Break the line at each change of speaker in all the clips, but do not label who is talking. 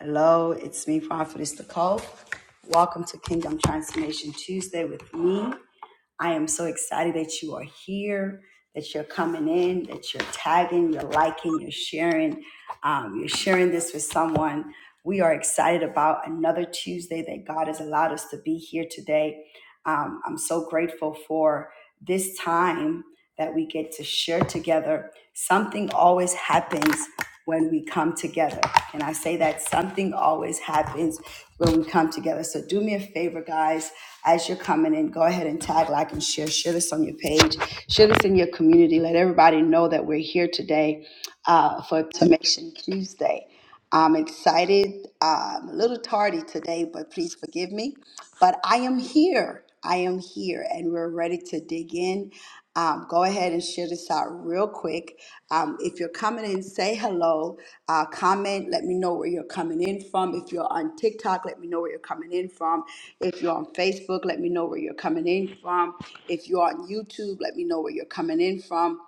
Hello, it's me, Prophetess Nicole. Welcome to Kingdom Transformation Tuesday with me. I am so excited that you are here, that you're coming in, that you're tagging, you're liking, you're sharing, um, you're sharing this with someone. We are excited about another Tuesday that God has allowed us to be here today. Um, I'm so grateful for this time that we get to share together. Something always happens when we come together. And I say that something always happens when we come together. So do me a favor, guys as you're coming in, go ahead and tag, like, and share. Share this on your page. Share this in your community. Let everybody know that we're here today uh, for Tomation Tuesday. I'm excited. Uh, I'm a little tardy today, but please forgive me. But I am here. I am here, and we're ready to dig in um, go ahead and share this out real quick. Um, if you're coming in, say hello, uh, comment, let me know where you're coming in from. If you're on TikTok, let me know where you're coming in from. If you're on Facebook, let me know where you're coming in from. If you're on YouTube, let me know where you're coming in from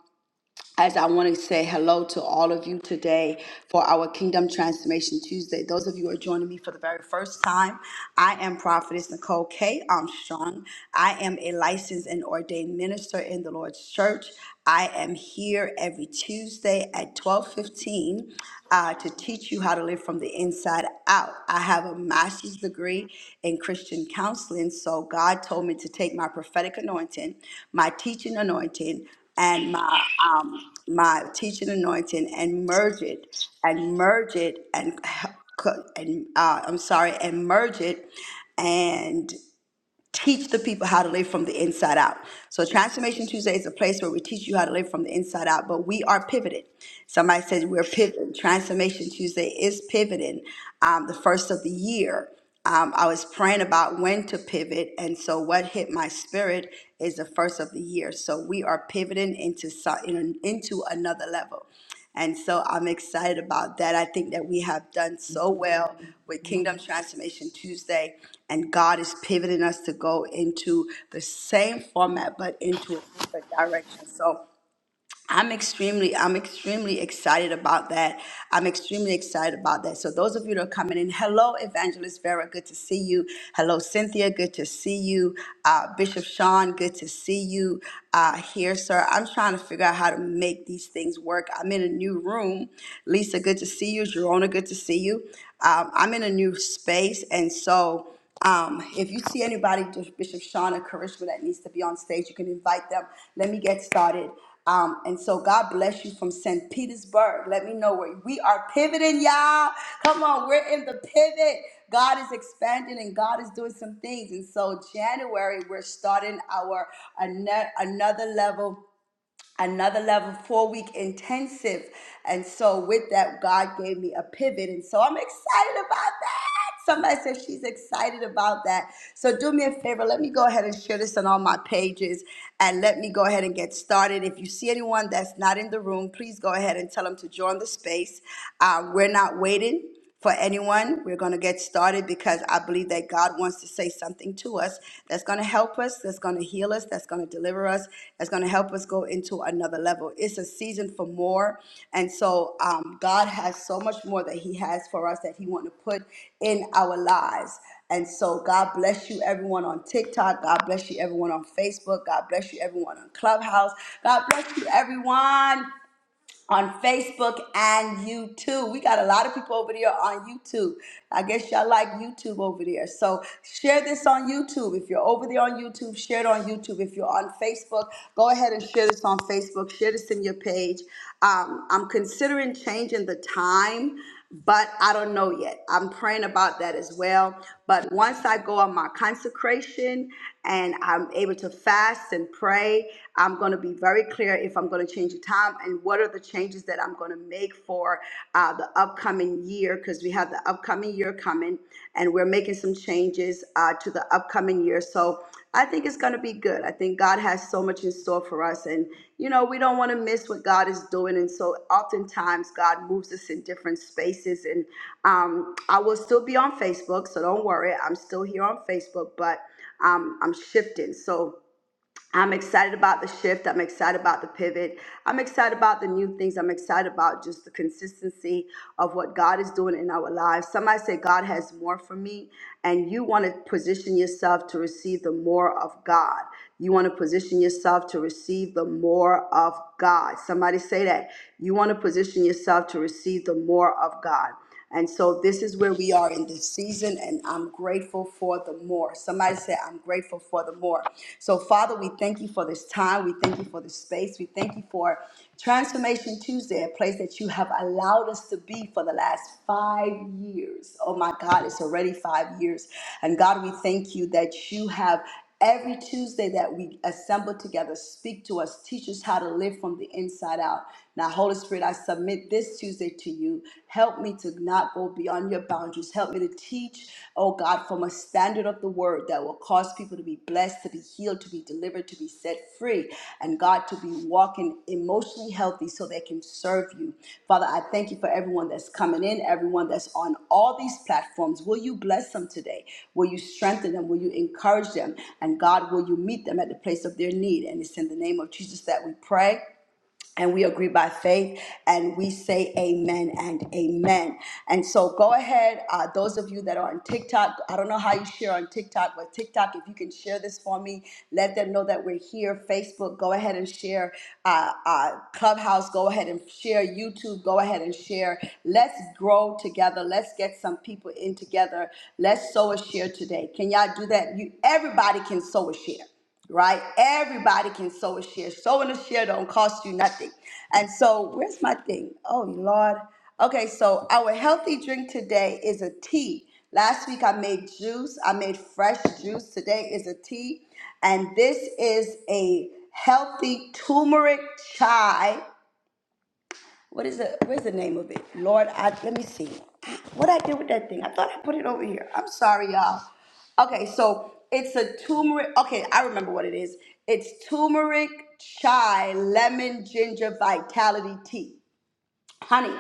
as I want to say hello to all of you today for our Kingdom Transformation Tuesday. Those of you who are joining me for the very first time, I am Prophetess Nicole K. Armstrong. I am a licensed and ordained minister in the Lord's Church. I am here every Tuesday at 1215 uh, to teach you how to live from the inside out. I have a master's degree in Christian counseling, so God told me to take my prophetic anointing, my teaching anointing, and my um, my teaching anointing and merge it and merge it and and uh, I'm sorry and merge it and teach the people how to live from the inside out. So Transformation Tuesday is a place where we teach you how to live from the inside out, but we are pivoted. Somebody says we're pivoting. Transformation Tuesday is pivoting. Um, the first of the year, um, I was praying about when to pivot, and so what hit my spirit is the first of the year. So we are pivoting into so- in- into another level. And so I'm excited about that. I think that we have done so well with Kingdom Transformation Tuesday, and God is pivoting us to go into the same format but into a different direction. So I'm extremely, I'm extremely excited about that. I'm extremely excited about that. So those of you that are coming in, hello, Evangelist Vera, good to see you. Hello, Cynthia, good to see you. Uh, Bishop Sean, good to see you uh, here, sir. I'm trying to figure out how to make these things work. I'm in a new room. Lisa, good to see you. Jerona, good to see you. Um, I'm in a new space, and so. Um, if you see anybody, Bishop Shauna Karishma, that needs to be on stage, you can invite them. Let me get started. Um, and so God bless you from St. Petersburg. Let me know where we are pivoting, y'all. Come on, we're in the pivot. God is expanding and God is doing some things. And so January, we're starting our ano- another level another level four week intensive and so with that god gave me a pivot and so i'm excited about that somebody said she's excited about that so do me a favor let me go ahead and share this on all my pages and let me go ahead and get started if you see anyone that's not in the room please go ahead and tell them to join the space um, we're not waiting for anyone. We're going to get started because I believe that God wants to say something to us that's going to help us, That's going to heal us, that's going to deliver us, that's going to help us go into another level. It's a season for more. And so um, God has so much more that He has for us that He wants to put in our lives. And so God bless you everyone on TikTok. God bless you everyone on Facebook. God bless you everyone on Clubhouse. God bless you everyone on Facebook and YouTube. We got a lot of people over there on YouTube. I guess y'all like YouTube over there. So share this on YouTube. If you're over there on YouTube, share it on YouTube. If you're on Facebook, go ahead and share this on Facebook. Share this in your page. Um, I'm considering changing the time, but I don't know yet. I'm praying about that as well. But once I go on my consecration and I'm able to fast and pray, I'm going to be very clear if I'm going to change the time and what are the changes that I'm going to make for uh, the upcoming year because we have the upcoming year coming and we're making some changes uh, to the upcoming coming year. So I think it's going to be good. I think God has so much in store for us. And, you know, we don't want to miss what God is doing. And so oftentimes God moves us in different spaces. And um, I will still be on Facebook. So don't worry. I'm still here on Facebook, but um, I'm shifting. So, I'm excited about the shift. I'm excited about the pivot. I'm excited about the new things. I'm excited about just the consistency of what God is doing in our lives. Somebody say, God has more for me, and you want to position yourself to receive the more of God. You want to position yourself to receive the more of God. Somebody say that. You want to position yourself to receive the more of God. And so this is where we are in this season, and I'm grateful for the more. Somebody said, I'm grateful for the more. So, Father, we thank you for this time. We thank you for this space. We thank you for Transformation Tuesday, a place that you have allowed us to be for the last five years. Oh my God, it's already five years. And God, we thank you that you have every Tuesday that we assemble together, speak to us, teach us how to live from the inside out. Now, Holy Spirit, I submit this Tuesday to you. Help me to not go beyond your boundaries. Help me to teach, oh God, from a standard of the word that will cause people to be blessed, to be healed, to be delivered, to be set free, and God, to be walking emotionally healthy so they can serve you. Father, I thank you for everyone that's coming in, everyone that's on all these platforms. Will you bless them today? Will you strengthen them? Will you encourage them? And God, will you meet them at the place of their need? And it's in the name of Jesus that we pray and we agree by faith and we say amen and amen. And so go ahead, uh, those of you that are on TikTok, I don't know how you share on TikTok, but TikTok, if you can share this for me, let them know that we're here. Facebook, go ahead and share. Uh, uh, Clubhouse, go ahead and share. YouTube, go ahead and share. Let's grow together. Let's get some people in together. Let's sow a share today. Can y'all do that? You, everybody can sow a share right? Everybody can sow a share. Sowing a share don't cost you nothing. And so, where's my thing? Oh, Lord. Okay, so our healthy drink today is a tea. Last week I made juice. I made fresh juice. Today is a tea. And this is a healthy turmeric chai what is the where's the name of it? Lord, I let me see. Ah, What I did with that thing? I thought I put it over here. I'm sorry, y'all. Okay, so it's a turmeric. Okay, I remember what it is. It's turmeric chai lemon ginger vitality tea honey,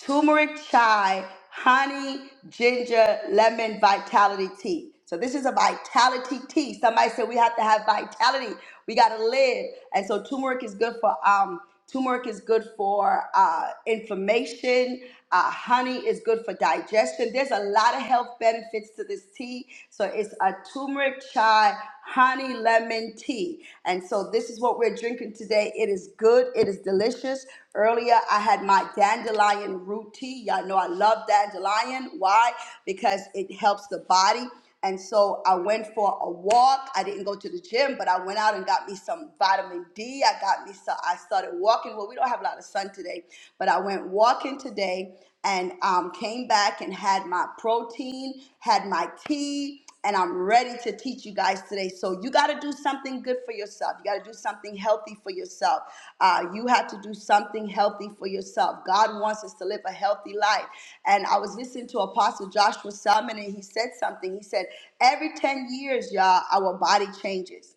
turmeric chai, honey, ginger, lemon vitality tea. So this is a vitality tea. Somebody said we have to have vitality. We gotta live. And so turmeric is good for um turmeric is good for uh, inflammation. Uh, honey is good for digestion. There's a lot of health benefits to this tea. So it's a turmeric chai, honey lemon tea. And so this is what we're drinking today. It is good, it is delicious. Earlier, I had my dandelion root tea. Y'all know I love dandelion. Why? Because it helps the body. And so I went for a walk. I didn't go to the gym, but I went out and got me some vitamin D. I got me some, I started walking. Well, we don't have a lot of sun today, but I went walking today and um, came back and had my protein, had my tea and I'm ready to teach you guys today. So you got to do something good for yourself. You got to do something healthy for yourself. Uh, you have to do something healthy for yourself. God wants us to live a healthy life. And I was listening to Apostle Joshua Salmon, and he said something. He said, "Every 10 years, y'all, our body changes."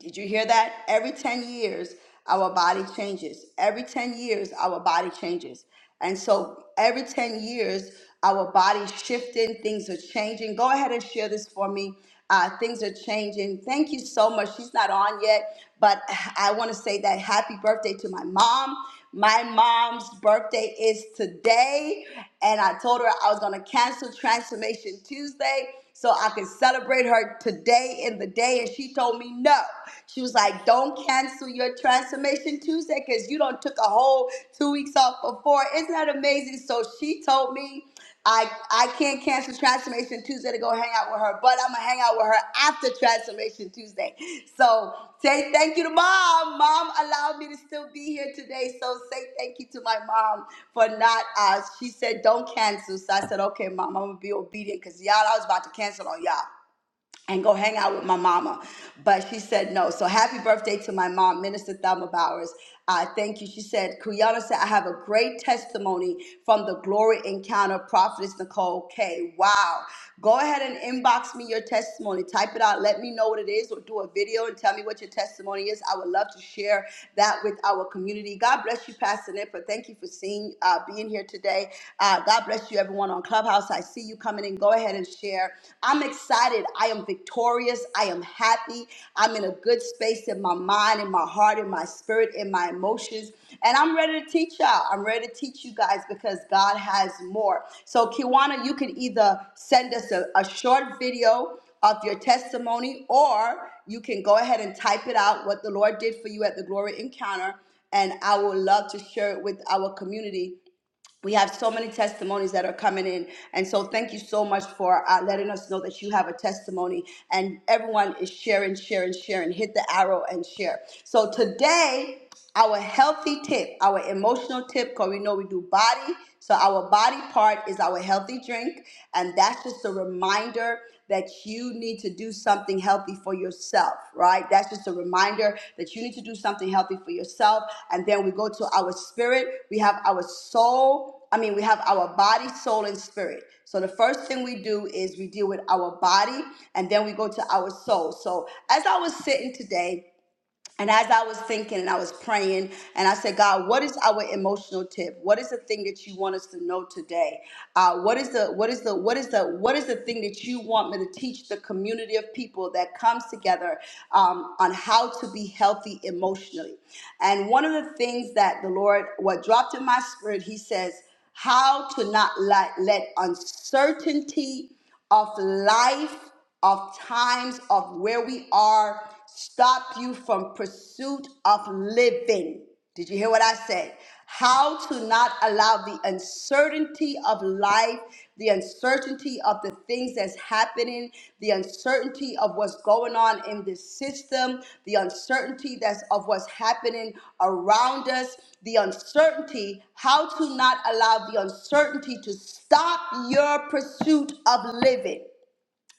Did you hear that? Every 10 years, our body changes. Every 10 years, our body changes. And so every 10 years, our body's shifting, things are changing. Go ahead and share this for me. Uh, things are changing. Thank you so much. She's not on yet, but I want to say that happy birthday to my mom. My mom's birthday is today, and I told her I was going to cancel Transformation Tuesday so I can celebrate her today in the day. And she told me no. She was like, don't cancel your transformation Tuesday because you don't took a whole two weeks off before. Isn't that amazing? So she told me I I can't cancel transformation Tuesday to go hang out with her with her, but I'm gonna hang out with her after Transformation Tuesday. So say thank you to mom. Mom allowed me to still be here today. So say thank you to my mom for not. Uh, she said don't cancel. So I said okay, mom. I'm gonna be obedient because y'all I was about to cancel on y'all and go hang out with my mama. But she said no. So happy birthday to my mom, Minister Thelma Bowers. I thank you. She said, Kuyana said, I have a great testimony from the glory encounter, Prophetess Nicole K. Wow. Go ahead and inbox me your testimony. Type it out. Let me know what it is or do a video and tell me what your testimony is. I would love to share that with our community. God bless you, Pastor Nipper. Thank you for seeing, uh, being here today. Uh, God bless you, everyone on Clubhouse. I see you coming in. Go ahead and share. I'm excited. I am victorious. I am happy. I'm in a good space in my mind, in my heart, in my spirit, in my emotions. And I'm ready to teach y'all. I'm ready to teach you guys because God has more. So, Kiwana, you can either send us a, a short video of your testimony, or you can go ahead and type it out what the Lord did for you at the Glory Encounter. And I would love to share it with our community we have so many testimonies that are coming in and so thank you so much for uh, letting us know that you have a testimony and everyone is sharing sharing sharing hit the arrow and share so today our healthy tip our emotional tip because we know we do body so our body part is our healthy drink and that's just a reminder that you need to do something healthy for yourself, right? That's just a reminder that you need to do something healthy for yourself. And then we go to our spirit, we have our soul. I mean, we have our body, soul, and spirit. So the first thing we do is we deal with our body, and then we go to our soul. So as I was sitting today, and as I was thinking and I was praying, and I said, God, what is our emotional tip? What is the thing that you want us to know today? Uh, what is the what is the what is the what is the thing that you want me to teach the community of people that comes together um, on how to be healthy emotionally? And one of the things that the Lord what dropped in my spirit, He says, how to not let, let uncertainty of life, of times, of where we are, stop you from pursuit of living. Did you hear what I said? How to not allow the uncertainty of life, the uncertainty of the things things that's happening, the uncertainty of what's going on in this system, the uncertainty that's of what's happening around us, the uncertainty, how to not allow the uncertainty to stop your pursuit of living.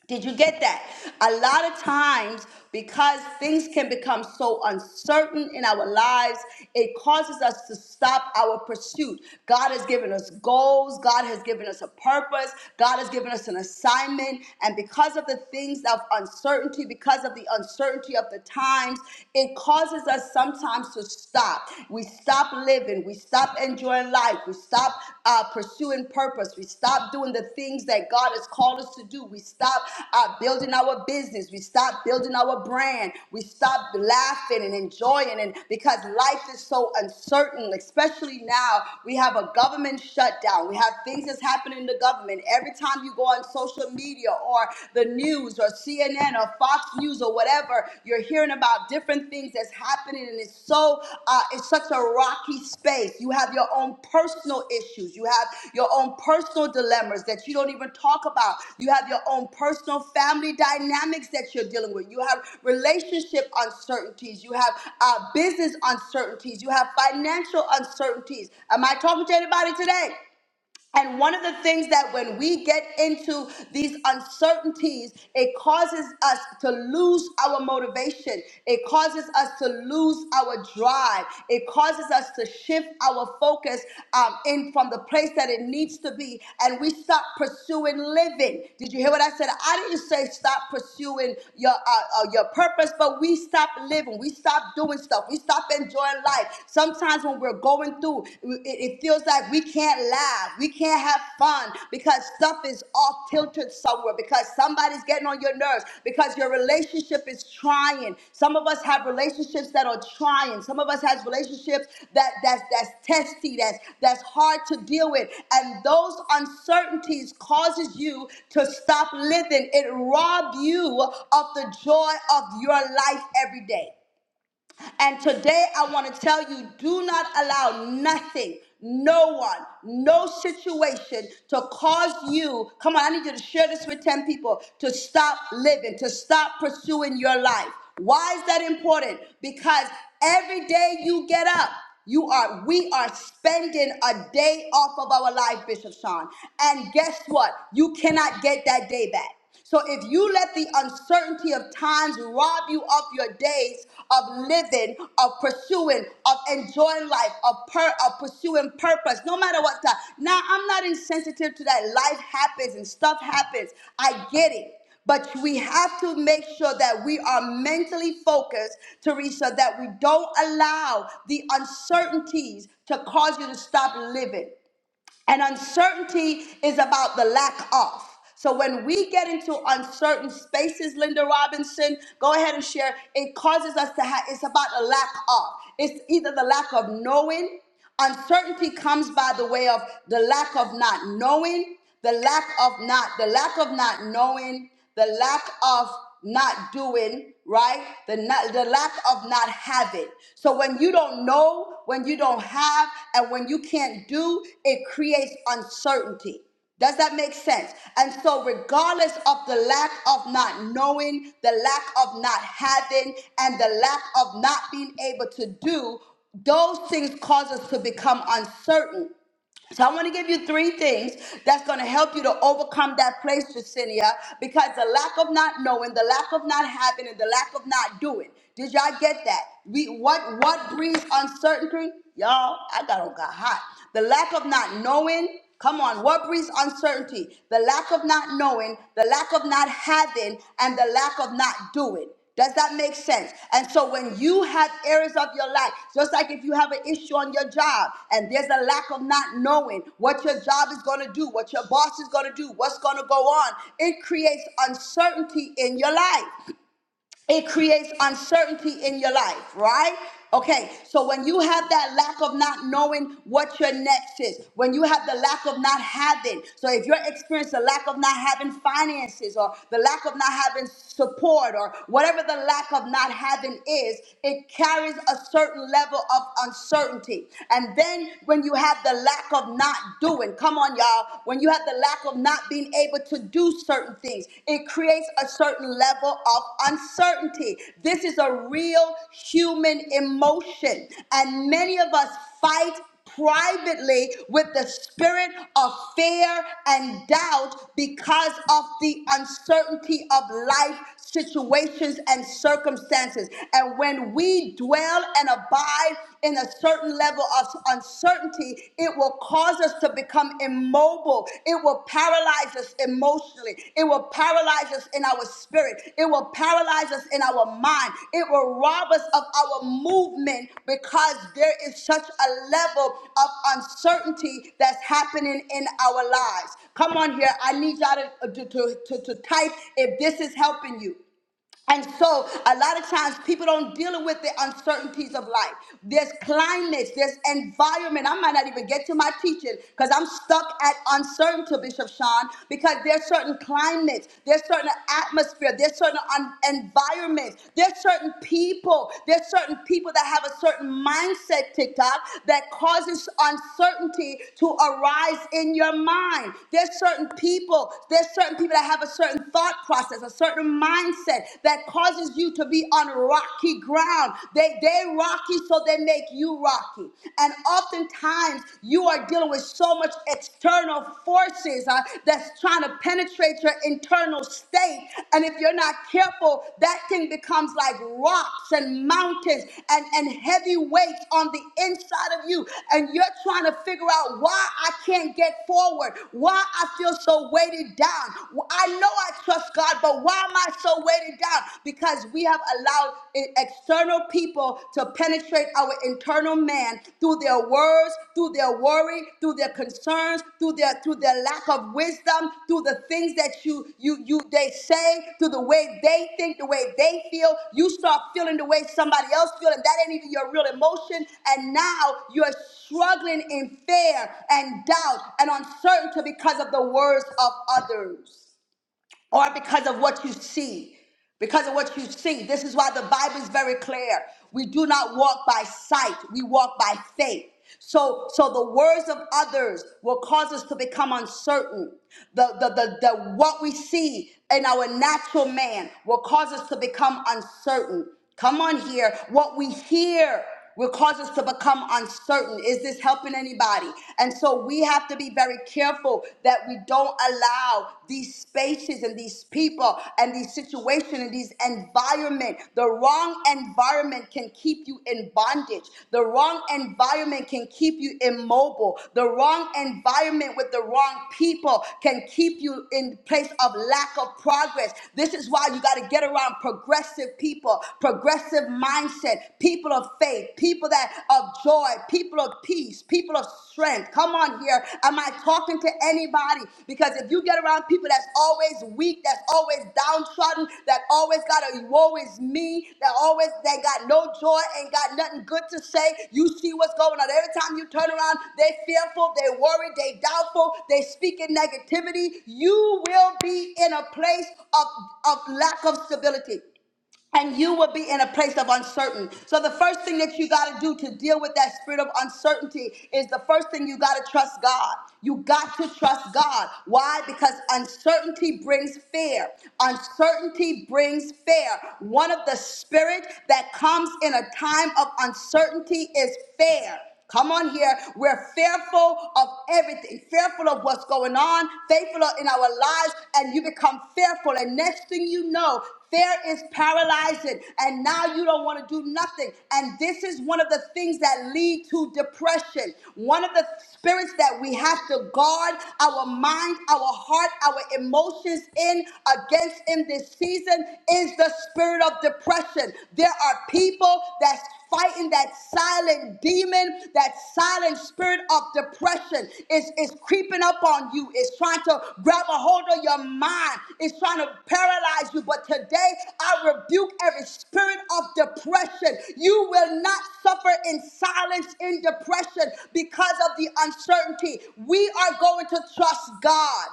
Did you get that? A lot of times, because things can become so uncertain in our lives, it causes us to stop our pursuit. God has given us goals, God has given us a purpose, God has given us an assignment. And because of the things of uncertainty, because of the uncertainty of the times, it causes us sometimes to stop. We stop living, we stop stop enjoying life. We stop uh, pursuing purpose. We stop doing the things that God has called us to do. We stop uh, building our business. We stop building our brand. We stop laughing and enjoying. And because life is so uncertain, especially now, we have a government shutdown. We have things that's happening in the government. Every time you go on social media or the news or CNN or Fox Fox News or whatever, you're hearing about different things that's happening, and it's so uh, it's such a rocky space. You have your own personal issues, you have your own personal dilemmas that you don't even talk about. You have your own personal family dynamics that you're dealing with. You have relationship uncertainties. You have uh, business uncertainties. You have financial uncertainties. Am I talking to anybody today? And one of the things that when we get into these uncertainties, it causes us to lose our motivation. It causes us to lose our drive. It causes us to shift our focus um, in from the place that it needs to be. And we stop pursuing living. Did you hear what I said? I didn't say stop pursuing your, uh, uh, your purpose, but we stop living. We stop doing stuff. We stop enjoying life. Sometimes when we're what we're going through, it, it feels like we can't laugh, we can't have fun because stuff is off tilted somewhere, because somebody's getting on your nerves, because your relationship is trying. Some of us have relationships that are trying. Some of us has relationships that that's that's testy, that's that's hard to deal with, and those uncertainties causes you to stop living. It rob you of the joy of your life every day. And today I want to tell you do not allow nothing, no one, no situation to cause you. Come on, I need you to share this with 10 people to stop living, to stop pursuing your life. Why is that important? Because every day you get up, you are we are spending a day off of our life, Bishop Sean. And guess what? You cannot get that day back. So if you let the uncertainty of times rob you of your days of living, of pursuing, of enjoying life, of, per- of pursuing purpose, no matter what time. Now, I'm not insensitive to that. Life happens and stuff happens. I get it. But we have to make sure that we are mentally focused, Teresa, that we don't allow the uncertainties to cause you to stop living. And uncertainty is about the lack of. So when we get into uncertain spaces, Linda Robinson, go ahead and share. It causes us to have, it's about the lack of. It's either the lack of knowing, uncertainty comes by the way of the lack of not knowing the lack of not, the lack of not knowing, the lack of not doing, right? The not, the lack of not having. So when you don't know, when you don't have, and when you can't do, it creates uncertainty. Does that make sense? And so, regardless of the lack of not knowing, the lack of not having, and the lack of not being able to do, those things cause us to become uncertain. So I want to give you three things that's going to help you to overcome that place, Jacinia, because the lack of not knowing, the lack of not having, and the lack of not doing. Did y'all get that? We what what breeds uncertainty? Y'all, I got on got hot. The lack of not knowing. Come on, what breeds uncertainty? The lack of not knowing, the lack of not having, and the lack of not doing. Does that make sense? And so when you have areas of your life, just like if you have an issue on your job and there's a lack of not knowing what your job is going to do, what your boss is going to do, what's going to go on, it creates uncertainty in your life it creates uncertainty in your life, right? Okay, so when you have that lack of not knowing what your next is, when you have the lack of not having, so if you're experiencing the lack of not having finances or the lack of not having support or whatever the lack of not having is, it carries a certain level of uncertainty. And then when you have the lack of not doing, come on, y'all, when you have the lack lack of not being able to do certain things. It creates a certain level of uncertainty. This is a real human emotion. And many of us fight privately with the spirit of fear and doubt because of the uncertainty of life situations and circumstances. And when we dwell and abide in a certain level of uncertainty, it will cause us to become immobile. It will paralyze us emotionally. It will paralyze us in our spirit. It it will paralyze us in our mind. It will rob us of our movement because there is such a level of uncertainty that's happening in our lives. Come on here. I need y'all to, to, to, to to type if this is helping you and so, a lot of times, people don't deal with the uncertainties of life. There's climates, there's environment. I might not even get to my teaching because I'm stuck at uncertainty, Bishop Sean, because there's certain climates, there's certain atmosphere, there's certain un- environments, there's certain people, there's certain people that have a certain mindset, TikTok, that causes uncertainty to arise in your mind. There's certain people, there's certain people that have a certain thought process, a certain mindset that causes you to be on rocky ground. They they rocky, so they make you rocky. And oftentimes you are dealing with so much external forces uh, that's trying to penetrate your internal state. And if you're not careful, that thing becomes like rocks and mountains and, and heavy weights on the inside of you. And you're trying to figure out why I can't get forward, why I feel so weighted down. I know I trust us, God. But why am I so weighted down? Because we have allowed i- external people to penetrate our internal man through their words, through their worry, through their concerns, through their through their lack of wisdom, through the things that you you you they say, through the way they think, the way they feel. You start feeling the way somebody else feels, and that ain't even your real emotion. And now you're struggling in fear and doubt and uncertainty because of the words of others or because of what you see. Because of what you see. This is why the Bible is very clear. We do not walk by sight, we walk by faith. So, so the words of others will cause us to become uncertain. The, the, the, the what we see in our natural man will cause us to become uncertain. Come on here. What we hear will cause us to become uncertain. Is this helping anybody? And so we have to be very careful that we don't allow these spaces and these people and these situations and these environment. The wrong environment can keep you in bondage. The wrong environment can keep you immobile. The wrong environment with the wrong people can keep you in place of lack of progress. This is why you got to get around progressive people, progressive mindset, people of faith, people that of joy, people of peace, people of strength. Come on here. Am I talking to anybody? Because if you get around people that's always weak, that's always downtrodden, that always got a woe is me, that always they got no joy, ain't got nothing good to say. You see what's going on. Every time you turn around, they fearful, they worried, they doubtful, they speak in negativity. You will be in a place of, of lack of stability and you will be in a place of uncertain. So the first thing that you got to do to deal with that spirit of uncertainty is the first thing you got to trust God. You got to trust God. Why? Because uncertainty brings fear. Uncertainty brings fear. One of the spirit that comes in a time of uncertainty is fear. Come on here. We're fearful of everything, fearful of what's going on, faithful in our lives, and you become fearful. And next thing you know, fear is paralyzing, and now you don't want to do nothing. And this is one of the things that lead to depression. One of the spirits that we have to guard our mind, our heart, our emotions in against in this season is the spirit of depression. There are people that fighting that silent demon, that silent spirit of depression is, is creeping up on you. It's trying to grab a hold of your mind. It's trying to paralyze you. But today, I rebuke every spirit of depression. You will not suffer in silence in depression because of the uncertainty. We are going to trust God.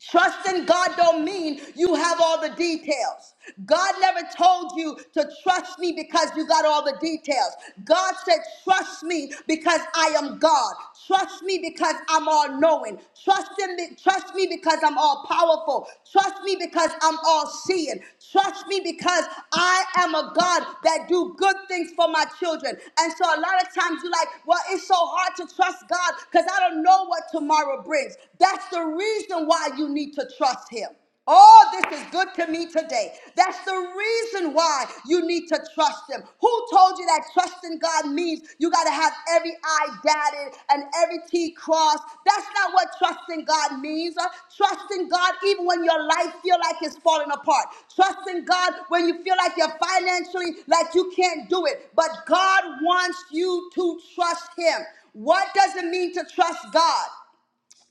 Trust in God don't mean you have all the details. God never told you to trust me because you got all the details. God said, trust me because I am God. Trust me because I'm all knowing. Trust in me, trust me because I'm all powerful. Trust me because I'm all seeing. Trust me because I am a God that do good things for my children. And so a lot of times you're like, well, it's so hard to trust God because I don't know what tomorrow brings. That's that's the reason why you need to trust him. Oh, this is good to me today. That's the reason why you need to trust him. Who told you that trusting God means you got to have every I dotted and every T crossed? That's not what trusting God means. Uh, Trusting God even when your life feel like it's falling apart. Trusting God when you feel like you're financially like you can't do it. But God wants you to trust him. What does it mean to trust God?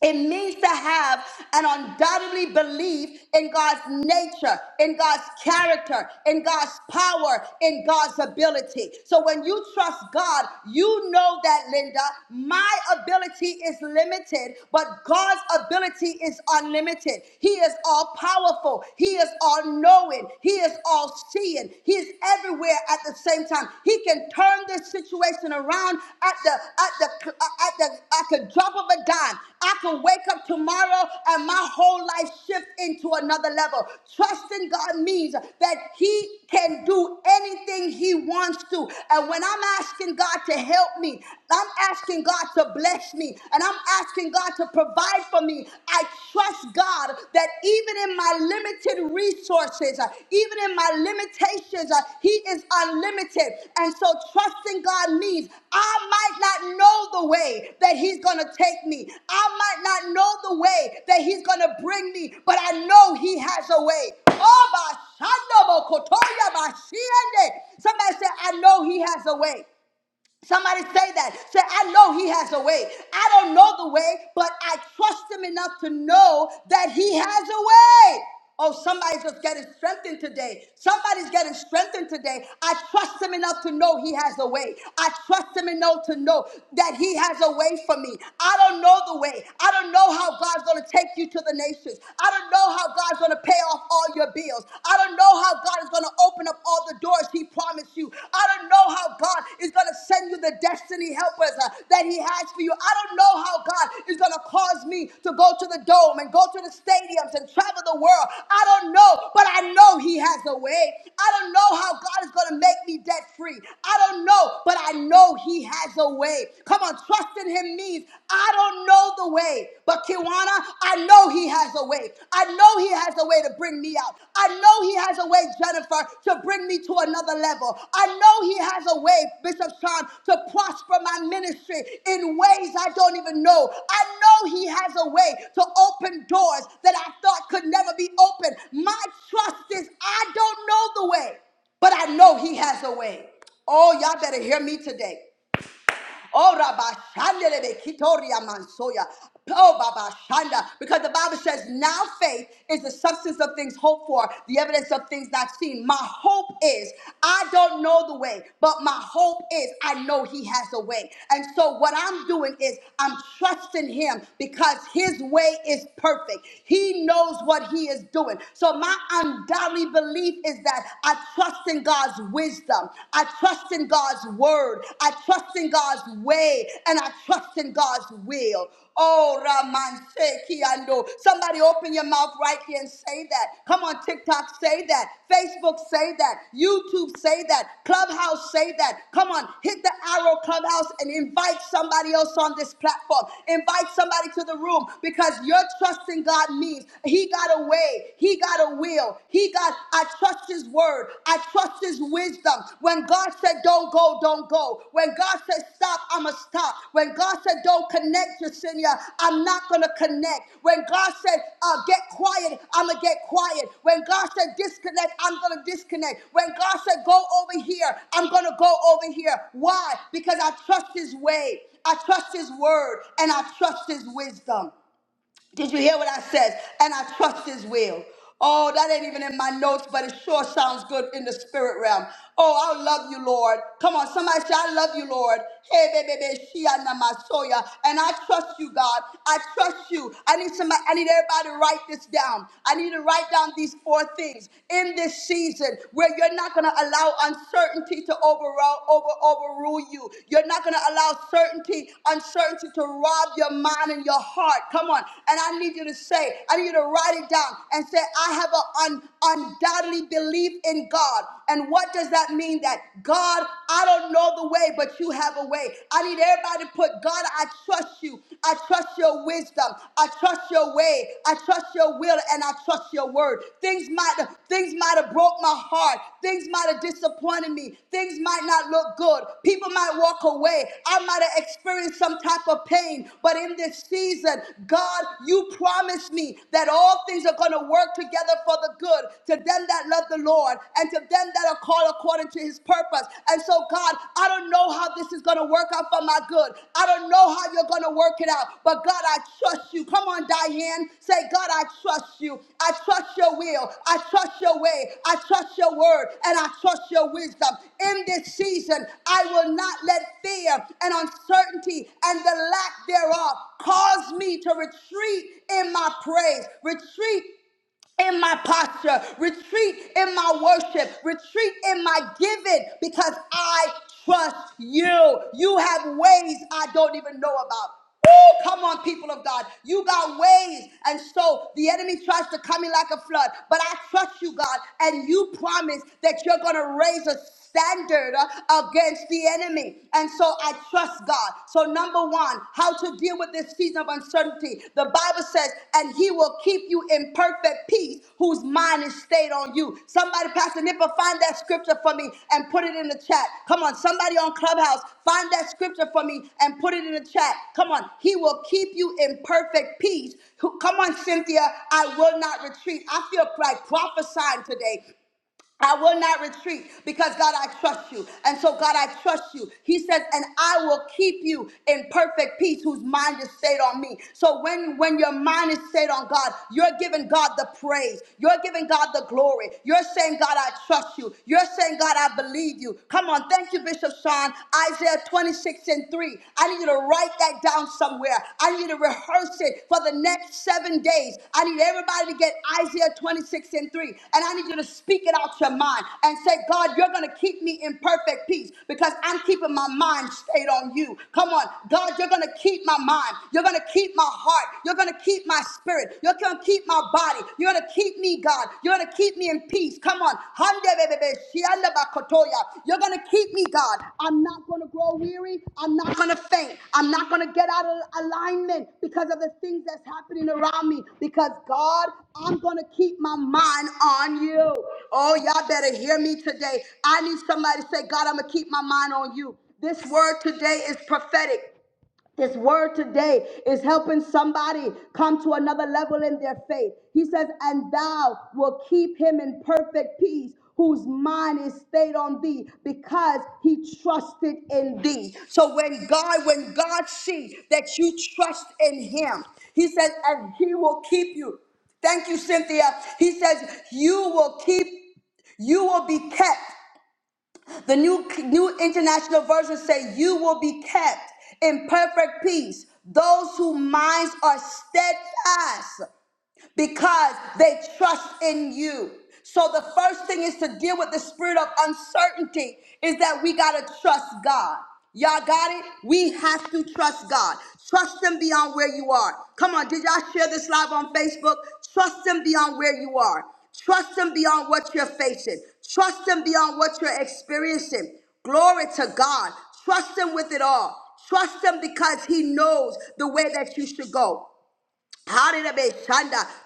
It means to have an undoubtedly belief in God's nature, in God's character, in God's power, in God's ability. So when you trust God, you know that, Linda, my ability is limited, but God's ability is unlimited. He is all powerful, He is all knowing, He is all seeing, He is everywhere at the same same time. He can turn this situation around at the at the at the at the drop of a dime. I can wake up tomorrow and my whole life shift into another level. Trusting God means that He can do anything He wants to. And when I'm asking God God to help me. I'm asking God to bless me. And I'm asking God to provide for me. I trust God that even in my limited resources, uh, even in my limitations, uh, He is unlimited. And so trusting God means I might not know the way that He's going to take me. I might not know the way that He's going to bring me, but I know He has a way. Oh, my Shando Mokotoya, my Shiende. Somebody said, I know He has a way. Somebody say that. Say, I know he has a way. I don't know the way, but I trust him enough to know that he has a way. Oh, somebody's just getting strengthened today. Somebody's getting strengthened today. I trust him enough to know he has a way. I trust him enough to know that he has a way for me. I don't know the way. I don't know how God's going to take you to the nations. I don't know how God's going to pay off all your bills. I don't know know how God is going to open up all the doors He promised you. I don't know how God is going to send you the destiny helpers uh, that He has for you. I don't know how God is going to cause me to go to the dome and go to the stadiums and travel the world. I don't know, but I know He has a way. I don't know how God is going to make me debt free. I don't know, but I know He has a way. Come on, trusting Him means I don't know the way, but Kiwanis marijuana, I know He has a way. I know He has a way to bring me out. I know He has a way, Jennifer, to bring me to another level. I know He has a way, Bishop Sean, to prosper my ministry in ways I don't even know. I know He has a way to open doors that I thought could never be opened. My trust is I don't know the way, but I know He has a way. Oh, y'all better hear me today. Oh, Rabba Shandelebe Kitoria Mansoya. Oh, Baba Shanda. Because the Bible says, now faith is the substance of things hoped for, the evidence of things not seen. My hope is, I don't know the way, but my hope is, I know He has a way. And so what I'm doing is, I'm trusting Him because His way is perfect. He knows what He is doing. So my ungodly belief is that I trust in God's wisdom wisdom. I trust in God's word. I trust in God's way. And I trust in God's will. Oh, Raman Sekiando. Somebody open your mouth right here and say that. Come on, TikTok, say that. Facebook, say that. YouTube, say that. Clubhouse, say that. Come on, hit the arrow clubhouse and invite somebody else on this platform. Invite somebody to the room because your trust in God means He got away. He got away got a will. He got, I trust his word. I trust his wisdom. When God said, don't go, don't go. When God said, stop, I'm going to stop. When God said, don't connect, Jacinia, I'm not going to connect. When God said, uh, get quiet, I'm going to get quiet. When God said, disconnect, I'm going to disconnect. When God said, go over here, I'm going to go over here. Why? Because I trust his way. I trust his word and I trust his wisdom. Did you hear what I said? And I trust his will. Oh, that ain't even in my notes, but it sure sounds good in the spirit realm. Oh, I love you, Lord. Come on, somebody say, I love you, Lord. Hey, baby, baby, she and my soya. And I trust you, God. I trust you. I need somebody, I need everybody to write this down. I need to write down these four things in this season where you're not gonna allow uncertainty to override overrule, over, overrule you. You're not going to allow certainty, uncertainty to rob your mind and your heart. Come on. And I need you to say, I need you to write it down and say, I have an un, undoubtedly belief in God. And what does that mean? That God, I don't know the way, but you have a way. I need everybody to put, God, I trust you. I trust your wisdom. I trust your way. I trust your will and I trust your word. Things might have things might have broke my heart. Things might have disappointed me. Things might not look good. People might walk away. I might have experienced some type of pain. But in this season, God, you promised me that all things are going to work together for the good to them that love the Lord and to them that are called according to his purpose. And so, God, I don't know don't know how this is going to work out for my good. I don't know how you're going to work it out. But God, I trust you. Come on, Diane. Say, God, I trust you. I trust your will. I trust your way. I trust your word. And I trust your wisdom. In this season, I will not let fear and uncertainty and the lack thereof cause me to retreat in my praise, retreat in my posture, retreat in my worship, retreat in my giving because I trust you. You have ways I don't even know about. Woo! Come on, people of God. You got ways. And so the enemy tries to come in like a flood. But I trust you, God. And you promise that you're going to raise a standard uh, against the enemy. And so I trust God. So, number one, how to deal with this season of uncertainty. The Bible says, and he will keep you in perfect peace whose mind is stayed on you. Somebody, Pastor Nipper, find that scripture for me and put it in the chat. Come on, somebody on Clubhouse, find that scripture for me and put it in the chat. Come on, he will keep you in perfect peace. Who- Come on, Cynthia, I will not retreat. I feel like prophesying today. I will not retreat because God, I trust you. And so, God, I trust you. He says, and I will keep you in perfect peace whose mind is stayed on me. So, when, when your mind is stayed on God, you're giving God the praise. You're giving God the glory. You're saying, God, I trust you. You're saying, God, I believe you. Come on. Thank you, Bishop Sean. Isaiah 26 and 3. I need you to write that down down somewhere. I need to rehearse it for the next seven days. I need everybody to get Isaiah 26 and 3. And I need you to speak it out your mind and say, God, you're going to keep me in perfect peace because I'm keeping my mind stayed on you. Come on. God, you're going to keep my mind. You're going to keep my heart. You're going to keep my spirit. You're going to keep my body. You're going to keep me, God. You're going to keep me in peace peace. Come on. Hande bebebe, shianda bakotoya. You're going to keep me, God. I'm not going to grow weary. I'm not going to faint. I'm not going to get out of alignment because of the things that's happening around me. Because, God, I'm going to keep my mind on you. Oh, y'all better hear me today. I need somebody to say, God, I'm going to keep my mind on you. This word today is prophetic. This word today is helping somebody come to another level in their faith. He says, And thou will keep him in perfect peace. Whose mind is stayed on thee because he trusted in thee. So when God, when God sees that you trust in him, he says, and he will keep you. Thank you, Cynthia. He says, you will keep you will be kept. The new new international version say you will be kept in perfect peace. Those whose minds are steadfast because they trust in you. So the first thing is to deal with the spirit of uncertainty is that we got to trust God. Y'all got it? We have to trust God. Trust Him beyond where you are. Come on, did y'all share this live on Facebook? Trust Him beyond where you are. Trust Him beyond what you're facing. Trust Him beyond what you're experiencing. Glory to God. Trust Him with it all. Trust Him because He knows the way that you should go. Hallelujah.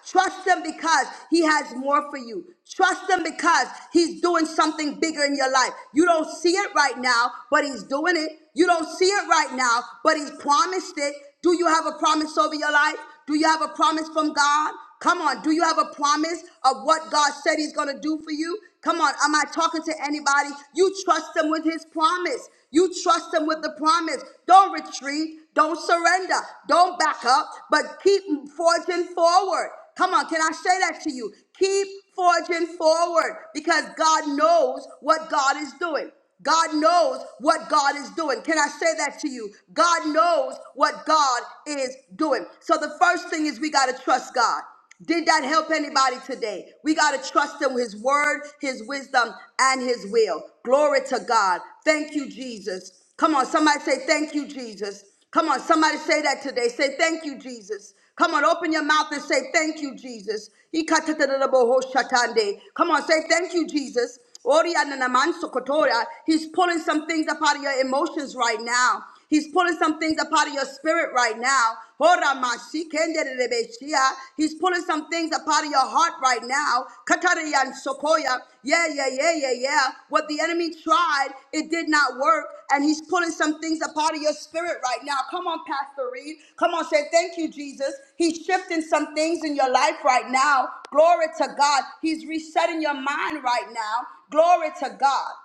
Trust him because he has more for you. Trust him because he's doing something bigger in your life. You don't see it right now, but he's doing it. You don't see it right now, but he's promised it. Do you have a promise over your life? Do you have a promise from God? Come on. Do you have a promise of what God said he's going to do for you? Come on, am I talking to anybody? You trust him with his promise. You trust him with the promise. Don't retreat. Don't surrender. Don't back up, but keep forging forward. Come on, can I say that to you? Keep forging forward because God knows what God is doing. God knows what God is doing. Can I say that to you? God knows what God is doing. So the first thing is we got to trust God. Did that help anybody today? We got to trust him, his word, his wisdom, and his will. Glory to God. Thank you, Jesus. Come on, somebody say, Thank you, Jesus. Come on, somebody say that today. Say, Thank you, Jesus. Come on, open your mouth and say, Thank you, Jesus. Ikatatadadabahoshatande. Come on, say, Thank you, Jesus. Oriananamansokotoya. He's pulling some things up out of your emotions right now. He's pulling some things up out of your spirit right now. Ora mashikenderebeshia. He's pulling some things up out of your heart right now. Katarian sokoya. Yeah, yeah, yeah, yeah, yeah. What the enemy tried, it did not work. And he's pulling some things up out of your spirit right now. Come on, Pastor Reed. Come on, say thank you, Jesus. He's shifting some things in your life right now. Glory to God. He's resetting your mind right now. Glory to God.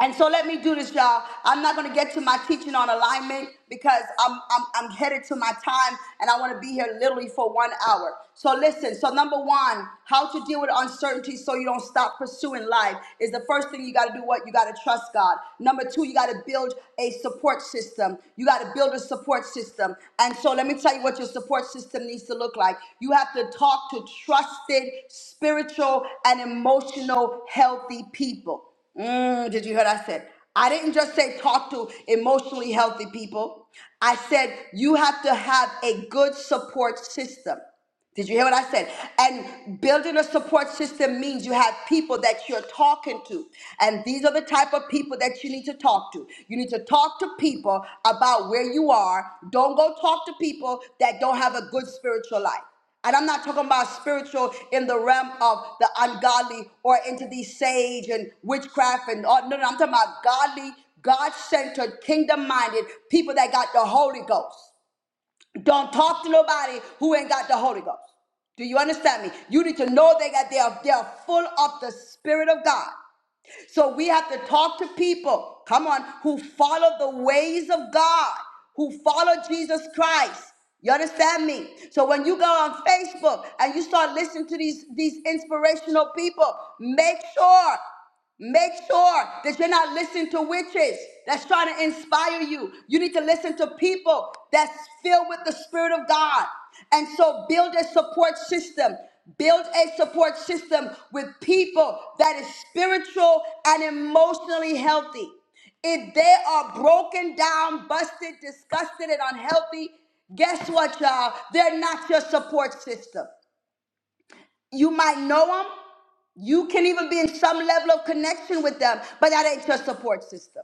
And so let me do this, y'all. I'm not going to get to my teaching on alignment because I'm, I'm, I'm headed to my time and I want to be here literally for one hour. So listen. So number one, how to deal with uncertainty so you don't stop pursuing life is the first thing you got to do. What you got to trust God. Number two, you got to build a support system. You got to build a support system. And so let me tell you what your support system needs to look like. You have to talk to trusted, spiritual, and emotional healthy people. Mm, did you hear what I said? I didn't just say talk to emotionally healthy people. I said you have to have a good support system. Did you hear what I said? And building a support system means you have people that you're talking to. And these are the type of people that you need to talk to. You need to talk to people about where you are. Don't go talk to people that don't have a good spiritual life. And I'm not talking about spiritual in the realm of the ungodly or into the sage and witchcraft and all. No, no, I'm talking about godly, God centered, kingdom minded people that got the Holy Ghost. Don't talk to nobody who ain't got the Holy Ghost. Do you understand me? You need to know they got they are, they are full of the Spirit of God. So we have to talk to people, come on, who follow the ways of God, who follow Jesus Christ. You understand me? So when you go on Facebook and you start listening to these, these inspirational people, make sure, make sure that you're not listening to witches that's trying to inspire you. You need to listen to people that's filled with the Spirit of God. And so build a support system. Build a support system with people that is spiritual and emotionally healthy. If they are broken down, busted, disgusted, and unhealthy, guess what, y'all? They're not your support system. You might know them. You can even be in some level of connection with them, but that ain't your support system.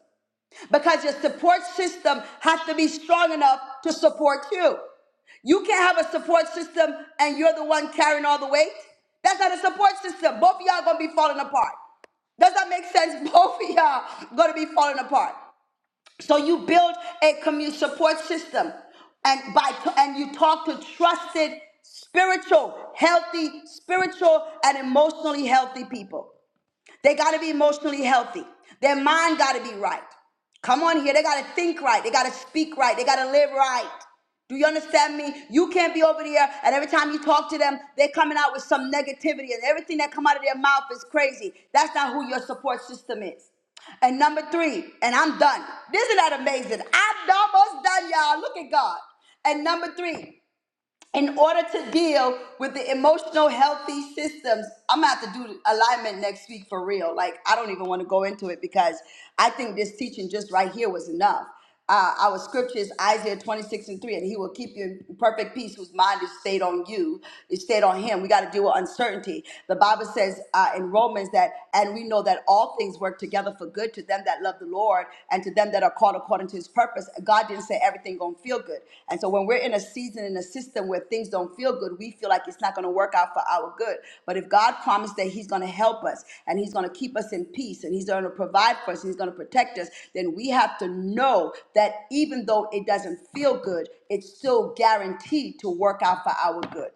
Because your support system has to be strong enough to support you. You can't have a support system and you're the one carrying all the weight. That's not a support system. Both of y'all gonna be falling apart. Does that make sense? Both of y'all gonna be falling apart. So you build a community support system, and by and you talk to trusted, spiritual, healthy, spiritual, and emotionally healthy people. They got to be emotionally healthy. Their mind got to be right. Come on here. They got to think right. They got to speak right. They got to live right. Do you understand me? You can't be over there and every time you talk to them, they're coming out with some negativity and everything that come out of their mouth is crazy. That's not who your support system is. And number three, and I'm done. Isn't that amazing? I'm almost done, y'all. Look at God. And number three, in order to deal with the emotional healthy systems i'm gonna have to do alignment next week for real like i don't even want to go into it because i think this teaching just right here was enough uh, our scripture is isaiah 26 and 3 and he will keep you in perfect peace whose mind is stayed on you is stayed on him we got to deal with uncertainty the bible says uh, in romans that and we know that all things work together for good to to them that love the Lord and to them that are called according to his purpose. God didn't say everything gonna feel good. And so when we're in a season in a system where things don't feel good, we feel like it's not gonna work out for our good. But if God promised that he's gonna help us and he's gonna keep us in peace and he's gonna provide for us, and he's gonna protect us, then we have to know that even though it doesn't feel good, it's still guaranteed to work out for our good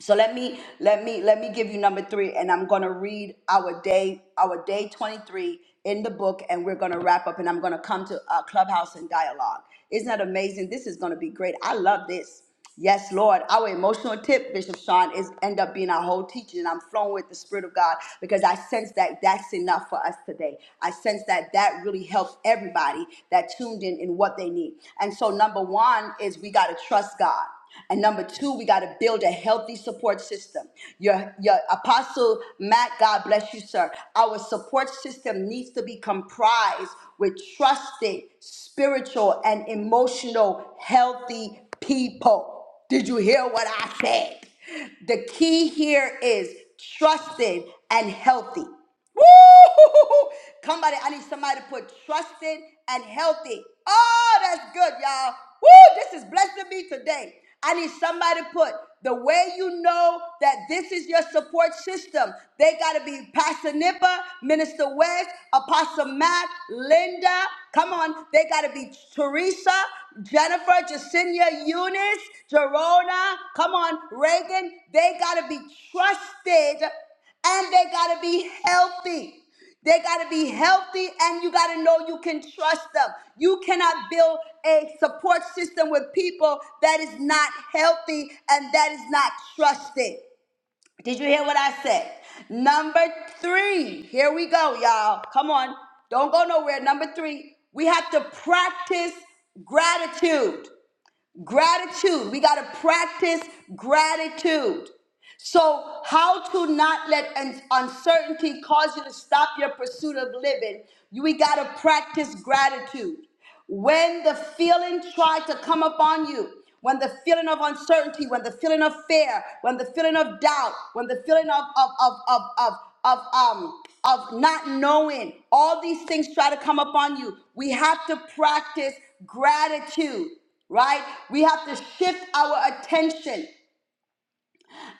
so let me let me let me give you number three, and I'm gonna read our day our day 23 in the book, and we're gonna wrap up, and I'm gonna come to uh, clubhouse and dialogue. Isn't that amazing? This is gonna be great. I love this. Yes, Lord. Our emotional tip, Bishop Sean, is end up being our whole teaching. And I'm flowing with the Spirit of God because I sense that that's enough for us today. I sense that that really helps everybody that tuned in in what they need. And so, number one is we got to trust God. And number two, we got to build a healthy support system. Your, your apostle Matt, God bless you, sir. Our support system needs to be comprised with trusted, spiritual, and emotional, healthy people. Did you hear what I said? The key here is trusted and healthy. Woo! Somebody, I need somebody to put trusted and healthy. Oh, that's good, y'all. Woo! This is blessing me today. I need somebody to put the way you know that this is your support system. They got to be Pastor Nippa, Minister West, Apostle Matt, Linda. Come on, they got to be Teresa, Jennifer, Jacinia, Eunice, Jerona. Come on, Reagan. They got to be trusted and they got to be healthy. They got to be healthy, and you got to know you can trust them. You cannot build a support system with people that is not healthy and that is not trusted. Did you hear what I said? Number three, here we go, y'all. Come on, don't go nowhere. Number three, we have to practice gratitude. Gratitude. We got to practice gratitude. So, how to not let un- uncertainty cause you to stop your pursuit of living? You- We got to practice gratitude. When the feeling tries to come upon you, when the feeling of uncertainty, when the feeling of fear, when the feeling of doubt, when the feeling of of of of of, of um of not knowing, all these things try to come upon you. We have to practice gratitude, right? We have to shift our attention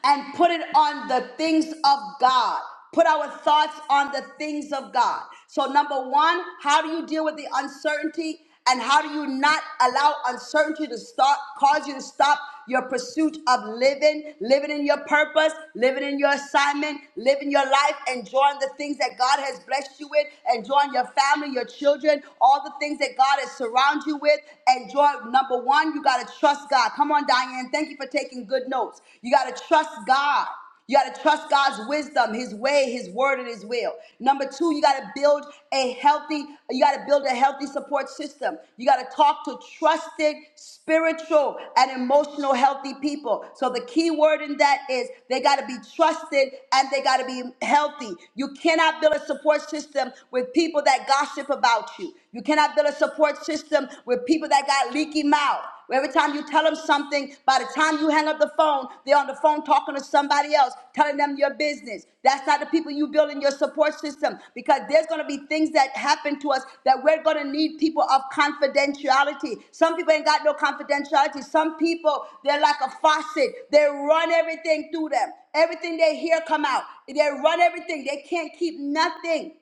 and put it on the things of God. Put our thoughts on the things of God. So, number one, how do you deal with the uncertainty? And how do you not allow uncertainty to start, cause you to stop your pursuit of living, living in your purpose, living in your assignment, living your life, enjoying the things that God has blessed you with, enjoying your family, your children, all the things that God has surrounded you with. Enjoy, number one, you got to trust trust God. Come on, Diane. Thank you for taking good notes. You got to trust God. You got to trust God's wisdom, His way, His word, and His will. Number two, you got to build a healthy. You got to build a healthy support system. You got to talk to trusted, spiritual, and emotional healthy people. So the key word in that is they got to be trusted and they got to be healthy. You cannot build a support system with people that gossip about you. You cannot build a support system with people that got leaky mouth. Where Every time you tell them something, by the time you hang up the phone, they're on the phone talking to somebody else, telling them your business. That's not the people you build in your support system because there's going to be things that happen to us that we're going to need people of confidentiality. Some people ain't got no confidentiality. Some people, they're like a faucet. They run everything through them. Everything they hear come out. They run everything. They can't keep nothing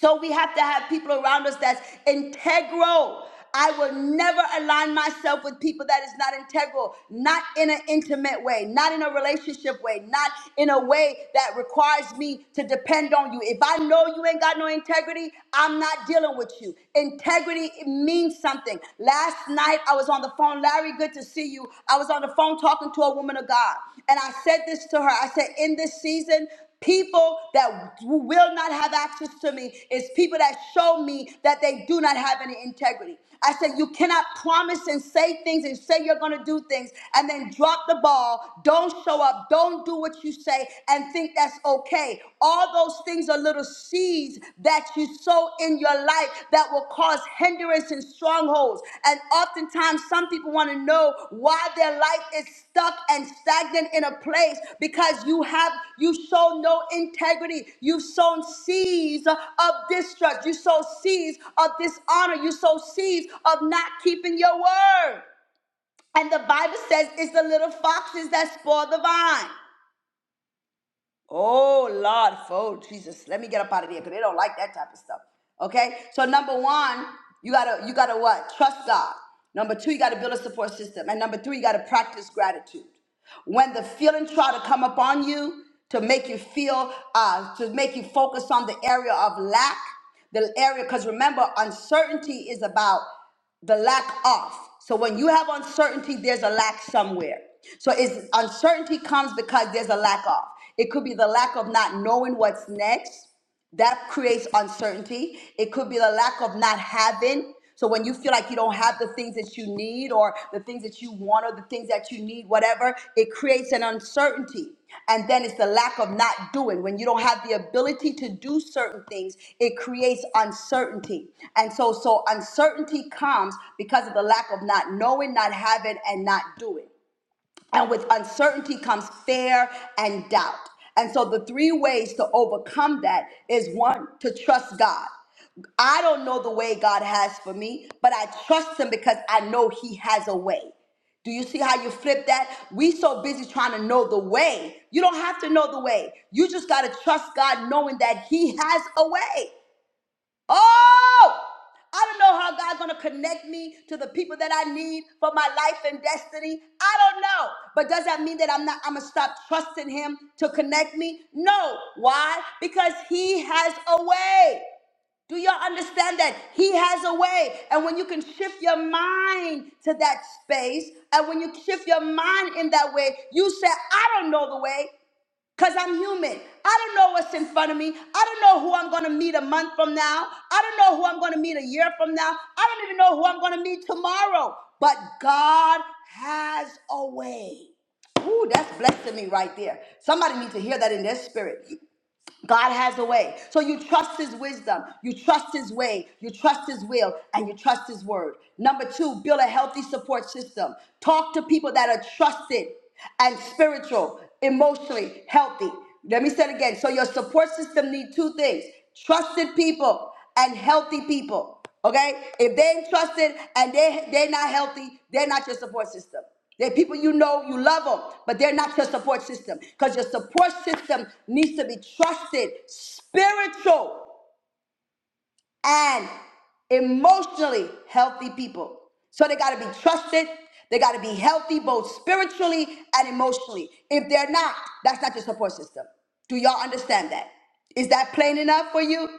so we have to have people around us that's integral. I will never align myself with people that is not integral, not in an intimate way, not in a relationship way, not in a way that requires me to depend on you. If I know you ain't got no integrity, I'm not dealing with you. Integrity it means something. Last night I was on the phone, Larry, good to see you. I was on the phone talking to a woman of God, and I said this to her. I said, in this season, People that will not have access to me is people that show me that they do not have any integrity. I said, You cannot promise and say things and say you're going to do things and then drop the ball, don't show up, don't do what you say, and think that's okay. All those things are little seeds that you sow in your life that will cause hindrance and strongholds. And oftentimes, some people want to know why their life is stuck and stagnant in a place because you have you show no integrity. you sown seeds of distrust. You sow seeds of dishonor. You sow seeds of not keeping your word. And the Bible says it's the little foxes that spoil the vine. Oh Lord, oh Jesus, let me get up out of here because they don't like that type of stuff. Okay, so number one, you gotta you gotta what? Trust God. Number two, you gotta build a support system, and number three, you gotta practice gratitude. When the feeling try to come upon you to make you feel, uh, to make you focus on the area of lack, the area because remember, uncertainty is about the lack of. So when you have uncertainty, there's a lack somewhere. So it's uncertainty comes because there's a lack of. It could be the lack of not knowing what's next that creates uncertainty. It could be the lack of not having. So when you feel like you don't have the things that you need or the things that you want or the things that you need, whatever, it creates an uncertainty. And then it's the lack of not doing. When you don't have the ability to do certain things, it creates uncertainty. And so so uncertainty comes because of the lack of not knowing, not having and not doing. And with uncertainty comes fear and doubt. And so the three ways to overcome that is one, to trust God. I don't know the way God has for me, but I trust him because I know he has a way. Do you see how you flip that? We so busy trying to know the way. You don't have to know the way. You just got to trust God knowing that he has a way. Oh, I don't know how God's going to connect me to the people that I need for my life and destiny. I don't know. But does that mean that I'm not I'm going to stop trusting him to connect me? No. Why? Because he has a way. Do y'all understand that? He has a way. And when you can shift your mind to that space, and when you shift your mind in that way, you say, I don't know the way. Because I'm human. I don't know what's in front of me. I don't know who I'm going to meet a month from now. I don't know who I'm going to meet a year from now. I don't even know who I'm going to meet tomorrow. But God has a way. Ooh, that's blessing me right there. Somebody needs to hear that in their spirit. God has a way. So you trust his wisdom, you trust his way, you trust his will, and you trust his word. Number two, build a healthy support system. Talk to people that are trusted and spiritual, emotionally healthy. Let me say it again. So your support system need two things: trusted people and healthy people. Okay? If they ain't trusted and they they're not healthy, they're not your support system. They're people you know, you love them, but they're not your support system. Because your support system needs to be trusted, spiritual, and emotionally healthy people. So they gotta be trusted, they gotta be healthy both spiritually and emotionally. If they're not, that's not your support system. Do y'all understand that? Is that plain enough for you?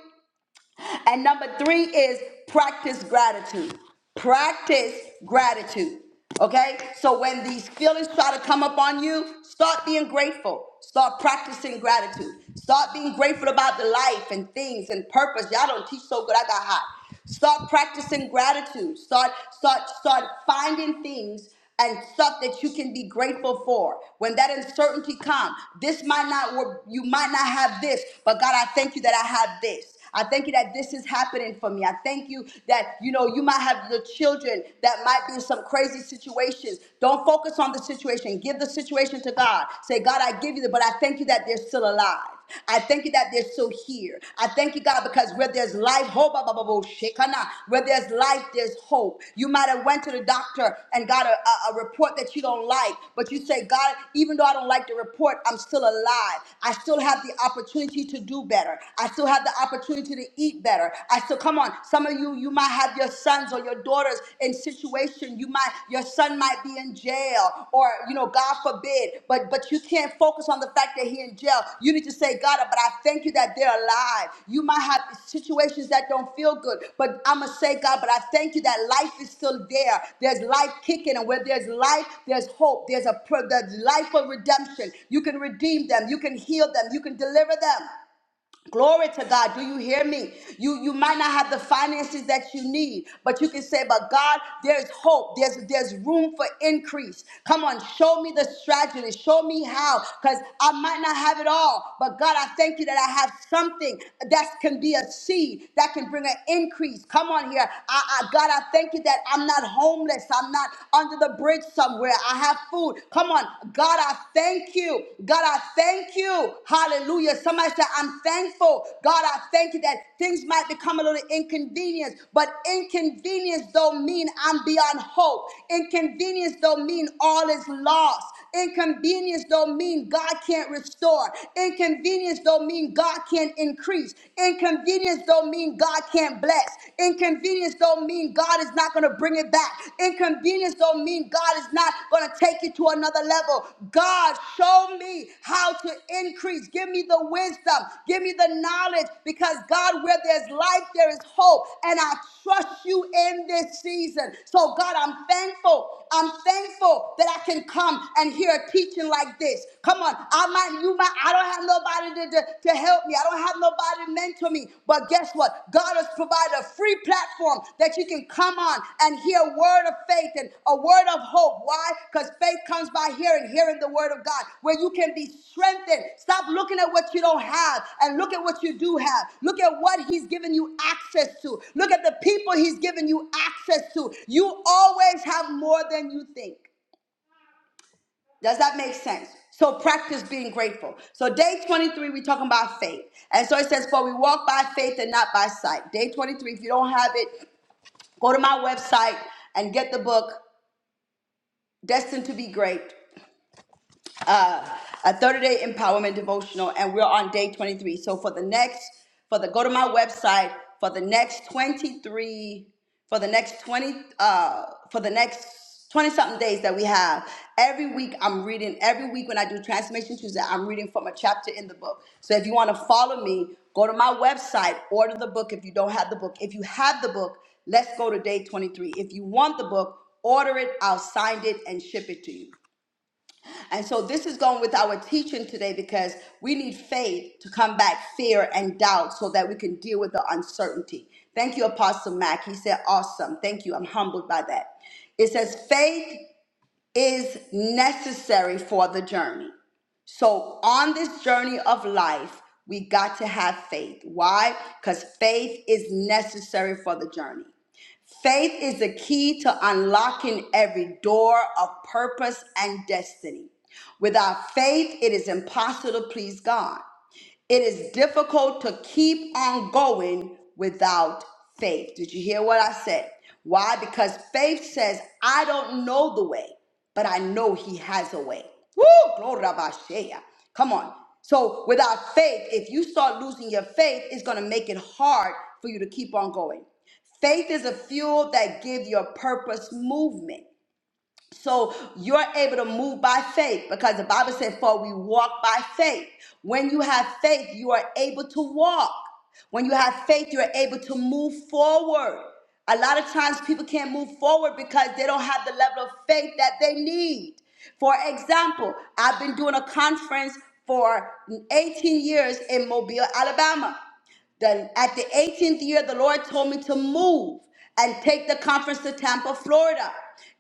And number three is practice gratitude. Practice gratitude. Okay? So when these feelings try to come up on you, start being grateful. Start practicing gratitude. Start being grateful about the life and things and purpose. Y'all don't teach so good. I got hot. Start practicing gratitude. Start, start, start finding things and stuff that you can be grateful for. When that uncertainty comes, this might not work. You might not have this, but God, I thank you that I have this. I thank you that this is happening for me. I thank you that you know you might have your children that might be in some crazy situations. Don't focus on the situation. Give the situation to God. Say, God, I give you the, but I thank you that they're still alive. I thank you that they're still here. I thank you, God, because where there's life, hope, ah, bah, bah, bah, shekana. where there's life, there's hope. You might have went to the doctor and got a, a, a report that you don't like, but you say, God, even though I don't like the report, I'm still alive. I still have the opportunity to do better. I still have the opportunity to eat better. I still, come on, some of you, you might have your sons or your daughters in situations position you might your son might be in jail or you know god forbid but but you can't focus on the fact that he's in jail you need to say god but i thank you that they're alive you might have situations that don't feel good but i'm gonna say god but i thank you that life is still there there's life kicking and where there's life there's hope there's a there's life of redemption you can redeem them you can heal them you can deliver them Glory to God. Do you hear me? You you might not have the finances that you need, but you can say, but God, there's hope. There's there's room for increase. Come on, show me the strategy. Show me how. Because I might not have it all. But God, I thank you that I have something that can be a seed that can bring an increase. Come on here. I, I God, I thank you that I'm not homeless. I'm not under the bridge somewhere. I have food. Come on. God, I thank you. God, I thank you. Hallelujah. Somebody said, I'm thankful. God, I thank you that things might become a little inconvenience, but inconvenience don't mean I'm beyond hope. Inconvenience don't mean all is lost. Inconvenience don't mean God can't restore. Inconvenience don't mean God can't increase. Inconvenience don't mean God can't bless. Inconvenience don't mean God is not going to bring it back. Inconvenience don't mean God is not going to take it to another level. God, show me how to increase. Give me the wisdom. Give me the knowledge because God, where there's life, there is hope. And I trust you in this season. So, God, I'm thankful. I'm thankful that I can can come and hear a teaching like this. Come on, I might, you might, I don't have nobody to, to, to help me. I don't have nobody to mentor me. But guess what? God has provided a free platform that you can come on and hear a word of faith and a word of hope. Why? Because faith comes by hearing, hearing the word of God, where you can be strengthened. Stop looking at what you don't have and look at what you do have. Look at what He's given you access to. Look at the people He's given you access to. You always have more than you think. Does that make sense? So practice being grateful. So day 23, we're talking about faith. And so it says, for we walk by faith and not by sight. Day 23, if you don't have it, go to my website and get the book, Destined to be Great uh, a 30-day empowerment devotional, and we're on day 23. So for the next, for the go to my website for the next 23, for the next 20, uh, for the next 20 something days that we have. Every week I'm reading, every week when I do Transformation Tuesday, I'm reading from a chapter in the book. So if you want to follow me, go to my website, order the book if you don't have the book. If you have the book, let's go to day 23. If you want the book, order it, I'll sign it and ship it to you. And so this is going with our teaching today because we need faith to combat fear and doubt so that we can deal with the uncertainty. Thank you, Apostle Mack. He said, awesome. Thank you. I'm humbled by that. It says, faith is necessary for the journey. So on this journey of life, we got to have faith. Why? Because faith is necessary for the journey. Faith is the key to unlocking every door of purpose and destiny. Without faith, it is impossible to please God. It is difficult to keep on going without faith. Did you hear what I said? Why? Because faith says, I don't know the way, but I know he has a way. Woo! Glory to Abashaya. Come on. So without faith, if you start losing your faith, it's going to make it hard for you to keep on going. Faith is a fuel that gives your purpose movement. So you're able to move by faith because the Bible said, For we walk by faith. When you have faith, you are able to walk. When you have faith, you're able to move forward. A lot of times people can't move forward because they don't have the level of faith that they need. For example, I've been doing a conference for 18 years in Mobile, Alabama. Then at the 18th year, the Lord told me to move and take the conference to Tampa, Florida.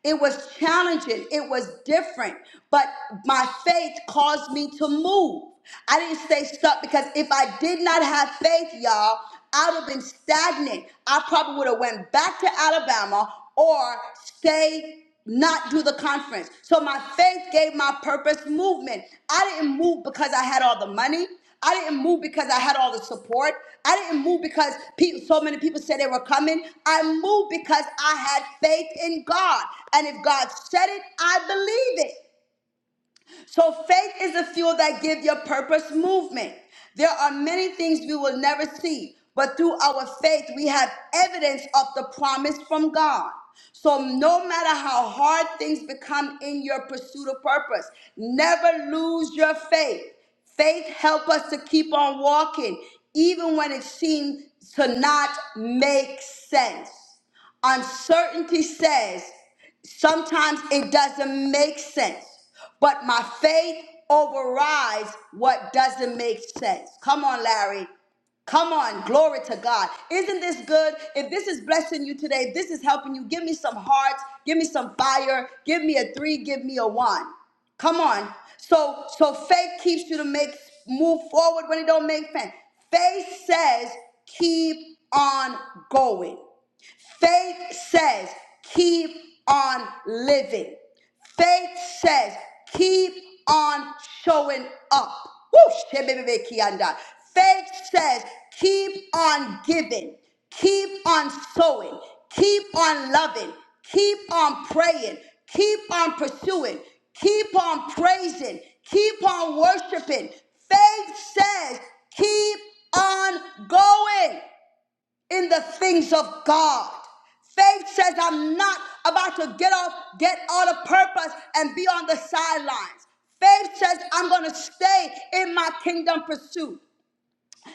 It was challenging, it was different, but my faith caused me to move. I didn't stay stuck because if I did not have faith, y'all, I would have been stagnant. I probably would have went back to Alabama or stayed not do the conference. So my faith gave my purpose movement. I didn't move because I had all the money. I didn't move because I had all the support. I didn't move because people, so many people said they were coming. I moved because I had faith in God. And if God said it, I believe it. So faith is the fuel that gives your purpose movement. There are many things we will never see, but through our faith, we have evidence of the promise from God. So no matter how hard things become in your pursuit of purpose, never lose your faith. Faith help us to keep on walking, even when it seems to not make sense. Uncertainty says sometimes it doesn't make sense, but my faith overrides what doesn't make sense. Come on, Larry. Come on, glory to God. Isn't this good? If this is blessing you today, if this is helping you, give me some hearts, give me some fire, give me a three, give me a one. Come on. So so faith keeps you to make move forward when it don't make sense. Faith says keep on going. Faith says, keep on living. Faith says, keep on showing up. Woo, shebebebekianda. Faith says, keep on giving, keep on sowing, keep on loving, keep on praying, keep on pursuing, keep on praising, keep on worshiping. Faith says, keep on going in the things of God. Faith says, I'm not about to get off, get out of purpose and be on the sidelines. Faith says, I'm going to stay in my kingdom pursuit.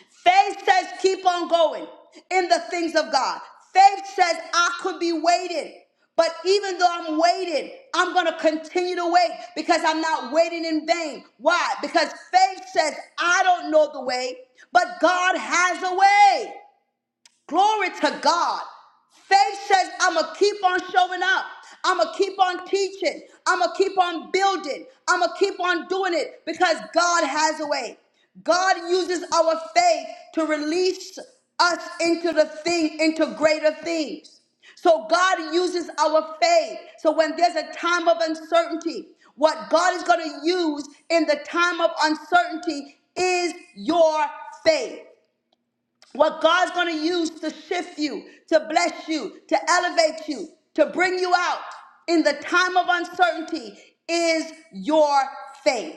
Faith says, keep on going in the things of God. Faith says, I could be waiting, but even though I'm waiting, I'm going to continue to wait because I'm not waiting in vain. Why? Because faith says, I don't know the way, but God has a way. Glory to God. Faith says, I'm going to keep on showing up. I'm going to keep on teaching. I'm going to keep on building. I'm going to keep on doing it because God has a way. God uses our faith to release us into the thing, into greater things. So God uses our faith. So when there's a time of uncertainty, what God is going to use in the time of uncertainty is your faith what God's going to use to shift you, to bless you, to elevate you, to bring you out in the time of uncertainty is your faith.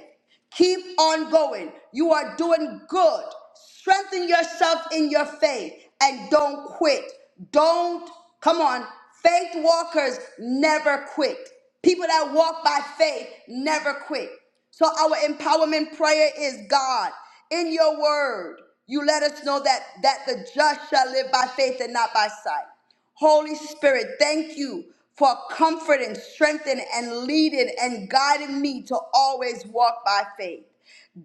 Keep on going. You are doing good. Strengthen yourself in your faith and don't quit. Don't, come on, faith walkers never quit. People that walk by faith never quit. So our empowerment prayer is God, in your word, you let us know that that the just shall live by faith and not by sight. Holy Spirit, thank you for comforting, strengthening, and leading and guiding me to always walk by faith.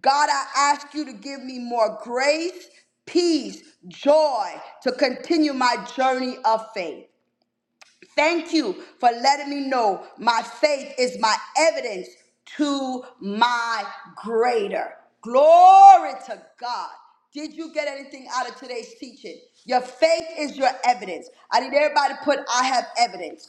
God, I ask you to give me more grace, peace, joy to continue my journey of faith. Thank you for letting me know my faith is my evidence to my greater. Glory to God. Did you get anything out of today's teaching? Your faith is your evidence. I need everybody to put, I have evidence.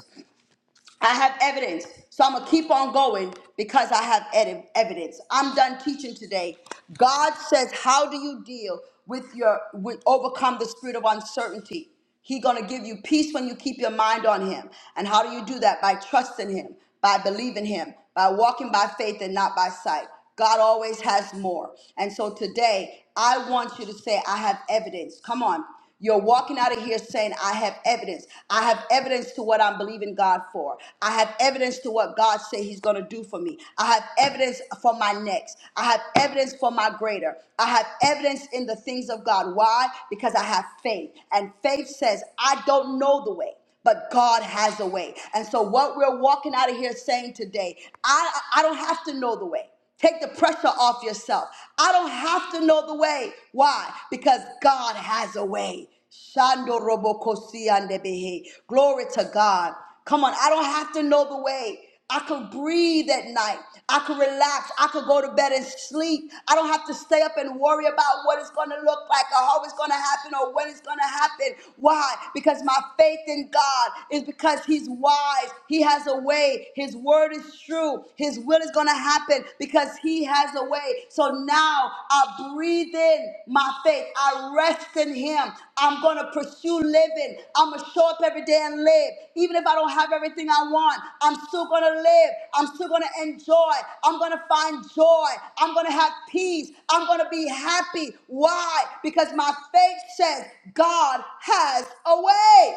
I have evidence. So I'm going to keep on going because I have ed- evidence. I'm done teaching today. God says, How do you deal with your, with, overcome the spirit of uncertainty? He's going to give you peace when you keep your mind on Him. And how do you do that? By trusting Him, by believing Him, by walking by faith and not by sight. God always has more. And so today, I want you to say, I have evidence. Come on. You're walking out of here saying, I have evidence. I have evidence to what I'm believing God for. I have evidence to what God said He's going to do for me. I have evidence for my next. I have evidence for my greater. I have evidence in the things of God. Why? Because I have faith. And faith says, I don't know the way but God has a way. And so what we're walking out of here saying today, I I don't have to know the way. Take the pressure off yourself. I don't have to know the way. Why? Because God has a way. Shando robokosi andebehe. Glory to God. Come on, I don't have to know the way. I could breathe at night. I could relax. I could go to bed and sleep. I don't have to stay up and worry about what it's going to look like or how it's going to happen or when it's going to happen. Why? Because my faith in God is because He's wise. He has a way way. His word is true. His will is going to happen because He has a way. So now I breathe in my faith. I rest in Him. I'm going to pursue living. I'm going to show up every day and live. Even if I don't have everything I want, I'm still going to live. I'm still going to enjoy. I'm going to find joy. I'm going to have peace. I'm going to be happy. Why? Because my faith says God has a way.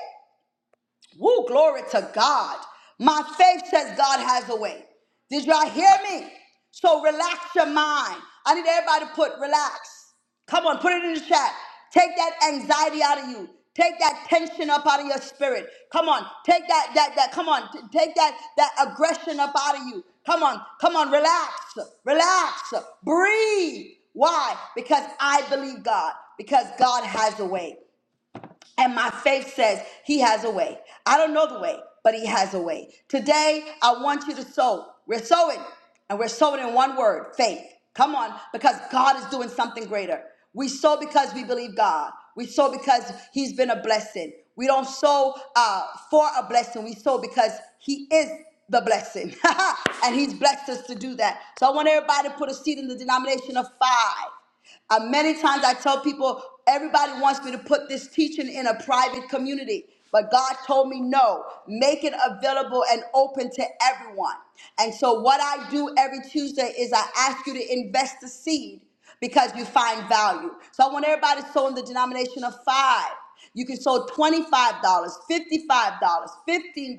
Woo, glory to God. My faith says God has a way. Did y'all hear me? So relax your mind. I need everybody to put relax. Come on, put it in the chat. Take that anxiety out of you. Take that tension up out of your spirit. Come on, take that that that. Come on, t- take that that aggression up out of you. Come on, come on, relax, relax, breathe. Why? Because I believe God. Because God has a way. And my faith says he has a way. I don't know the way, but he has a way. Today, I want you to sow. We're sowing, and we're sowing in one word faith. Come on, because God is doing something greater. We sow because we believe God. We sow because he's been a blessing. We don't sow uh, for a blessing, we sow because he is the blessing. and he's blessed us to do that. So I want everybody to put a seed in the denomination of five. Uh, many times I tell people, everybody wants me to put this teaching in a private community. But God told me no, make it available and open to everyone. And so, what I do every Tuesday is I ask you to invest a seed because you find value. So, I want everybody to sow in the denomination of five. You can sow $25, dollars, $55, dollars, $15.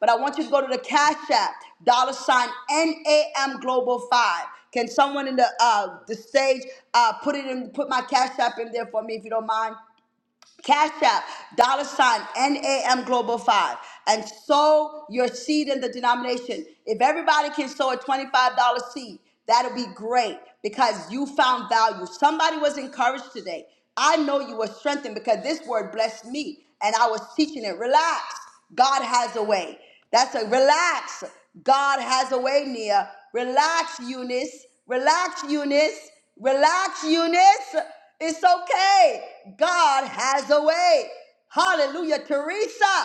But I want you to go to the Cash App, dollar sign NAM Global 5. Can someone in the uh, the stage uh, put it in put my Cash App in there for me if you don't mind? Cash App, dollar sign, NAM Global 5, and sow your seed in the denomination. If everybody can sow a $25 seed, that'll be great because you found value. Somebody was encouraged today. I know you were strengthened because this word blessed me and I was teaching it. Relax. God has a way. That's a relax. God has a way, Nia. Relax, Eunice. Relax, Eunice. Relax, Eunice. It's okay. God has a way. Hallelujah. Teresa,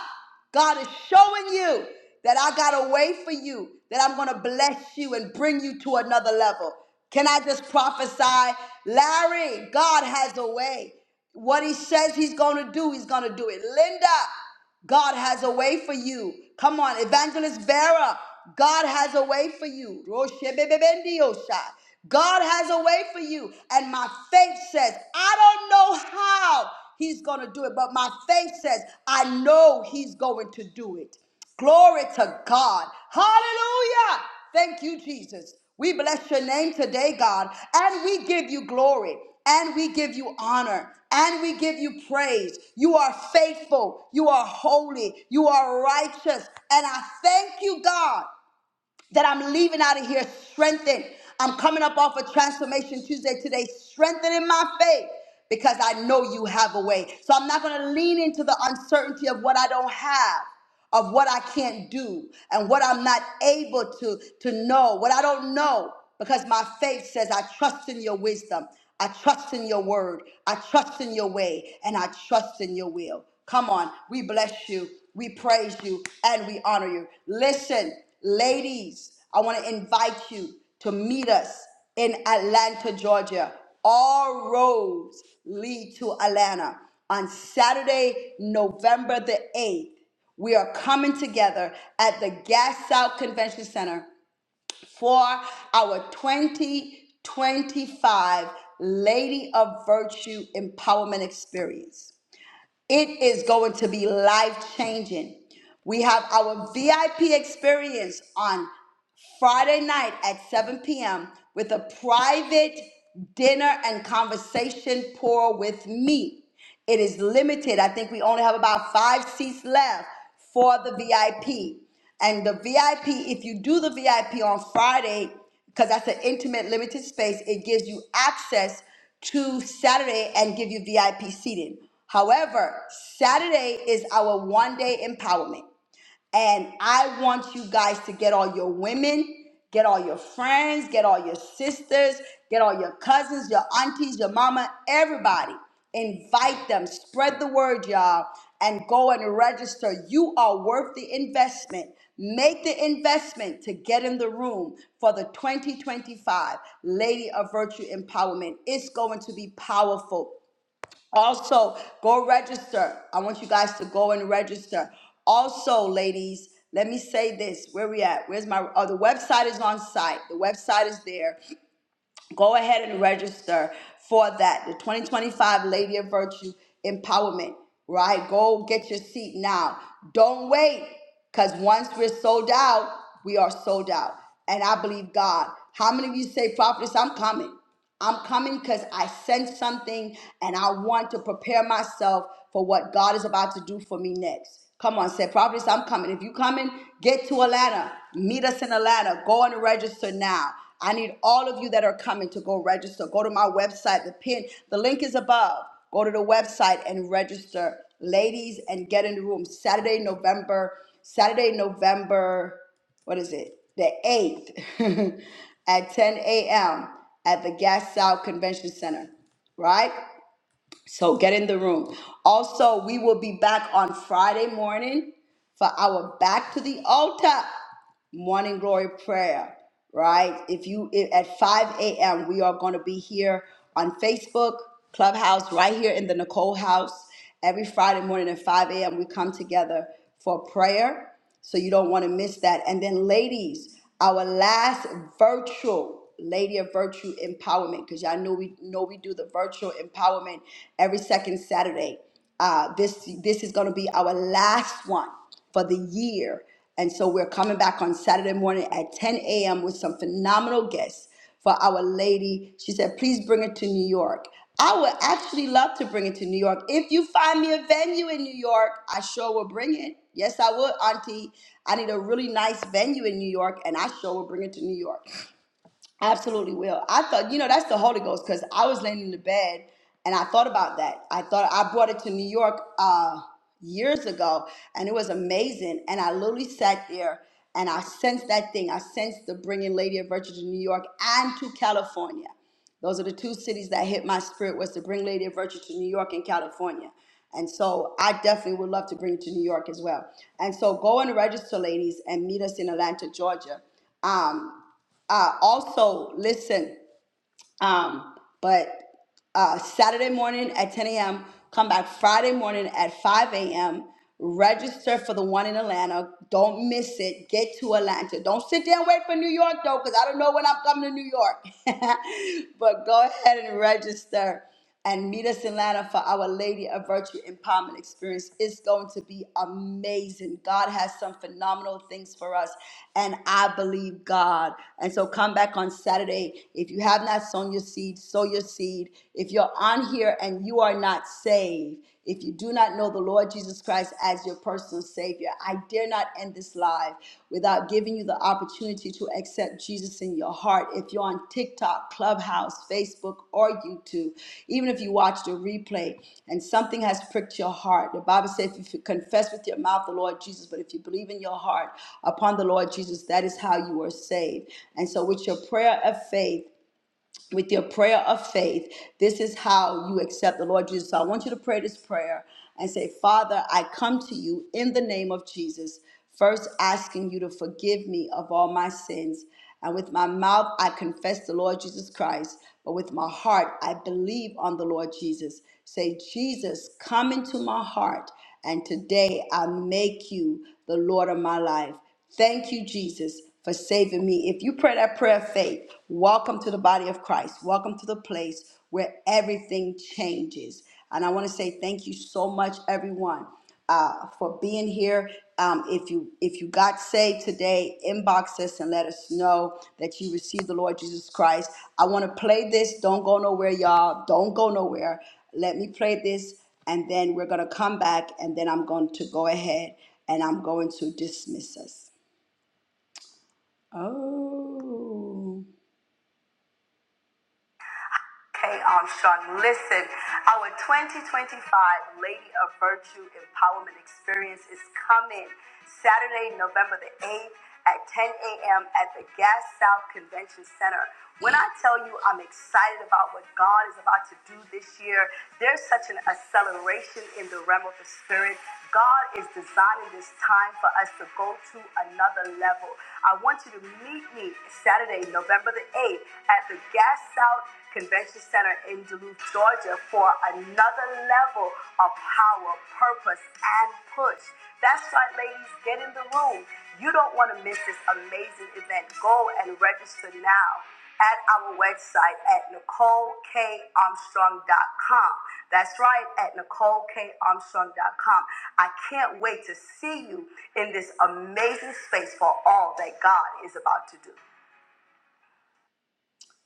God is showing you that I got a way for you, that I'm going to bless you and bring you to another level. Can I just prophesy? Larry, God has a way. What he says he's going to do, he's going to do it. Linda, God has a way for you. Come on, Evangelist Vera. God has a way for you. Roshebebebendiosha. God has a way for you. And my faith says, I don't know how he's going to do it, but my faith says, I know he's going to do it. Glory to God. Hallelujah. Thank you, Jesus. We bless your name today, God, and we give you glory, and we give you honor, and we give you praise. You are faithful, you are holy, you are righteous, and I thank you, God that I'm leaving out of here strengthened. I'm coming up off of Transformation Tuesday today, strengthening my faith because I know you have a way. So I'm not going to lean into the uncertainty of what I don't have, of what I can't do, and what I'm not able to, to know, what I don't know because my faith says, I trust in your wisdom. I trust in your word. I trust in your way. And I trust in your will. Come on. We bless you. We praise you. And we honor you. Listen, ladies, I want to invite you to meet us in Atlanta, Georgia. All roads lead to Atlanta on Saturday, November the 8th. We are coming together at the Gas South Convention Center for our 2025 Lady of Virtue Empowerment Experience. It is going to be life changing. We have our VIP experience on Friday night at 7 p.m. with a private dinner and conversation pour with me. It is limited. I think we only have about five seats left for the VIP. And the VIP, if you do the VIP on Friday, because that's an intimate, limited space, it gives you access to Saturday and give you VIP seating. However, Saturday is our one day empowerment. And I want you guys to get all your women, get all your friends, get all your sisters, get all your cousins, your aunties, your mama, everybody. Invite them, spread the word, y'all, and go and register. You are worth the investment. Make the investment to get in the room for the 2025 Lady of Virtue Empowerment. It's going to be powerful. Also, go register. I want you guys to go and register. Also, ladies, let me say this. Where we at? Where's my oh the website is on site. The website is there. Go ahead and register for that. The 2025 Lady of Virtue Empowerment. Right? Go get your seat now. Don't wait. Because once we're sold out, we are sold out. And I believe God. How many of you say, Prophetess, I'm coming? I'm coming because I sense something and I want to prepare myself for what God is about to do for me next. Come on, said Providence, I'm coming. If you coming, get to Atlanta. Meet us in Atlanta. Go and register now. I need all of you that are coming to go register. Go to my website. The pin, the link is above. Go to the website and register. Ladies, and get in the room. Saturday, November, Saturday, November what is it, the 8th at 10 a.m. at the South Convention Center, right? So get in the room. Also, we will be back on Friday morning for our Back to the Altar morning glory prayer, right? If you if, at 5 a.m. we are going to be here on Facebook, Clubhouse, right here in the Nicole House. Every Friday morning at 5 a.m. we come together for prayer, so you don't want to miss that. And then, ladies, our last virtual Lady of Virtue Empowerment, because y'all know we know we do the virtual empowerment every second Saturday. Uh, this this is going to be our last one for the year, and so we're coming back on Saturday morning at 10 a.m. with some phenomenal guests for Our Lady. She said, "Please bring it to New York." I would actually love to bring it to New York. If you find me a venue in New York, I sure will bring it. Yes, I would, Auntie. I need a really nice venue in New York, and I sure will bring it to New York. Absolutely will. I thought, you know, that's the Holy Ghost because I was laying in the bed and I thought about that. I thought I brought it to New York uh, years ago and it was amazing. And I literally sat there and I sensed that thing. I sensed the bringing Lady of Virtue to New York and to California. Those are the two cities that hit my spirit was to bring Lady of Virtue to New York and California. And so I definitely would love to bring it to New York as well. And so go and register, ladies, and meet us in Atlanta, Georgia. Um, uh, also, listen, um, but uh, Saturday morning at 10 a.m., come back Friday morning at 5 a.m., register for the one in Atlanta. Don't miss it. Get to Atlanta. Don't sit there and wait for New York, though, because I don't know when I'm coming to New York. but go ahead and register and meet us in Atlanta for our Lady of Virtue Empowerment Experience. It's going to be amazing. God has some phenomenal things for us, and I believe God. And so come back on Saturday. If you have not sown your seed, sow your seed. If you're on here and you are not saved, if you do not know the Lord Jesus Christ as your personal Savior, I dare not end this live without giving you the opportunity to accept Jesus in your heart. If you're on TikTok, Clubhouse, Facebook, or YouTube, even if you watched a replay and something has pricked your heart, the Bible says if you confess with your mouth the Lord Jesus, but if you believe in your heart upon the Lord Jesus, that is how you are saved. And so, with your prayer of faith, with your prayer of faith. This is how you accept the Lord Jesus. So I want you to pray this prayer and say, Father, I come to you in the name of Jesus, first asking you to forgive me of all my sins. And with my mouth, I confess the Lord Jesus Christ, but with my heart, I believe on the Lord Jesus. Say, Jesus, come into my heart, and today I make you the Lord of my life. Thank you, Jesus, for saving me. If you pray that prayer of faith, welcome to the body of Christ. Welcome to the place where everything changes. And I want to say thank you so much, everyone, uh, for being here. Um, if you if you got saved today, inbox us and let us know that you received the Lord Jesus Christ. I want to play this. Don't go nowhere, y'all. Don't go nowhere. Let me play this, and then we're gonna come back, and then I'm going to go ahead and I'm going to dismiss us. Oh. Kay Armstrong. Listen, our 2025 Lady of Virtue Empowerment Experience is coming Saturday, November the 8th at 10 a.m. at the Gas South Convention Center. When I tell you I'm excited about what God is about to do this year, there's such an acceleration in the realm of the spirit. God is designing this time for us to go to another level. I want you to meet me Saturday, November the 8th at the Gas South Convention Center in Duluth, Georgia for another level of power, purpose, and push. That's right, ladies, get in the room. You don't want to miss this amazing event. Go and register now at our website at NicoleKArmstrong.com. That's right, at NicoleKArmstrong.com. I can't wait to see you in this amazing space for all that God is about to do.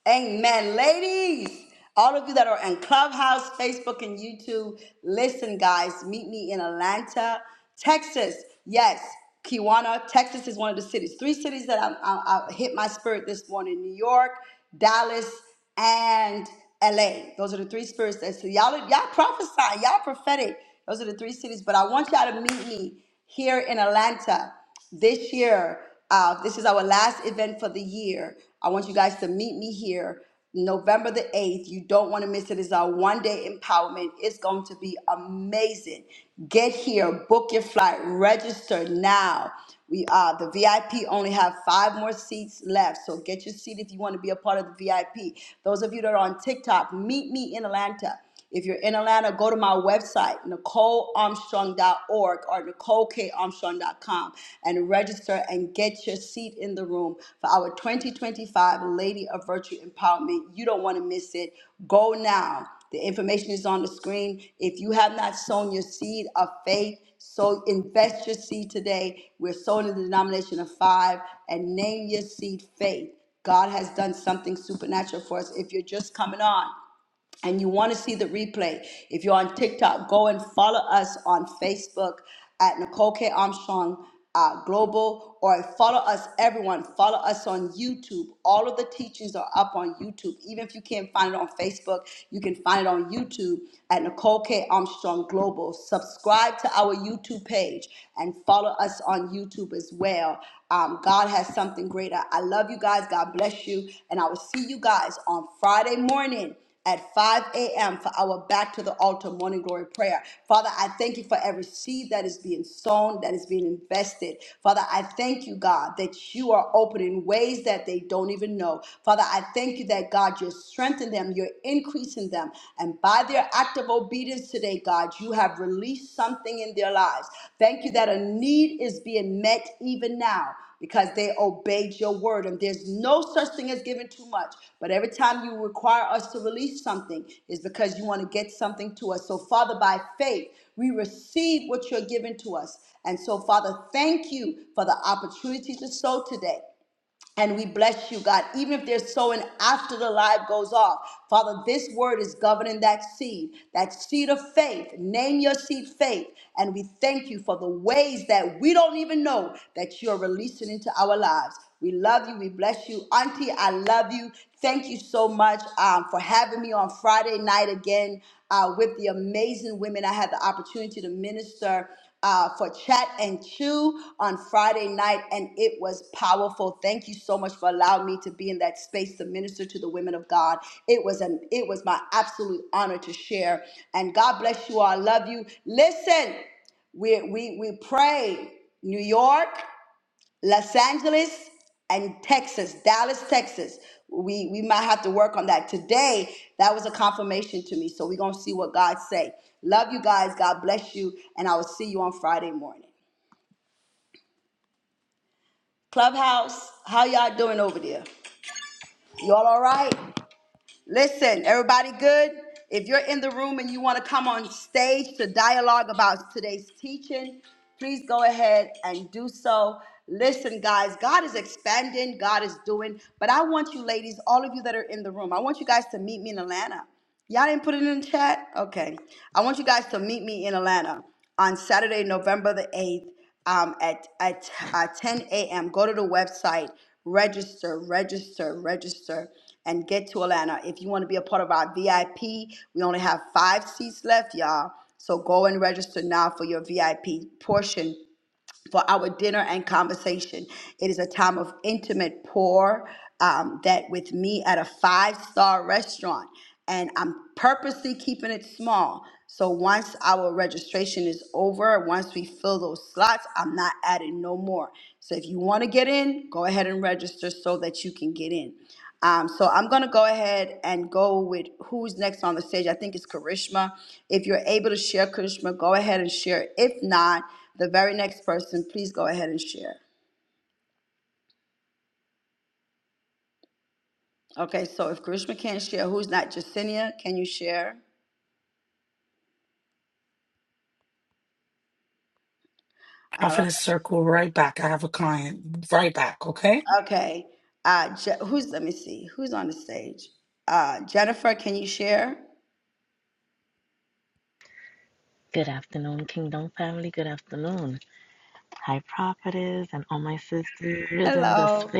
Amen. Ladies, all of you that are in Clubhouse, Facebook, and YouTube, listen, guys, meet me in Atlanta, Texas. Yes, Kiwana, Texas is one of the cities. Three cities that I'm- I, I hit my spirit this morning New York, Dallas, and LA. Those are the three spirits that so y'all, y'all prophesy, y'all prophetic. Those are the three cities, but I want y'all to meet me here in Atlanta this year, uh, this is our last event for the year. I want you guys to meet me here November the 8th. You don't want to miss it. It's our one day empowerment. It's going to be amazing. Get here, book your flight, register now. We are the VIP only have five more seats left. So get your seat if you want to be a part of the VIP. Those of you that are on TikTok, meet me in Atlanta. If you're in Atlanta, go to my website, nicole armstrong dot org or nicole k armstrong dot com and register and get your seat in the room for our 2025 Lady of Virtue Empowerment. You don't want to miss it. Go now. The information is on the screen. If you have not sown your seed of faith, so invest your seed today. We're sowing in the denomination of five and name your seed faith. God has done something supernatural for us. If you're just coming on, and you want to see the replay, if you're on TikTok, go and follow us on Facebook at Nicole K. Armstrong uh, Global, or follow us, everyone. Follow us on YouTube. All of the teachings are up on YouTube. Even if you can't find it on Facebook, you can find it on YouTube at Nicole K. Armstrong Global. Subscribe to our YouTube page and follow us on YouTube as well. Um, God has something greater. I love you guys. God bless you. And I will see you guys on Friday morning at 5 a.m. for our back to the altar morning glory prayer. Father, I thank you for every seed that is being sown, that is being invested. Father, I thank you, God, that you are opening ways that they don't even know. Father, I thank you that, God, you're strengthening them, you're increasing them. And by their act of obedience today, God, you have released something in their lives. Thank you that a need is being met even now because they obeyed your word. And there's no such thing as giving too much. But every time you require us to release something, is because you want to get something to us. So, Father, by faith, we receive what you're giving to us. And so, Father, thank you for the opportunity to sow today. And we bless you, God. Even if they're sowing after the live goes off, Father, this word is governing that seed, that seed of faith. Name your seed faith. And we thank you for the ways that we don't even know that you're releasing into our lives. We love you. We bless you. Auntie, I love you. Thank you so much um, for having me on Friday night again uh, with the amazing women I had the opportunity to minister uh, for Chat and Chew on Friday night, and it was powerful. Thank you so much for allowing me to be in that space to minister to the women of God. It was an it was my absolute honor to share. And God bless you all. I love you. Listen, we we we pray New York. Los Angeles and Texas, Dallas, Texas. We we might have to work on that. Today, that was a confirmation to me. So we're gonna see what God say. Love you guys. God bless you. And I will see you on Friday morning. Clubhouse, how y'all doing over there? Y'all all right? Listen, everybody good? If you're in the room and you want to come on stage to dialogue about today's teaching, please go ahead and do so. Listen, guys, God is expanding, God is doing, but I want you ladies, all of you that are in the room, I want you guys to meet me in Atlanta. Y'all didn't put it in the chat? Okay. I want you guys to meet me in Atlanta on Saturday, November the 8th um, at, at uh, 10 a.m. Go to the website, register, register, register, and get to Atlanta. If you want to be a part of our VIP, we only have five seats left, y'all. So go and register now for your VIP portion for our dinner and conversation. It is a time of intimate pour um, that with me at a five star restaurant. And I'm purposely keeping it small. So once our registration is over, once we fill those slots, I'm not adding no more. So if you want to get in, go ahead and register so that you can get in. Um, so I'm going to go ahead and go with who's next on the stage. I think it's Karishma. If you're able to share Karishma, go ahead and share. If not, the very next person, please go ahead and share. Okay, so if Karishma can't share, who's not? Jacinia, can you share?
I'm
All right.
Confidence circle right back. I have a client right back, okay?
Okay. Uh, Je- who's, let me see, who's on the stage? Uh, Jennifer, can you share? Hello.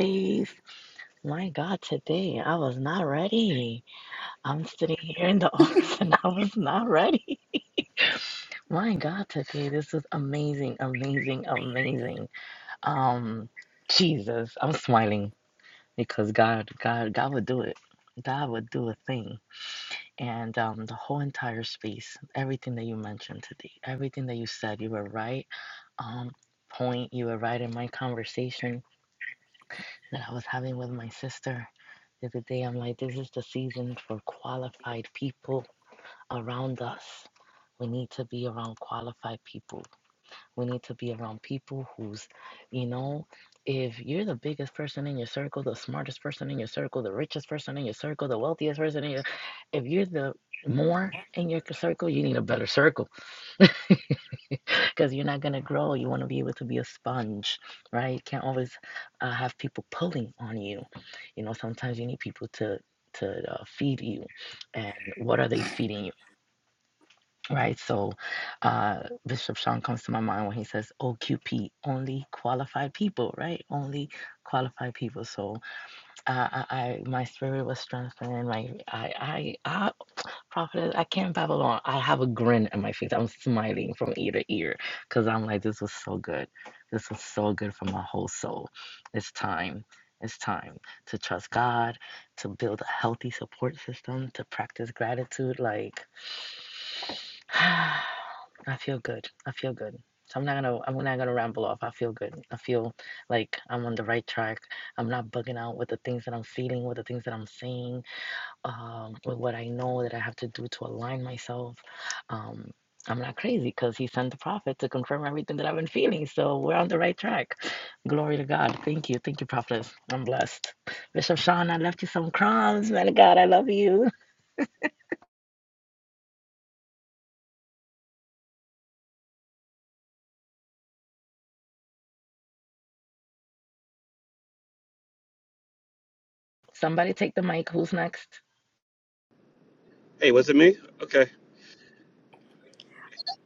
Hey, was it me? Okay.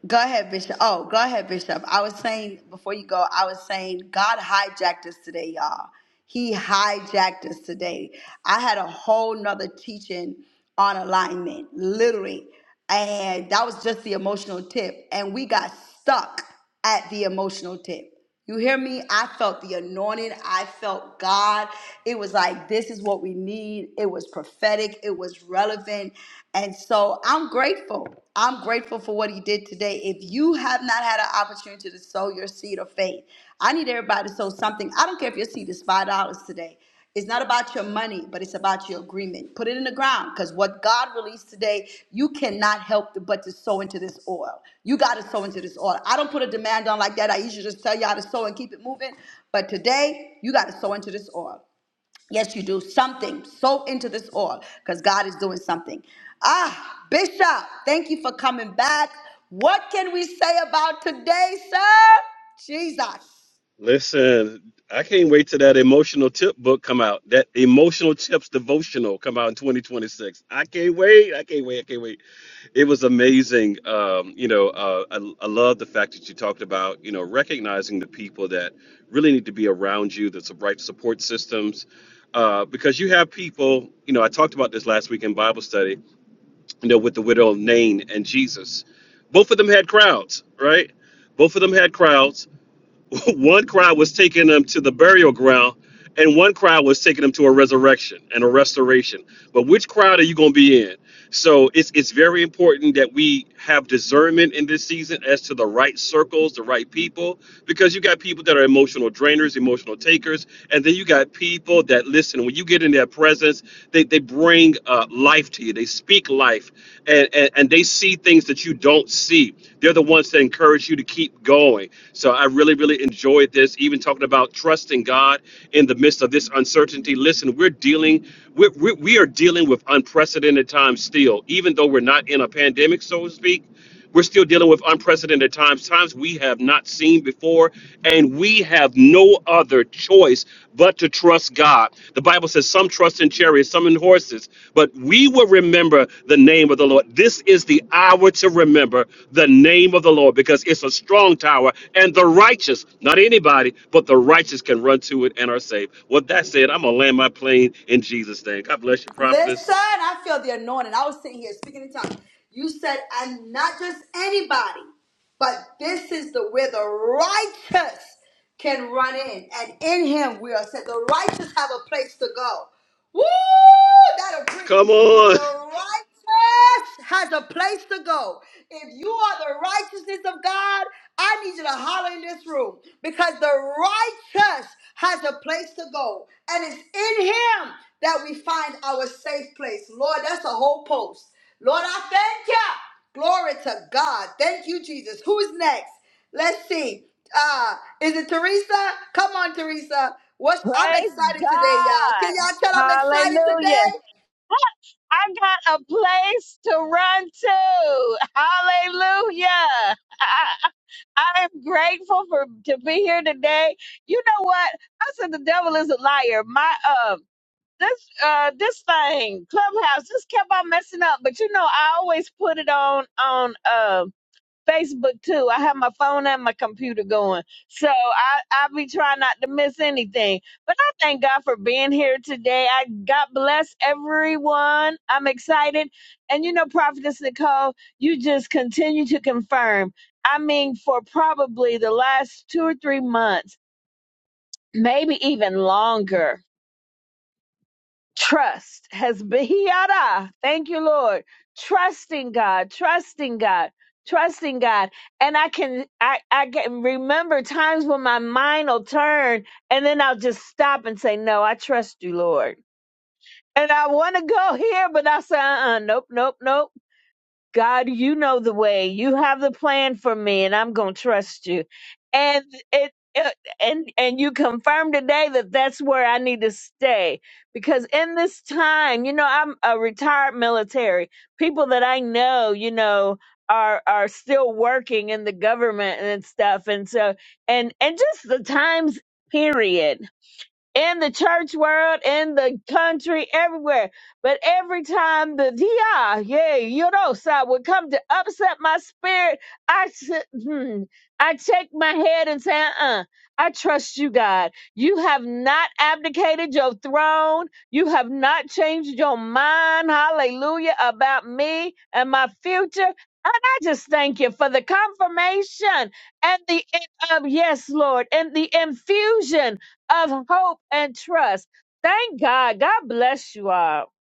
Go ahead, Bishop. Oh, go ahead, Bishop. I was saying before you go, I was saying God hijacked us today, y'all. He hijacked us today. I had a whole nother teaching on alignment, literally. And that was just the emotional tip. And we got stuck at the emotional tip. You hear me? I felt the anointing. I felt God. It was like, this is what we need. It was prophetic. It was relevant. And so I'm grateful. I'm grateful for what he did today. If you have not had an opportunity to sow your seed of faith, I need everybody to sow something. I don't care if your seed is $5 today. It's not about your money, but it's about your agreement. Put it in the ground because what God released today, you cannot help but to sow into this oil. You got to sow into this oil. I don't put a demand on like that. I usually just tell you how to sow and keep it moving. But today, you got to sow into this oil. Yes, you do. Something. Sow into this oil because God is doing something. Ah, Bishop, thank you for coming back. What can we say about today, sir? Jesus.
Listen, I can't wait till that emotional tip book come out. That emotional tips devotional come out in 2026. I can't wait. I can't wait. I can't wait. It was amazing. Um, you know, uh, I, I love the fact that you talked about, you know, recognizing the people that really need to be around you, that's the right support systems. Uh, because you have people, you know, I talked about this last week in Bible study, you know, with the widow of Nain and Jesus. Both of them had crowds, right? Both of them had crowds one crowd was taking them to the burial ground, and one crowd was taking them to a resurrection and a restoration. But which crowd are you going to be in? So it's it's very important that we have discernment in this season as to the right circles, the right people, because you got people that are emotional drainers, emotional takers, and then you got people that listen. When you get in their presence, they, they bring uh, life to you. They speak life, and, and and they see things that you don't see. They're the ones that encourage you to keep going. So I really really enjoyed this. Even talking about trusting God in the midst of this uncertainty. Listen, we're dealing we we we are dealing with unprecedented times still, even though we're not in a pandemic, so to speak we're still dealing with unprecedented times, times we have not seen before, and we have no other choice but to trust God. The Bible says some trust in chariots, some in horses, but we will remember the name of the Lord. This is the hour to remember the name of the Lord because it's a strong tower, and the righteous, not anybody, but the righteous can run to it and are saved. With that said, I'm going to land my plane in Jesus' name. God bless you,
Listen,
prophetess.
I feel the anointing. I was sitting here speaking in tongues. You said, and not just anybody, but this is the where the righteous can run in, and in Him we are set. The righteous have a place to go. Woo! That'll preach.
Come
The
on.
righteous earth has a place to go. If you are the righteousness of God, I need you to holler in this room because the righteous has a place to go. And it's in him that we find our safe place. Lord, that's a whole post. Lord, I thank you. Glory to God. Thank you, Jesus. Who's next? Let's see. Uh, is it Teresa? Come on, Teresa. What's I'm
Praise
excited today, y'all. Can
God.
y'all tell I'm excited
Hallelujah.
today?
I got a place to run to. Hallelujah. I am grateful for to be here today. You know what? I said the devil is a liar. My uh this uh this thing, Clubhouse, just kept on messing up. But you know, I always put it on on um Facebook too. I have my phone and my computer going. So I, I be trying not to miss anything. But I thank God for being here today. I God bless everyone. I'm excited. And you know, Prophetess Nicole, you just continue to confirm. I mean, for probably the last two or three months, maybe even longer trust has been Hiara. Thank you, Lord. Trusting God, trusting God, trusting God. And I can I, I can remember times when my mind will turn and then I'll just stop and say, No, I trust you, Lord. And I want to go here, but I say, uh uh nope, nope, nope. God, you know the way. You have the plan for me, and I'm going to trust you. And it, it and and you confirm today that that's where I need to stay because in this time, you know, I'm a retired military. People that I know, you know, are are still working in the government and stuff, and so and and just the times period in the church world, in the country, everywhere. But every time the dia, yeah, you know, side would come to upset my spirit, I, s- hmm, I shake my head and say, uh, I trust you, God. You have not abdicated your throne. You have not changed your mind, hallelujah, about me and my future. And I just thank you for the confirmation and the, uh, yes, Lord, and the infusion of hope and trust. Thank God. God bless you all.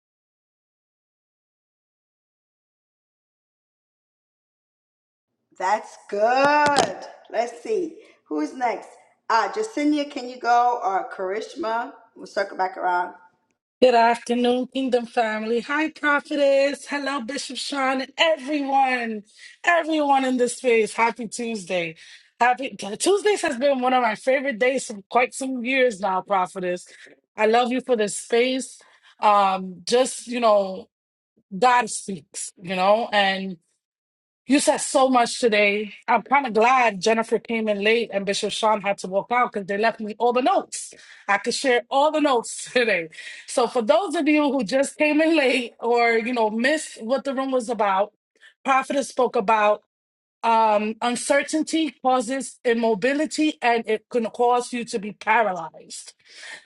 That's good. Let's see. Who's next? Uh, Jacinia, can you go? Or Karishma? We'll circle back around.
Good afternoon, Kingdom family. Hi, Prophetess. Hello, Bishop Sean, and everyone, everyone in this space. Happy Tuesday. Happy Tuesdays has been one of my favorite days for quite some years now, Prophetess. I love you for this space. Um, just you know, God speaks, you know, and You said so much today. I'm kind of glad Jennifer came in late and Bishop Sean had to walk out because they left me all the notes. I could share all the notes today. So for those of you who just came in late or you know missed what the room was about, Prophetess spoke about um, uncertainty causes immobility and it can cause you to be paralyzed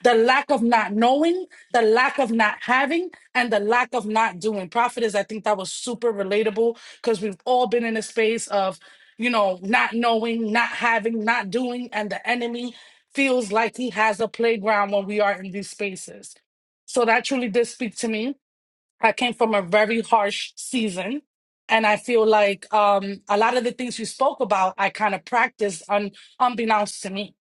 the lack of not knowing, the lack of not having, and the lack of not doing. Prophetess, I think that was super relatable because we've all been in a space of, you know, not knowing, not having, not doing, and the enemy feels like he has a playground when we are in these spaces. So that truly did speak to me. I came from a very harsh season. And I feel like um, a lot of the things you spoke about, I kind of practiced un- unbeknownst to me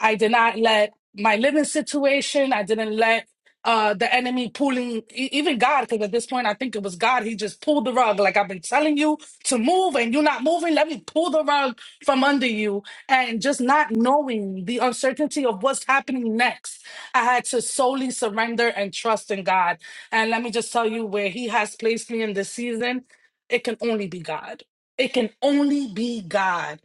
I did not let my living situation, I didn't let uh, the enemy pulling, e- even God, because at this point I think it was God, he just pulled the rug. Like I've been telling you to move and you're not moving, let me pull the rug from under you. And just not knowing the uncertainty of what's happening next, I had to solely surrender and trust in God. And let me just tell you where he has placed me in this season, it can only be God. It can only be God.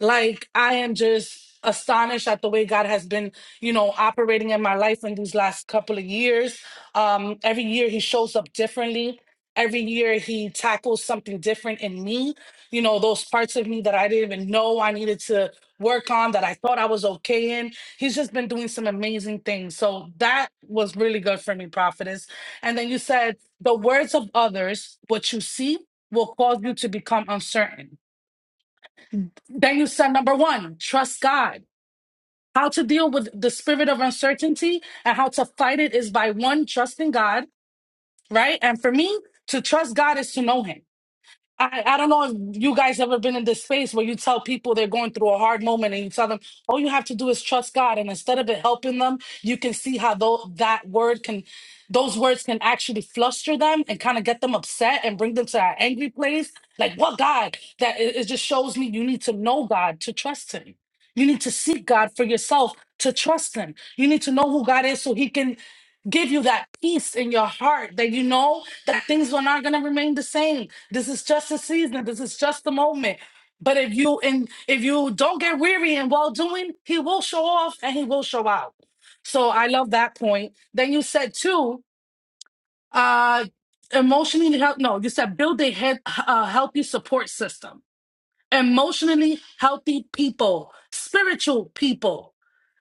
Like I am just astonished at the way God has been, you know, operating in my life in these last couple of years. Um, every year he shows up differently. Every year he tackles something different in me. You know, those parts of me that I didn't even know I needed to work on that I thought I was okay in. He's just been doing some amazing things. So that was really good for me, prophetess. And then you said the words of others, what you see will cause you to become uncertain then you said number one, trust God. How to deal with the spirit of uncertainty and how to fight it is by one, trusting God, right? And for me, to trust God is to know Him. I, I don't know if you guys ever been in this space where you tell people they're going through a hard moment and you tell them all you have to do is trust God and instead of it helping them you can see how though that word can those words can actually fluster them and kind of get them upset and bring them to that angry place like what God that it, it just shows me you need to know God to trust him you need to seek God for yourself to trust him you need to know who God is so he can give you that peace in your heart that you know that things are not going to remain the same this is just a season this is just the moment but if you and if you don't get weary in well doing he will show off and he will show out so i love that point then you said too uh emotionally help no you said build a head, uh, healthy support system emotionally healthy people spiritual people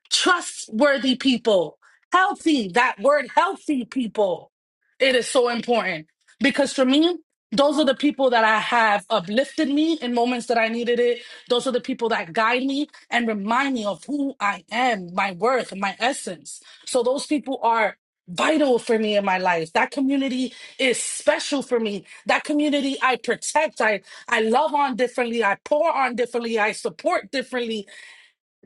trustworthy people, healthy, that word healthy people. It is so important because for me, those are the people that I have uplifted me in moments that I needed it. Those are the people that guide me and remind me of who I am, my worth, and my essence. So those people are vital for me in my life. That community is special for me. That community I protect, I I love on differently, I pour on differently, I support differently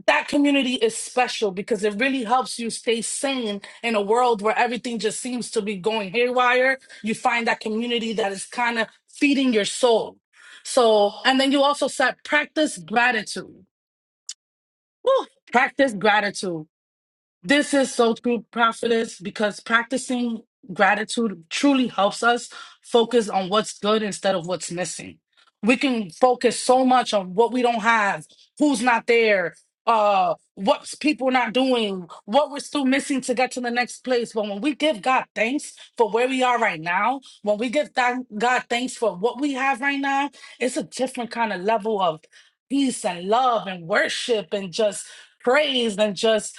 that community is special because it really helps you stay sane in a world where everything just seems to be going haywire. You find that community that is kind of feeding your soul. So, and then you also said practice gratitude. Woo! practice gratitude. This is so true, prophetess, because practicing gratitude truly helps us focus on what's good instead of what's missing. We can focus so much on what we don't have, who's not there, uh, what's people not doing, what we're still missing to get to the next place. But when we give God thanks for where we are right now, when we give thank- God thanks for what we have right now, it's a different kind of level of peace and love and worship and just praise and just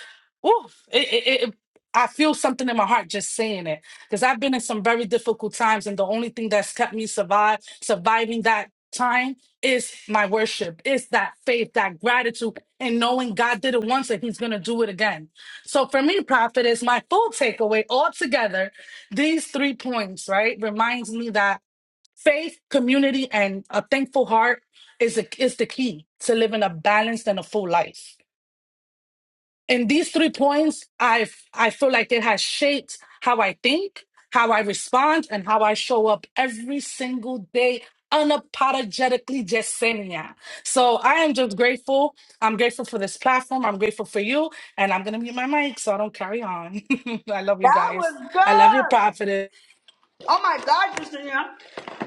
Oof. It, it, it, I feel something in my heart just saying it because I've been in some very difficult times, and the only thing that's kept me survive surviving that time is my worship, is that faith, that gratitude, and knowing God did it once and He's gonna do it again. So for me, prophet is my full takeaway altogether. These three points, right, reminds me that faith, community, and a thankful heart is a, is the key to living a balanced and a full life. And these three points, I I feel like it has shaped how I think, how I respond, and how I show up every single day, unapologetically just saying yeah. So I am just grateful. I'm grateful for this platform. I'm grateful for you, and I'm gonna mute my mic so I don't carry on. I love you
That
guys.
was
I love you,
good.
prophetess.
Oh my God, Jacinia.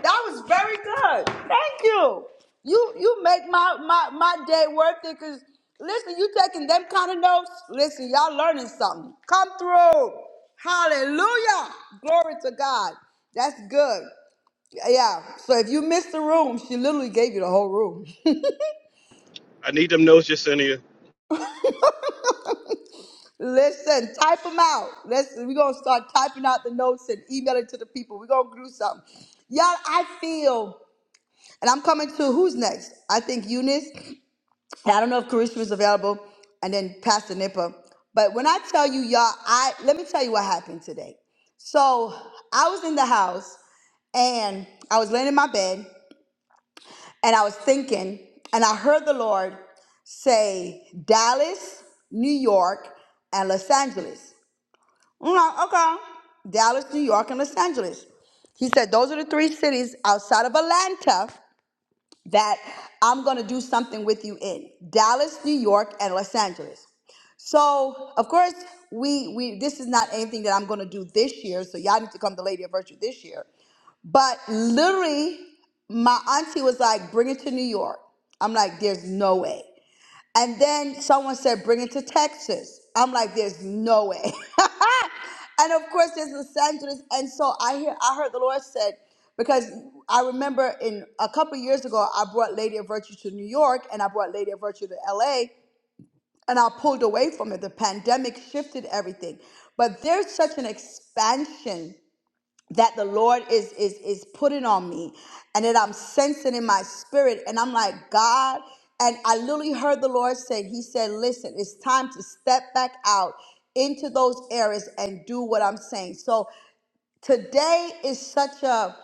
That was very good. Thank you. You you make my, my, my day worth it because listen, you taking them kind of notes. Listen, y'all learning something. Come through. Hallelujah. Glory to God. That's good. Yeah. So if you missed the room, she literally gave you the whole room.
I need them notes, Yesenia.
Listen, type them out. Listen, we're gonna start typing out the notes and email it to the people. We're gonna do something. Y'all, I feel, and I'm coming to who's next? I think Eunice. and I don't know if Karishma is available, and then Pastor Nipper. But when I tell you, y'all, I let me tell you what happened today. So I was in the house and I was laying in my bed and I was thinking, and I heard the Lord say Dallas, New York, and Los Angeles. I'm like, okay. Dallas, New York, and Los Angeles. He said, those are the three cities outside of Atlanta that I'm going to do something with you in Dallas, New York, and Los Angeles. So, of course, we, we this is not anything that I'm going to do this year. So, y'all need to come to Lady of Virtue this year. But literally, my auntie was like, bring it to New York. I'm like, there's no way. And then someone said, bring it to Texas. I'm like, there's no way. and of course, there's Los Angeles. And so I hear, I heard the Lord said, because I remember in a couple of years ago, I brought Lady of Virtue to New York and I brought Lady of Virtue to LA and I pulled away from it. The pandemic shifted everything. But there's such an expansion that the Lord is is is putting on me and that I'm sensing in my spirit and I'm like God and I literally heard the Lord say he said listen it's time to step back out into those areas and do what I'm saying so today is such a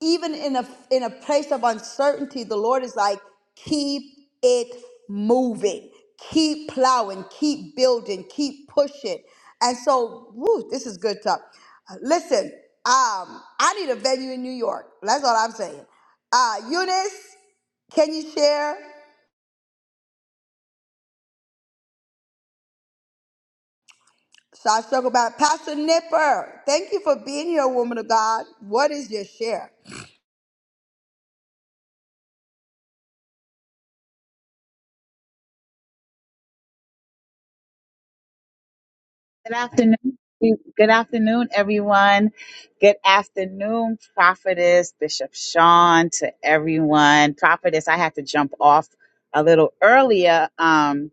even in a in a place of uncertainty the lord is like keep it moving keep plowing keep building keep pushing and so woo, this is good stuff Uh, listen um i need a venue in new york that's all i'm saying uh eunice can you share so i talk about pastor nipper thank you for being here woman of god what is your share
Good afternoon. Good afternoon, everyone. Good afternoon, Prophetess Bishop Sean, to everyone. Prophetess, I had to jump off a little earlier. Um,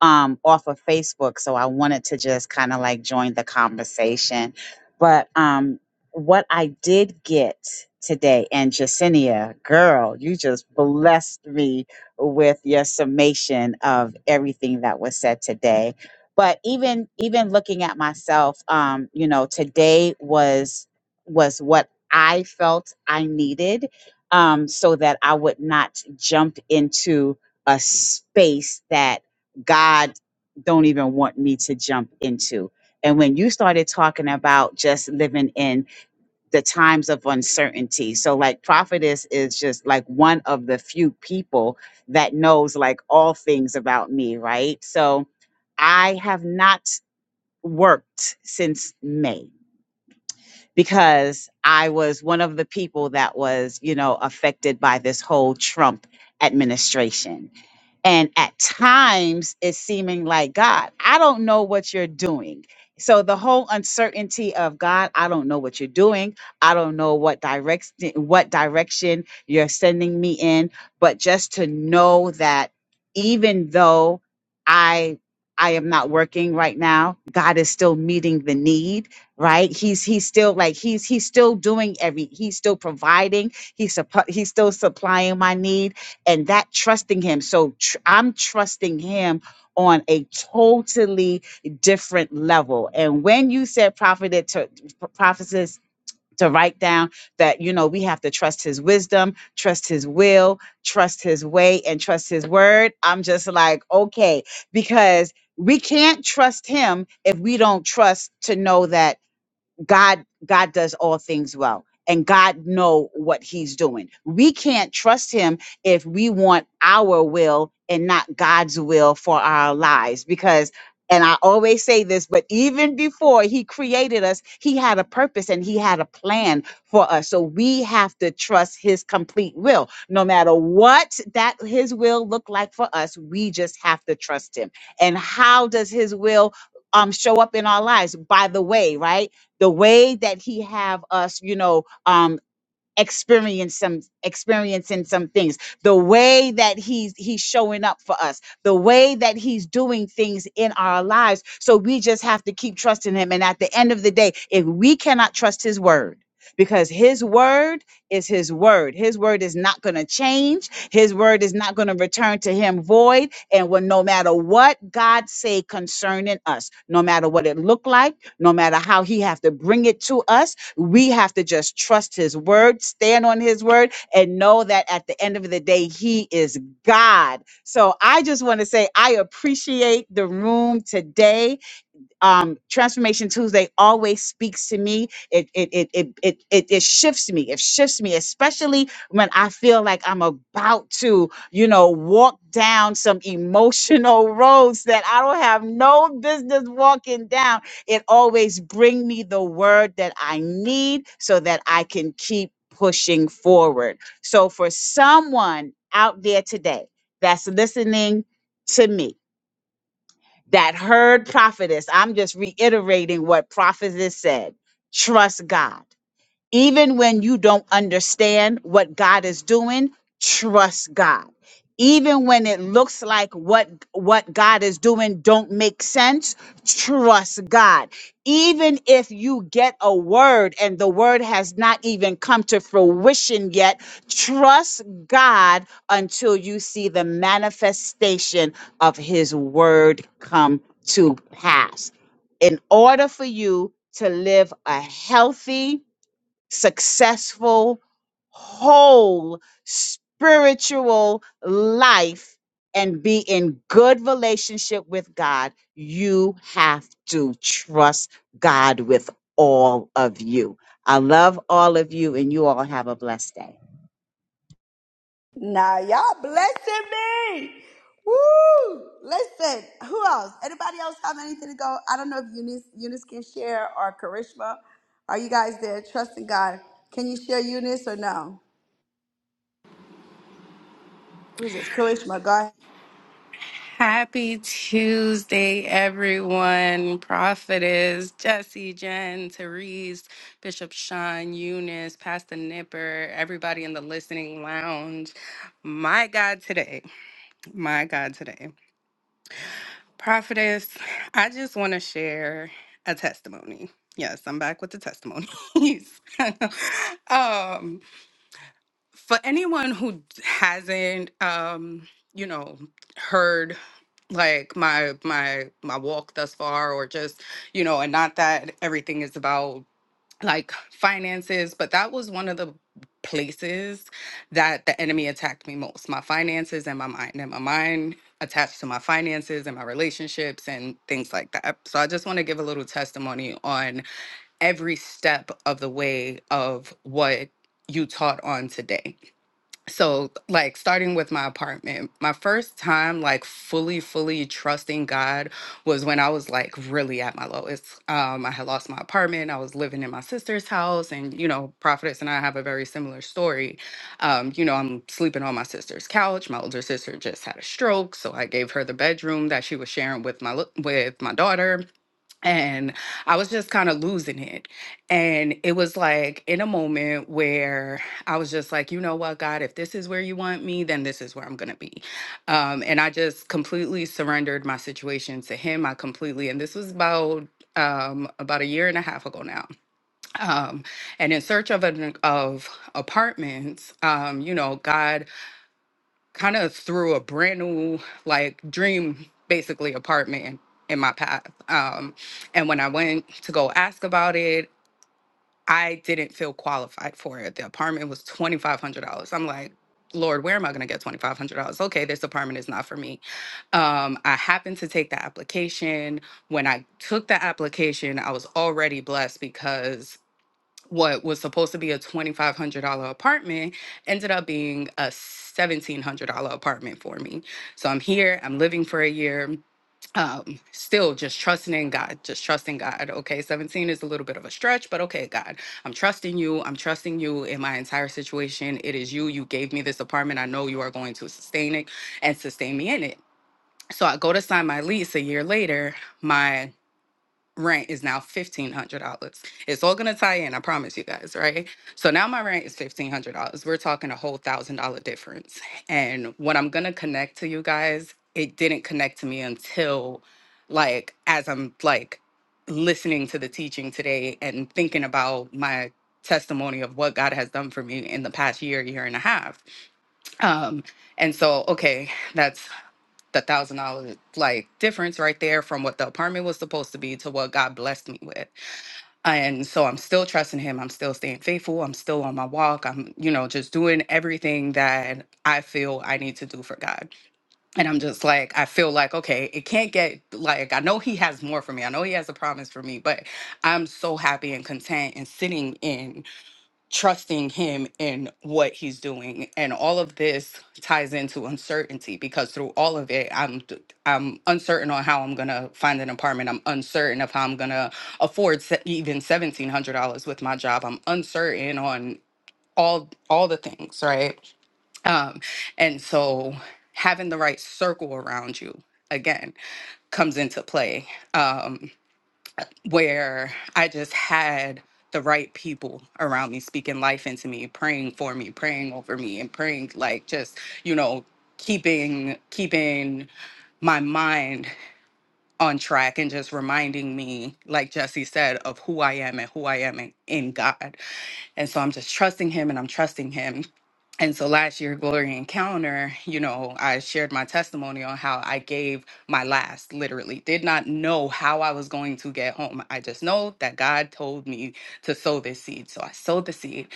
um, off of Facebook, so I wanted to just kind of like join the conversation. But um, what I did get today, and Jacinia, girl, you just blessed me with your summation of everything that was said today. But even even looking at myself, um, you know, today was was what I felt I needed, um, so that I would not jump into a space that God don't even want me to jump into. And when you started talking about just living in the times of uncertainty, so like prophetess is just like one of the few people that knows like all things about me, right? So I have not worked since May because I was one of the people that was, you know, affected by this whole Trump administration and at times it's seeming like god i don't know what you're doing so the whole uncertainty of god i don't know what you're doing i don't know what direction what direction you're sending me in but just to know that even though i i am not working right now god is still meeting the need right he's he's still like he's he's still doing every he's still providing he's suppo- he's still supplying my need and that trusting him so tr- i'm trusting him on a totally different level and when you said prophet it to prophecies to write down that you know we have to trust his wisdom trust his will trust his way and trust his word i'm just like okay because we can't trust him if we don't trust to know that God God does all things well and God know what he's doing. We can't trust him if we want our will and not God's will for our lives because and I always say this, but even before he created us, he had a purpose and he had a plan for us. So we have to trust his complete will. No matter what that his will look like for us, we just have to trust him. And how does his will um show up in our lives? By the way, right? the way that he have us you know um, experience some experiencing some things the way that he's he's showing up for us the way that he's doing things in our lives so we just have to keep trusting him and at the end of the day if we cannot trust his word because his word is his word his word is not going to change his word is not going to return to him void and when no matter what god say concerning us no matter what it look like no matter how he have to bring it to us we have to just trust his word, stand on his word, and know that at the end of the day, he is God. So I just want to say I appreciate the room today um, Transformation Tuesday always speaks to me. It it, it it it it it shifts me. It shifts me, especially when I feel like I'm about to, you know, walk down some emotional roads that I don't have no business walking down. It always bring me the word that I need so that I can keep pushing forward. So for someone out there today that's listening to me that heard prophetess. I'm just reiterating what prophetess said. Trust God. Even when you don't understand what God is doing, trust God. Even when it looks like what what God is doing don't make sense, trust God. Even if you get a word and the word has not even come to fruition yet, trust God until you see the manifestation of his word come to pass. In order for you to live a healthy successful, whole spiritual life and be in good relationship with God, you have to trust God with all of you. I love all of you, and you all have a blessed day.
Now y'all blessing me. Woo! Listen, who else? Anybody else have anything to go? I don't know if Eunice, Eunice can share or Karishma. Are you guys there? Trusting God. Can you share Eunice or no? Who's this? Karishma, go ahead.
Happy Tuesday, everyone. Prophetess Jesse, Jen, Therese, Bishop Sean, Eunice, Pastor Nipper, everybody in the listening lounge. My God, today, my God, today. Prophetess, I just want to share a testimony. Yes, I'm back with the testimonies. um, for anyone who hasn't, um, you know, heard like my my my walk thus far or just you know and not that everything is about like finances but that was one of the places that the enemy attacked me most my finances and my mind and my mind attached to my finances and my relationships and things like that so i just want to give a little testimony on every step of the way of what you taught on today so like starting with my apartment my first time like fully fully trusting god was when i was like really at my lowest um i had lost my apartment i was living in my sister's house and you know prophetess and i have a very similar story um you know i'm sleeping on my sister's couch my older sister just had a stroke so i gave her the bedroom that she was sharing with my li- with my daughter and I was just kind of losing it. And it was like in a moment where I was just like, you know what, God, if this is where you want me, then this is where I'm going to be. Um, and I just completely surrendered my situation to Him. I completely, and this was about um about a year and a half ago now um and in search of an of apartments um you know god kind of threw a brand new like dream basically apartment in, in my path um and when i went to go ask about it i didn't feel qualified for it the apartment was $2500 i'm like lord where am i going to get $2500 okay this apartment is not for me um i happened to take the application when i took the application i was already blessed because what was supposed to be a $2,500 apartment ended up being a $1,700 apartment for me. So I'm here, I'm living for a year, um, still just trusting in God, just trusting God. Okay, 17 is a little bit of a stretch, but okay, God, I'm trusting you. I'm trusting you in my entire situation. It is you. You gave me this apartment. I know you are going to sustain it and sustain me in it. So I go to sign my lease a year later. My rent is now $1,500. It's all going to tie in, I promise you guys, right? So now my rent is $1,500. We're talking a whole $1,000 difference. And what I'm going to connect to you guys, it didn't connect to me until like as I'm like listening to the teaching today and thinking about my testimony of what God has done for me in the past year, year and a half. Um and so okay, that's the thousand dollar like difference right there from what the apartment was supposed to be to what God blessed me with. And so I'm still trusting him. I'm still staying faithful. I'm still on my walk. I'm, you know, just doing everything that I feel I need to do for God. And I'm just like, I feel like, okay, it can't get like I know he has more for me. I know he has a promise for me, but I'm so happy and content and sitting in trusting him in what he's doing and all of this ties into uncertainty because through all of it i'm i i'm uncertain on how i'm going to find an apartment i'm uncertain of how i'm going to afford se- even $1700 with my job i'm uncertain on all all the things right um and so having the right circle around you again comes into play Um, where I just had the right people around me speaking life into me, praying for me, praying over me, and praying like just, you know, keeping keeping my mind on track and just reminding me, like Jesse said, of who I am and who I am in, in God. And so I'm just trusting him and I'm trusting him. And so last year, Glory Encounter, you know, I shared my testimony on how I gave my last, literally, did not know how I was going to get home. I just know that God told me to sow this seed. So I sowed the seed.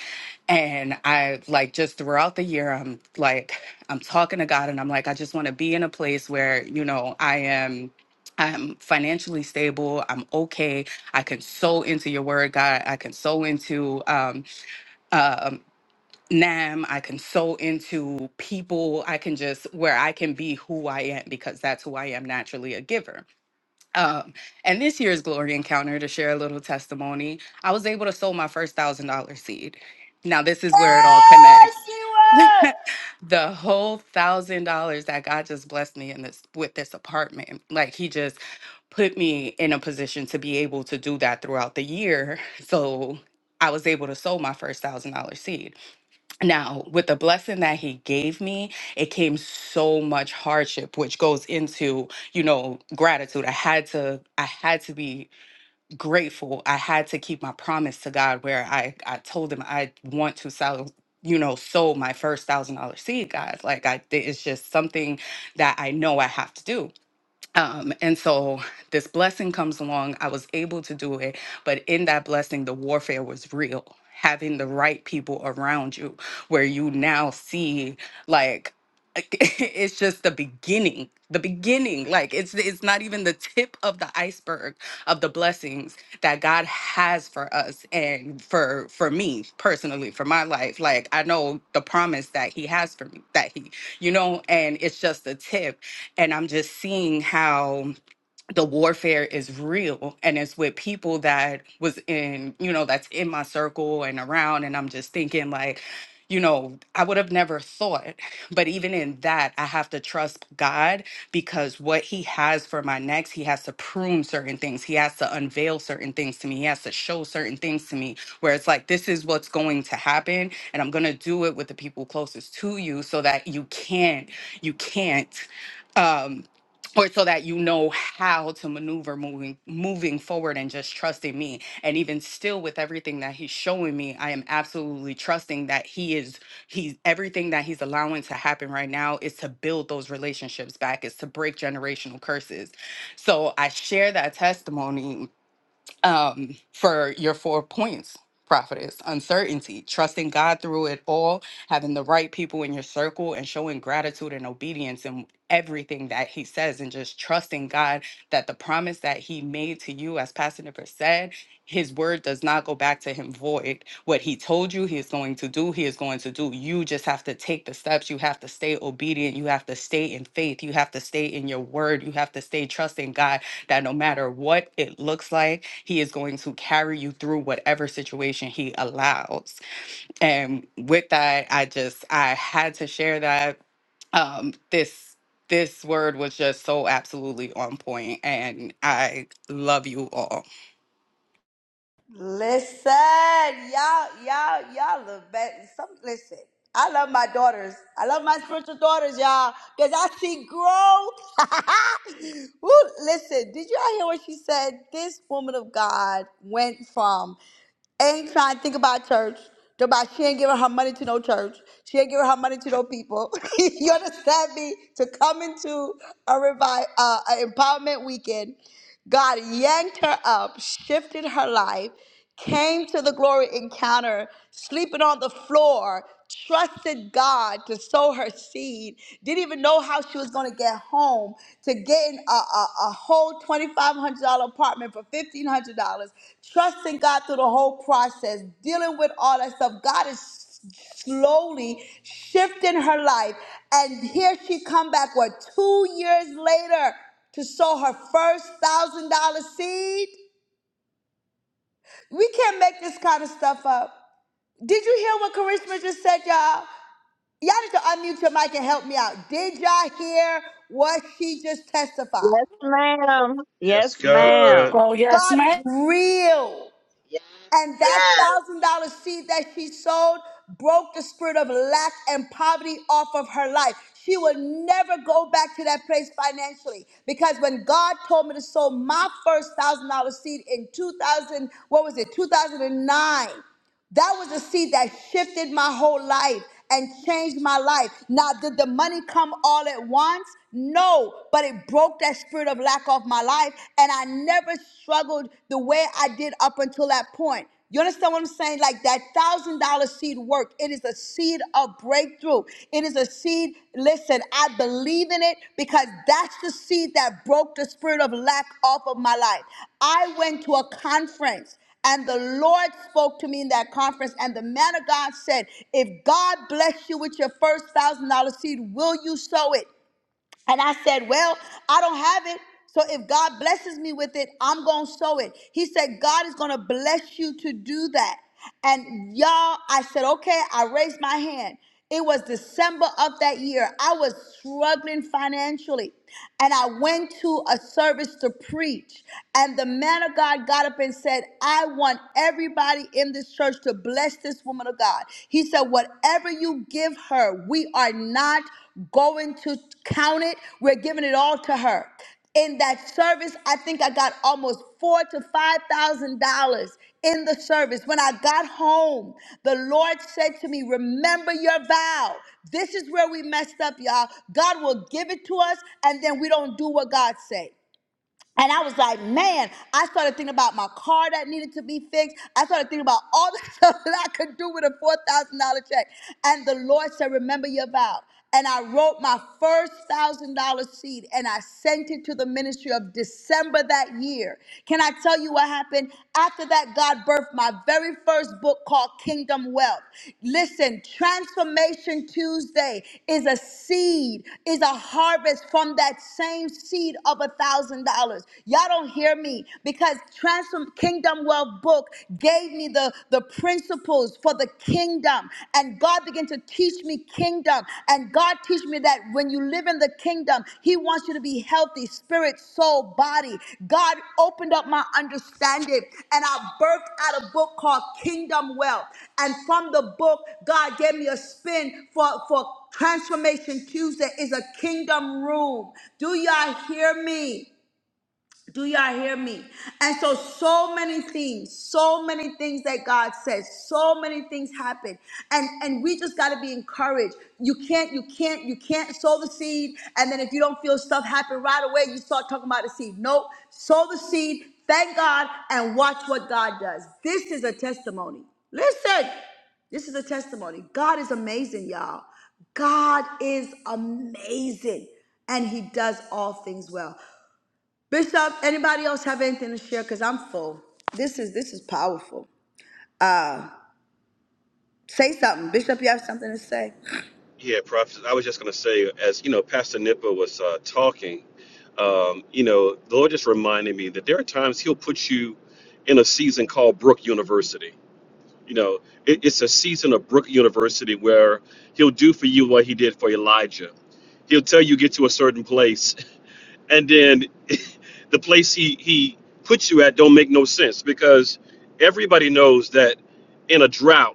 And I like just throughout the year, I'm like, I'm talking to God and I'm like, I just want to be in a place where, you know, I am. I'm financially stable. I'm okay. I can sow into your word, God. I can sow into. um, um, NAM. I can sew into people. I can just where I can be who I am because that's who I am naturally a giver. Um, and this year's Glory Encounter, to share a little testimony, I was able to sow my first thousand dollar seed. Now, this is where it all
Yes,
connects.
she was.
the whole thousand dollars that God just blessed me in this with this apartment, like He just put me in a position to be able to do that throughout the year. So I was able to sow my first thousand dollar seed. Now, with the blessing that he gave me, it came so much hardship, which goes into, you know, gratitude. I had to, I had to be grateful. I had to keep my promise to God where I, I told him I want to sell, you know, sold my first thousand dollar seed, guys. Like I, it's just something that I know I have to do. Um, and so this blessing comes along. I was able to do it, but in that blessing, the warfare was real. Having the right people around you, where you now see, like, it's just the beginning, the beginning. Like, it's it's not even the tip of the iceberg of the blessings that God has for us and for for me personally, for my life. Like, I know the promise that He has for me, that He, you know, and it's just the tip and I'm just seeing how the warfare is real and it's with people that was in you know that's in my circle and around and i'm just thinking like you know i would have never thought but even in that i have to trust god because what he has for my next he has to prune certain things he has to unveil certain things to me he has to show certain things to me where it's like this is what's going to happen and i'm going to do it with the people closest to you so that you can't you can't um, or so that you know how to maneuver moving moving forward and just trusting me and even still with everything that he's showing me i am absolutely trusting that he is he's everything that he's allowing to happen right now is to build those relationships back is to break generational curses so i share that testimony um, for your four points prophetess uncertainty trusting god through it all having the right people in your circle and showing gratitude and obedience in everything that he says and just trusting god that the promise that he made to you as pastor Niver said his word does not go back to him void what he told you he is going to do he is going to do you just have to take the steps you have to stay obedient you have to stay in faith you have to stay in your word you have to stay trusting god that no matter what it looks like he is going to carry you through whatever situation he allows. And with that, I just I had to share that. Um, this this word was just so absolutely on point, and I love you all.
Listen, y'all, y'all, y'all love best. Some listen. I love my daughters. I love my spiritual daughters, y'all, because I see growth. Woo, listen, did y'all hear what she said? This woman of God went from ain't trying to think about church. Talk About she ain't giving her money to no church. She ain't giving her money to no people. you understand me? To come into a revive, uh, a empowerment weekend, God yanked her up, shifted her life, came to the glory encounter, sleeping on the floor trusted God to sow her seed, didn't even know how she was going to get home, to getting a, a, a whole $2,500 apartment for $1,500, trusting God through the whole process, dealing with all that stuff. God is s- slowly shifting her life. And here she come back, what, two years later to sow her first $1,000 seed? We can't make this kind of stuff up. Did you hear what Karishma just said, y'all? Y'all need to unmute your mic and help me out. Did y'all hear what she just testified?
Yes, ma'am.
Yes,
Yes,
God.
ma'am.
Oh yes,
God is
my
real. And that
Yes.
thousand dollar seed that she sold broke the spirit of lack and poverty off of her life. She will never go back to that place financially because when God told me to sow my first thousand dollar seed in 2000, what was it, 2009? That was a seed that shifted my whole life and changed my life. Now, did the money come all at once? No, but it broke that spirit of lack off my life, and I never struggled the way I did up until that point. You understand what I'm saying? Like that thousand dollar seed worked. It is a seed of breakthrough. It is a seed. Listen, I believe in it because that's the seed that broke the spirit of lack off of my life. I went to a conference and the Lord spoke to me in that conference, and the man of God said, If God bless you with your first thousand dollar seed, will you sow it? And I said, Well, I don't have it. So if God blesses me with it, I'm going to sow it. He said, God is going to bless you to do that. And y'all, I said, Okay, I raised my hand. It was December of that year. I was struggling financially and I went to a service to preach. And the man of God got up and said, I want everybody in this church to bless this woman of God. He said, Whatever you give her, we are not going to count it, we're giving it all to her in that service i think i got almost four to five thousand dollars in the service when i got home the lord said to me remember your vow this is where we messed up y'all god will give it to us and then we don't do what god said and I was like, man, I started thinking about my car that needed to be fixed. I started thinking about all the stuff that I could do with a $4,000 check. And the Lord said, remember your vow. And I wrote my first one thousand dollar seed and I sent it to the ministry of December that year. Can I tell you what happened? After that, God birthed my very first book called Kingdom Wealth. Listen, Transformation Tuesday is a seed, is a harvest from that same seed of a thousand dollars. Y'all don't hear me because Transform Kingdom Wealth book gave me the, the principles for the kingdom. And God began to teach teach me kingdom. And God teach me that when you live in the kingdom, He wants you to be healthy, spirit, soul, body. God opened up my understanding and I birthed out a book called Kingdom Wealth. And from the book, God gave me a spin for, for Transformation Tuesday is a kingdom room. Do y'all hear me? Do y'all hear me? And so, so many things, so many things that God says, so many things happen, and and we just got to be encouraged. You can't, you can't, you can't sow the seed, and then if you don't feel stuff happen right away, you start talking about the seed. Nope, sow the seed. Thank God and watch what God does. This is a testimony. Listen, this is a testimony. God is amazing, y'all. God is amazing and he does all things well. Bishop, anybody else have anything to share? Because I'm full. This is this is powerful. Say something. Bishop, you have something to say?
Yeah, Prophet. I was just going to say, as you know, Pastor Nipper was uh, talking, um, you know, the Lord just reminded me that there are times He'll put you in a season called Brook University. You know, it, it's a season of Brook University where He'll do for you what He did for Elijah. He'll tell you get to a certain place, and then the place He He puts you at don't make no sense because everybody knows that in a drought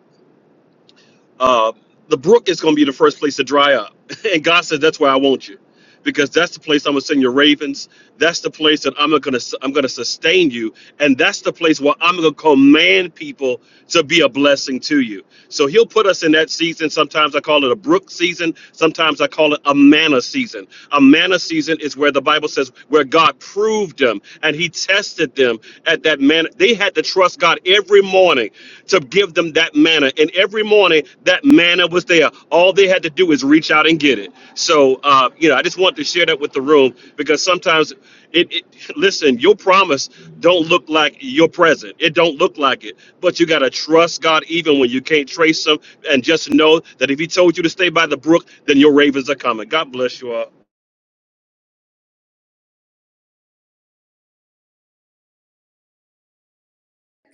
uh, the brook is going to be the first place to dry up. And God says, that's where I want you. Because that's the place I'm gonna send your ravens. That's the place that I'm gonna I'm gonna sustain you, and that's the place where I'm gonna command people to be a blessing to you. So He'll put us in that season. Sometimes I call it a brook season. Sometimes I call it a manna season. A manna season is where the Bible says where God proved them and He tested them at that manna. They had to trust God every morning to give them that manna. And every morning, that manna was there. All they had to do is reach out and get it. So, uh, you know, I just wanted to share that with the room because sometimes it, it listen, your promise don't look like your present. It don't look like it. But you got to trust God even when you can't trace them and just know that if he told you to stay by the brook, then your ravens are coming. God bless you all.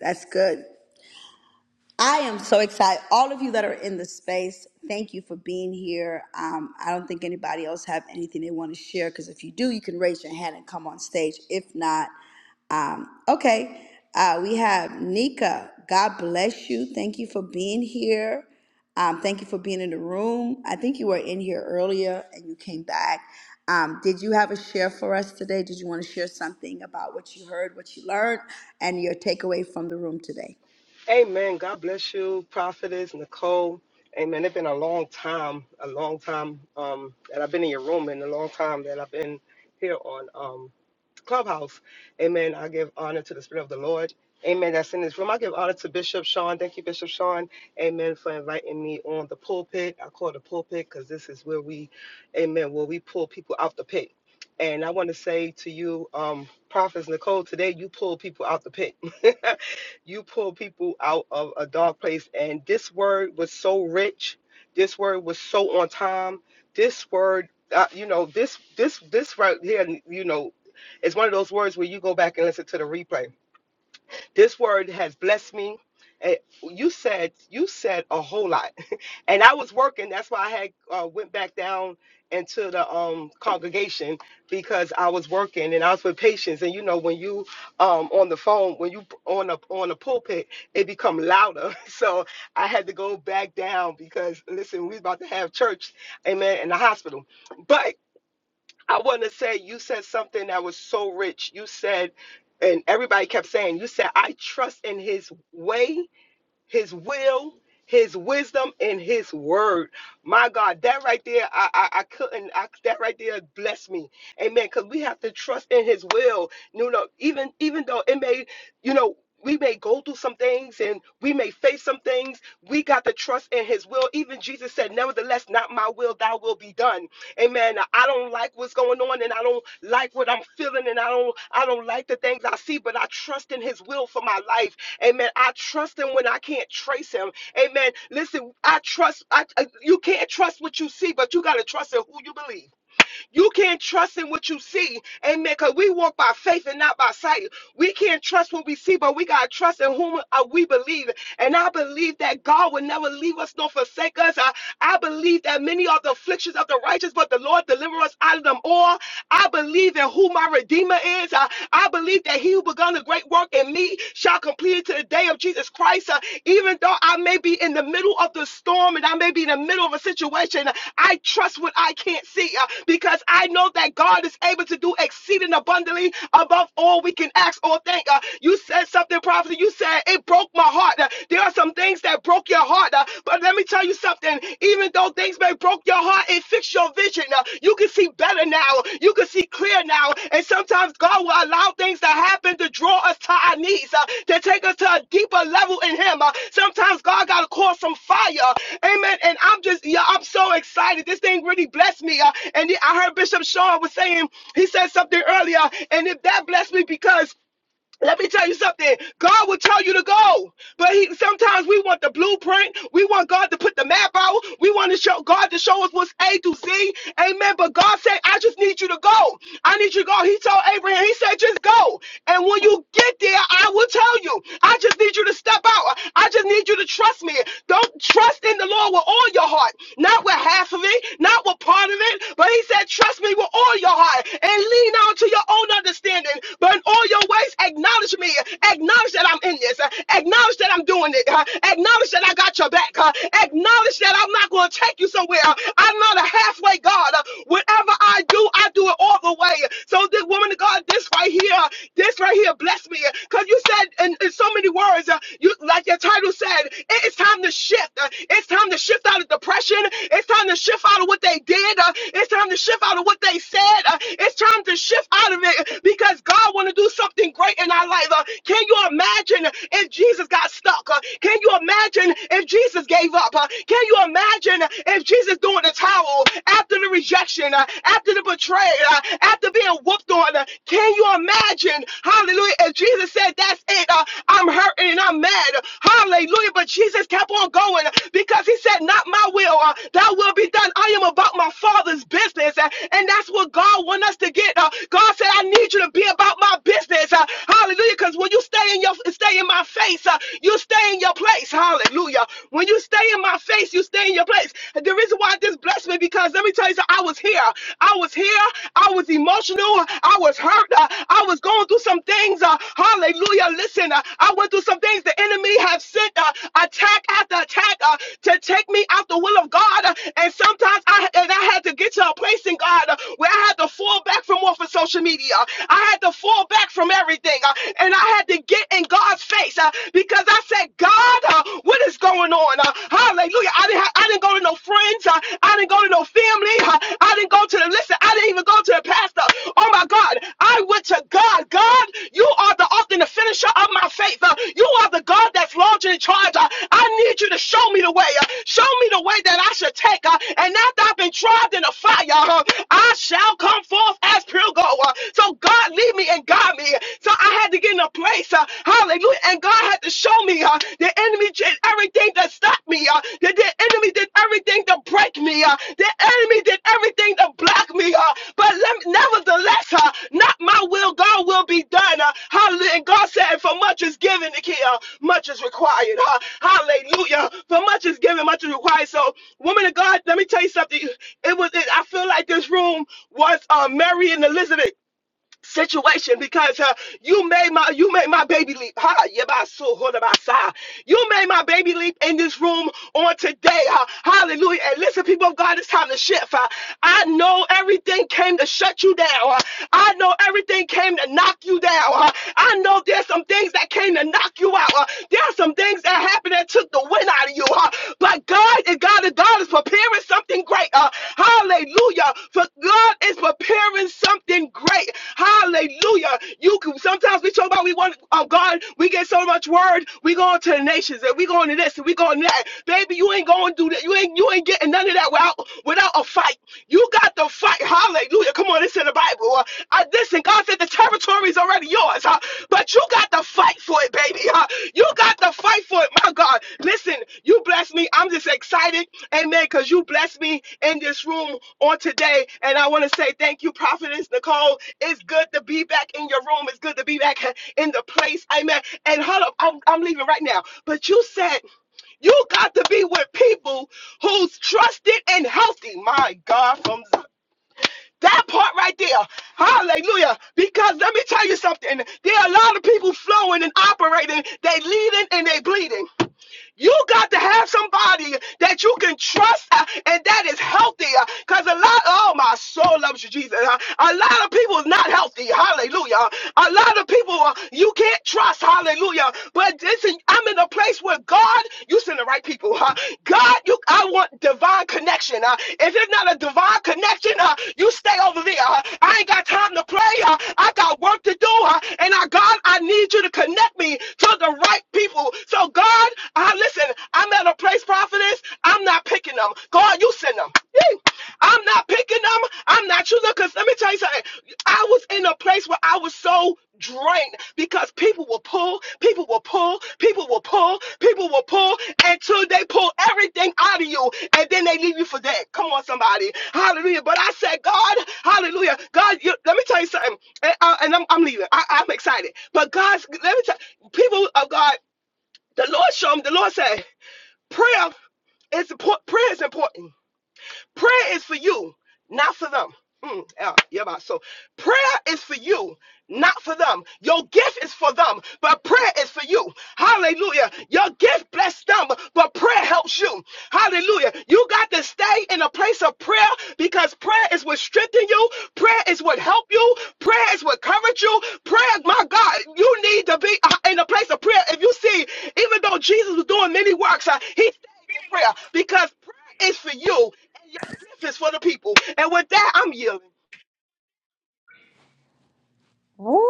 That's good. I am so excited. All of you that are in the space, thank you for being here. Um, I don't think anybody else have anything they want to share because if you do, you can raise your hand and come on stage. If not, um, okay. Uh, we have Nika. God bless you. Thank you for being here. Um, thank you for being in the room. I think you were in here earlier and you came back. Um, did you have a share for us today? Did you want to share something about what you heard, what you learned, and your takeaway from the room today?
Amen. God bless you, Prophetess Nicole. Amen. It's been a long time, a long time um, that I've been in your room, and a long time that I've been here on. Um, Clubhouse. Amen. I give honor to the Spirit of the Lord. Amen. That's in this room. I give honor to Bishop Sean. Thank you, Bishop Sean. Amen. For inviting me on the pulpit. I call it the pulpit because this is where we, amen, where we pull people out the pit. And I want to say to you, um, Prophets Nicole, today you pull people out the pit. you pull people out of a dark place. And this word was so rich. This word was so on time. This word, uh, you know, this this this right here, you know, it's one of those words where you go back and listen to the replay. This word has blessed me. Eh, you said you said a whole lot, and I was working. That's why I had uh, went back down into the um, congregation because I was working and I was with patients. And you know when you um, on the phone, when you on a on a pulpit, it become louder. So I had to go back down because listen, we was about to have church, amen, in the hospital. But I want to say you said something that was so rich. You said, and everybody kept saying, you said, I trust in his way his will, his wisdom, and his word. My God, that right there, I I, I couldn't. I, that right there blessed me, Amen. Because we have to trust in His will. You know, even even though it may, you know. We may go through some things and we may face some things. We got to trust in His will. Even Jesus said, Nevertheless, not my will, thy will be done. Amen. I don't like what's going on and I don't like what I'm feeling and I don't I don't like the things I see, but I trust in His will for my life. Amen. I trust him when I can't trace him. Amen. Listen, I trust. I, I- you can't trust what you see, but you gotta trust in who you believe. You can't trust in what you see. Amen. Cause we walk by faith and not by sight. We can't trust what we see, but we gotta trust in whom uh, we believe. And I believe that God will never leave us nor forsake us. I, I believe that many are the afflictions of the righteous, but the Lord deliver us out of them all. I believe in who my Redeemer is. I, I believe that he who begun a great work in me shall complete clear to the day of Jesus Christ. Uh, even though I may be in the middle of the storm and I may be in the middle of a situation, I trust what I can't see uh, because I know that God is able to do exceeding abundantly above all we can ask or think. Uh, you said something, prophet. You said it broke my heart. Uh, there are some things that broke your heart, uh, but let me tell you something. Even though things may broke your heart and fix your vision. Uh, You can see better now. You can see clear now. And sometimes God will allow things to happen to draw us to our knees, uh, to take us to a deeper level in Him. Uh, Sometimes God got to call some fire. Amen. And I'm just, yeah, I'm so excited. This thing really blessed me. Uh, And I heard Bishop Sean was saying, he said something earlier, and it, that blessed me because let me tell you something. God will tell you to go, but he, sometimes we want the blueprint. We want God to put the map out. We want to show God to show us what's A to Z. Amen. But God said, "I just need you to go. I need you to go." He told Abraham, He said, "Just go, and when you get there, I will tell you. I just need you to step out. I just need you to trust me. Don't trust in the Lord with all your heart, not with half of it, not with part of it. But He said, trust me with all your heart, and lean on to your own understanding, but in all your ways." Grace, acknowledge me. Acknowledge that I'm in this. Uh, Acknowledge that I'm doing it. Uh, Acknowledge that I got your back. Uh, Acknowledge that I'm not going to take you somewhere. Uh, I'm not a halfway God. Uh, Whatever I do, I do it all the way. So, this woman of God, this right here, this right here, bless me. Because you said in, in so many words, uh, you like your title said, it is time to shift. Uh, It's time to shift out of depression. It's time to shift out of what they did. Uh, It's time to shift out of what they said. Uh, It's time to shift out of it because God want to do do something great in our life. Uh, can you imagine if Jesus got stuck? Uh, can you imagine if Jesus gave up? Uh, can you imagine if Jesus threw in the towel after the rejection, uh, after the betrayal, uh, after being whooped on? Uh, can you imagine, hallelujah, if Jesus said, That's it, uh, I'm hurting and I'm mad, hallelujah, but Jesus kept on going because he said, Not my will, uh, thy will be done. I am about my Father's business, uh, and that's what God wants us to get. Uh, God said, I need you to be about about my business. Uh, hallelujah. Because when you stay in your stay in my face, uh, you stay in your place. Hallelujah. When you stay in my face, you stay in your place. And the reason why this blessed me because let me tell you something. I was here. I was here. I was emotional. I was hurt. Uh, I was going through some things. Uh, hallelujah. Listen, uh, I went through some things. The enemy have sent uh, attack after attack uh, to take me out the will of God. Uh, and sometimes I and I had to get to a place in God uh, where I had to fall back from off of social media. I I had to fall back from everything uh, and I had to get in God's face uh, because I said, God, uh, what is going on? Uh, hallelujah. I didn't, ha- I didn't go to no friends. Uh, I didn't go to no family. Uh, I didn't go to the, listen, I didn't even go to the pastor. Oh my God. I went to God. God, you are the author and the finisher of my faith. Uh, you are the God that's large and in charge. Uh, I need you to show me the way. Uh, show me the way that I should take. Uh, and after I've been tried in the fire, uh, I shall come forth as pure gold. Uh, so so God lead me and guide me. So I had to get in a place, uh, hallelujah. And God had to show me uh, the enemy did everything to stop me. Uh, that the enemy did everything to break me. Uh, the enemy did everything to block me. Uh, but let, nevertheless, uh, not my will, God will be done. Uh, hallelujah. And God said, for much is given, uh, much is required. Uh, hallelujah. For much is given, much is required. So, woman of God, let me tell you something. It was. It, I feel like this room was uh, Mary and Elizabeth situation because uh, you made my you made my baby leap. Ha, yebasu, hodabasa. You made my baby leap in this room on today. Uh, hallelujah. And listen, people of God, it's time to shift. Uh, I know everything came to shut you down. Uh, I know everything came to knock you down. Uh, I know there's some things that came to knock you out. Uh, there are some things that happened that took the wind out of you ha- But God is God is God is preparing something great. Uh, hallelujah. For God is preparing something great. Hallelujah. You can sometimes we talk about we want oh God, we get so much word, we going to the nations and we going to this and we going to that. Baby, you ain't going to do that. You ain't you ain't getting none of that without without a fight. You got to fight. Hallelujah. Come on, it's in the Bible. Uh, uh, listen, God said the territory is already yours, huh? But you got to fight for it, baby. Huh? You got to fight for it, my God. Listen, you bless me. I'm just excited, amen, because you blessed me in this room on today. And I want to say thank you, Prophetess Nicole. It's good to be back in your room. It's good to be back in the place, amen. And hold up, I'm, I'm leaving right now. But you said you got to be with people who's trusted and healthy. My God, from Zion. That part right there. Hallelujah. Because let me tell you something. There are a lot of people flowing and operating. They leading and they bleeding. You got to have somebody that you can trust uh, and that is healthy. Because uh, a lot, oh, my soul loves you, Jesus. Uh, A lot of people is not healthy. Hallelujah. A lot of people uh, you can't trust. Hallelujah. But listen, I'm in a place where God, you send the right people. Huh? God, you, I want divine connection. Uh, if it's not a divine connection, uh, you stay over there. Uh, I ain't got time to play. Uh, I got work to do. Uh, and I, God, I need you to connect me to the right people. So so God, I listen, I'm at a place, prophetess. I'm not picking them. God, you send them. I'm not picking them. I'm not choosing. Because let me tell you something. I was in a place where I was so drained because people will pull, people will pull, people will pull, people will pull until they pull everything out of you and then they leave you for dead. Come on, somebody. Hallelujah. But I said, God, hallelujah. God, you, let me tell you something. And, uh, and I'm, I'm leaving. I, I'm excited. But God's, let me tell you, people of God. The Lord showed me, the Lord said, prayer is Prayer is important. Prayer is for you, not for them. Mm, yeah, yeah, but so prayer is for you, not for them. Your gift is for them, but prayer is for you. Hallelujah. Your gift bless them, but prayer helps you. Hallelujah. You got to stay in a place of prayer because prayer is what strengthens you. Prayer is what helps you. Prayer is what covers you. Prayer, my God, you need to be uh, in a place of prayer. If you see, even though Jesus was doing many works, uh, he stayed in prayer because prayer is for you and your. This is for the people. And with that, I'm yielding.
Woo!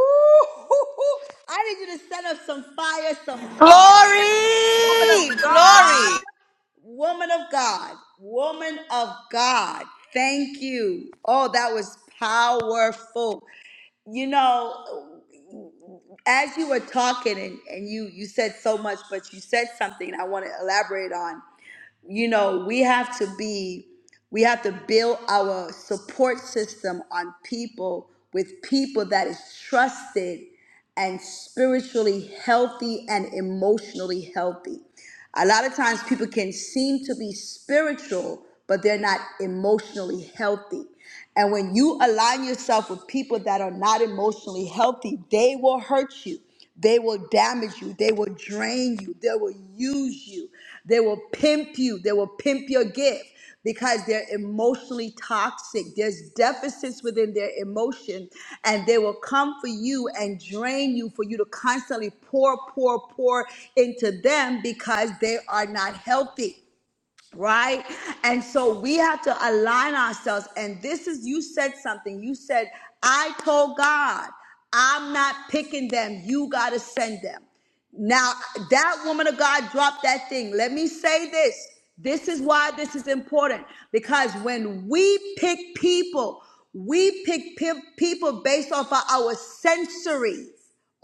I need you to set up some fire, some heart. Woman of
Glory! Glory!
God, woman of God, woman of God. Thank you. Oh, that was powerful. You know, as you were talking and, and you you said so much, but you said something I want to elaborate on you know, we have to be, we have to build our support system on people with people that is trusted and spiritually healthy and emotionally healthy. A lot of times people can seem to be spiritual, but they're not emotionally healthy. And when you align yourself with people that are not emotionally healthy, they will hurt you. They will damage you. They will drain you. They will use you. They will pimp you. They will pimp your gift because they're emotionally toxic. There's deficits within their emotion, and they will come for you and drain you for you to constantly pour, pour, pour into them because they are not healthy right? And so we have to align ourselves. And this is, you said something. You said, I told God, I'm not picking them. You got to send them. Now, that woman of God dropped that thing. Let me say this. This is why this is important because when we pick people, we pick pe- people based off of our sensory.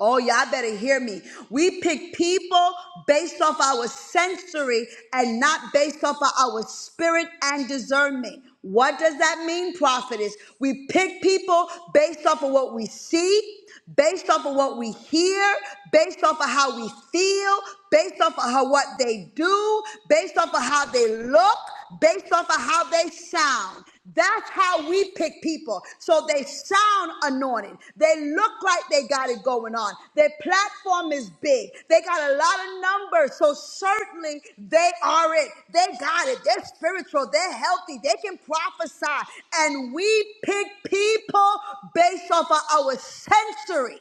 Oh, y'all better hear me. We pick people based off our sensory and not based off of our spirit and discernment. What does that mean, prophetess? We pick people based off of what we see, based off of what we hear, based off of how we feel, based off of how what they do, based off of how they look, based off of how they sound. That's how we pick people. So they sound anointed. They look like they got it going on. Their platform is big. They got a lot of numbers. So certainly they are it. They got it. They're spiritual. They're healthy. They can prophesy. And we pick people based off of our sensory.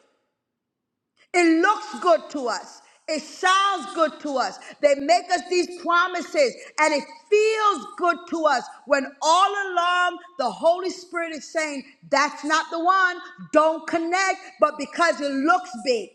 It looks good to us. It sounds good to us. They make us these promises and it feels good to us when all along the Holy Spirit is saying, That's not the one. Don't connect. But because it looks big,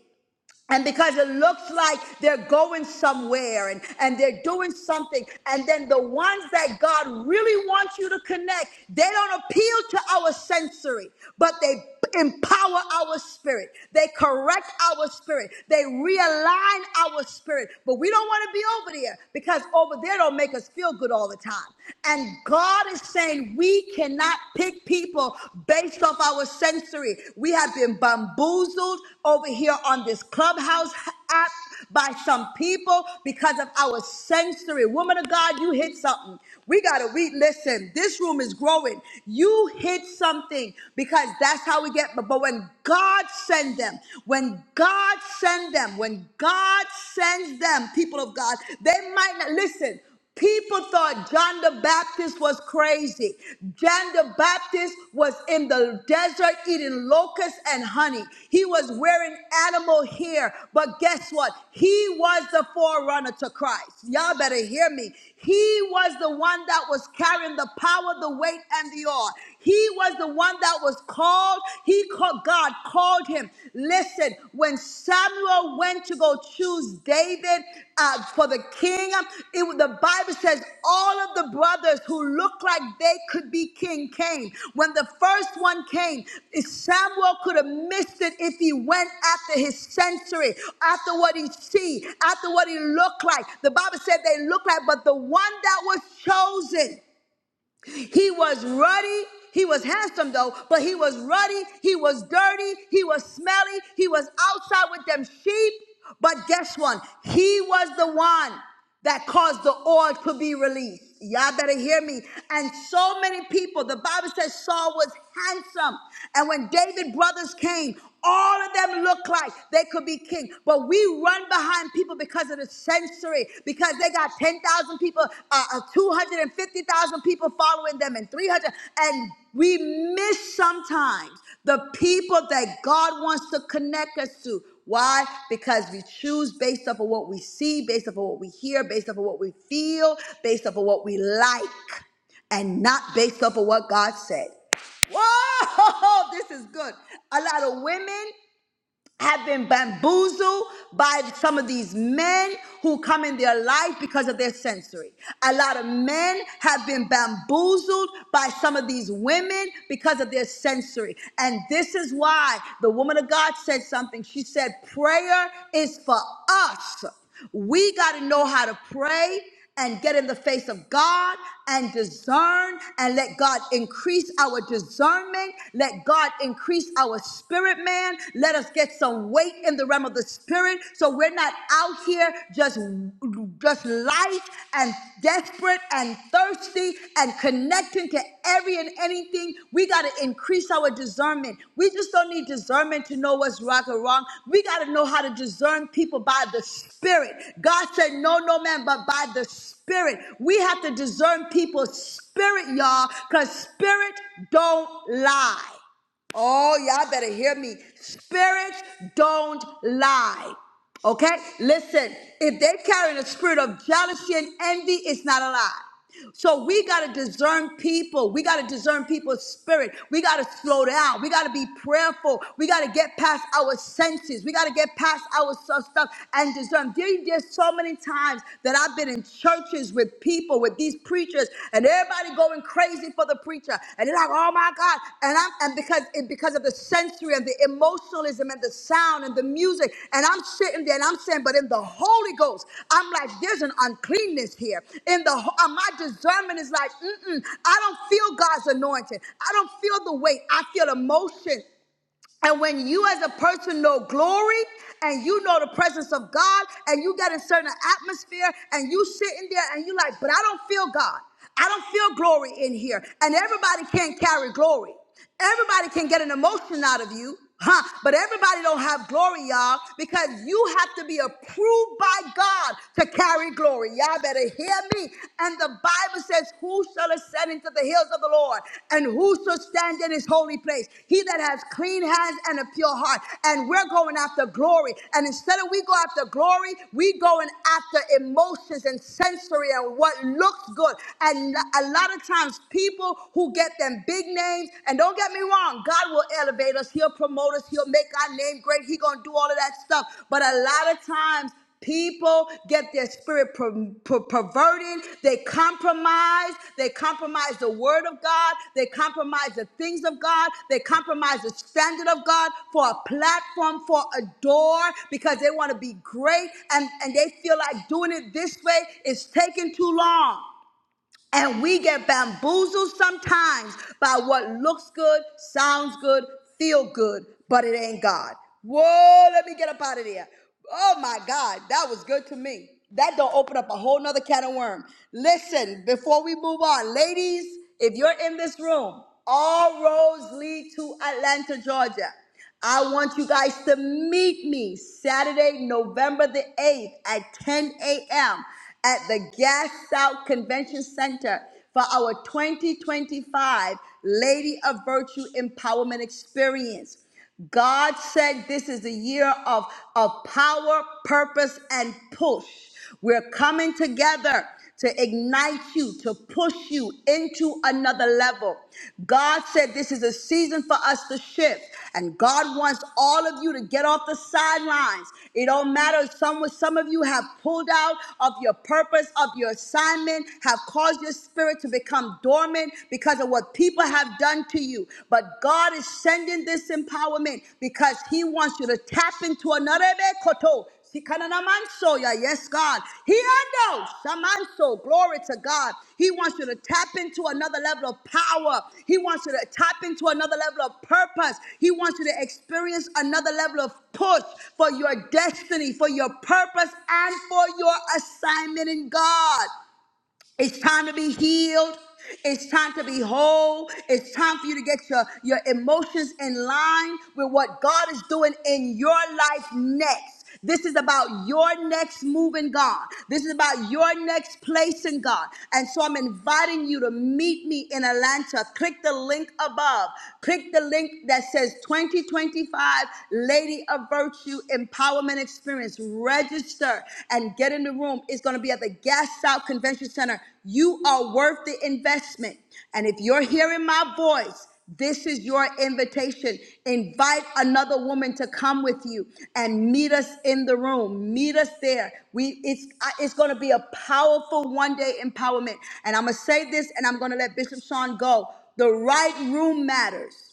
and because it looks like they're going somewhere and, and they're doing something. And then the ones that God really wants you to connect, they don't appeal to our sensory, but they empower our spirit. They correct our spirit. They realign our spirit. But we don't want to be over there because over there don't make us feel good all the time. And God is saying we cannot pick big people based off our sensory. We have been bamboozled over here on this clubhouse app by some people because of our sensory. Woman of God, you hit something. We gotta we listen. This room is growing. You hit something because that's how we get. But but when God send them, when God send them, when God sends them, people of God, they might not listen. People thought John the Baptist was crazy. John the Baptist was in the desert eating locusts and honey. He was wearing animal hair. But guess what? He was the forerunner to Christ. Y'all better hear me. He was the one that was carrying the power, the weight, and the oil. He was the one that was called. He called, God called him. Listen, when Samuel went to go choose David uh, for the king, it, was- the Bible says all of the brothers who looked like they could be king came. When the first one came, if Samuel could have missed it if he went after his sensory, after what he see, after what he looked like. The Bible said they looked like, but the one that was chosen. He was ruddy. He was handsome though, but he was ruddy. He was dirty. He was smelly. He was outside with them sheep. But guess what? He was the one that caused the oil to be released. Y'all better hear me. And so many people, the Bible says Saul was handsome. And when David brothers came, all of them looked like they could be king. But we you run behind people because of the sensory, because they got 10,000 people, uh, uh, 250,000 people following them, and 300. And we miss sometimes the people that God wants to connect us to. Why? Because we choose based off of what we see, based off of what we hear, based off of what we feel, based off of what we like, and not based off of what God said. Whoa, this is good. A lot of women have been bamboozled by some of these men who come in their life because of their sensory. A lot of men have been bamboozled by some of these women because of their sensory. And this is why the woman of God said something. She said, Prayer is for us. We got to know how to pray and get in the face of God and discern and let God increase our discernment. Let God increase our spirit, man. Let us get some weight in the realm of the spirit so we're not out here just, just light and desperate and thirsty and connected connecting to every and anything. We got to increase our discernment. We just don't need discernment to know what's right or wrong. We got to know how to discern people by the Spirit. God said, No, no man, but by the Spirit. We have to discern people's spirit, y'all, because spirit don't lie. Oh, y'all better hear me. Spirits don't lie. Okay? Listen, if they're carrying a spirit of jealousy and envy, it's not a lie. So we got to discern people. We got to discern people's spirit. We got to slow down. We got to be prayerful. We got to get past our senses. We got to get past our stuff, stuff and discern. There, there's so many times that I've been been in churches with people, with these preachers, and everybody going crazy for the preacher. And they're like, oh my God. And I'm and because it, because of the sensory and the emotionalism and the sound and the music. And I'm sitting there and I'm saying, but in the Holy Ghost, I'm like, there's an uncleanness here. In the ho- uh, my discernment is like, mm-mm, I don't feel God's anointing. I don't feel the weight. I feel emotion. And when you as a person know glory and you know the presence of God and you get in certain atmosphere and you sitting there and you like, but I don't feel God. I don't feel glory in here. And everybody can't carry glory. Everybody can get an emotion out of you. Huh? But everybody don't have glory, y'all, because you have to be approved by God to carry glory. Y'all better hear me. And the Bible says, Who shall ascend into the hills of the Lord? And who shall stand in his holy place? He that has clean hands and a pure heart. And we're going after glory. And instead of we go after glory, we going after emotions and sensory and what looks good. And a lot of times people who get them and big names. And don't get me wrong, God will elevate us. He'll promote us. He'll make our name great. He gonna do all of that stuff. But a lot of times People get their spirit per- per- perverted. They compromise. They compromise the word of God. They compromise the things of God. They compromise the standard of God for a platform, for a door, because they want to be great and, and they feel like doing it this way is taking too long. And we get bamboozled sometimes by what looks good, sounds good, feel good, but it ain't God. Whoa, let me get up out of there. Oh my God, that was good to me. That don't open up a whole nother can of worm. Listen, before we move on, ladies, if you're in this room, all roads lead to Atlanta, Georgia. I want you guys to meet me Saturday, November the 8th at 10 a.m. at the Gas South Convention Center for our 2025 Lady of Virtue Empowerment Experience. God said this is a year of, of power, purpose, and push. We're coming together to ignite you, to push you into another level. God said this is a season for us to shift, and God wants all of you to get off the sidelines. It don't matter. Some, some of you have pulled out of your purpose, of your assignment, have caused your spirit to become dormant because of what people have done to you. But God is sending this empowerment because He wants you to tap into another Sikananamansoya, Yes, God. He unknows. Shamanso. Glory to God. He wants you to tap into another level of power. He wants you to tap into another level of purpose. He wants you to experience another level of push for your destiny, for your purpose, and for your assignment in God. It's time to be healed. It's time to be whole. It's time for you to get your, your emotions in line with what God is doing in your life next. This is about your next move in God. This is about your next place in God. And so I'm inviting you to meet me in Atlanta. Click the link above. Click the link that says 2025 Lady of Virtue Empowerment experience, register and get in the room. It's going to be at the Gas South Convention Center. You are worth the investment. And if you're hearing my voice, this is your invitation. Invite another woman to come with you and meet us in the room. Meet us there. We it's I- it's going to be a powerful one day empowerment. And I'm going to say this and I'm going to let Bishop Sean go. The right room matters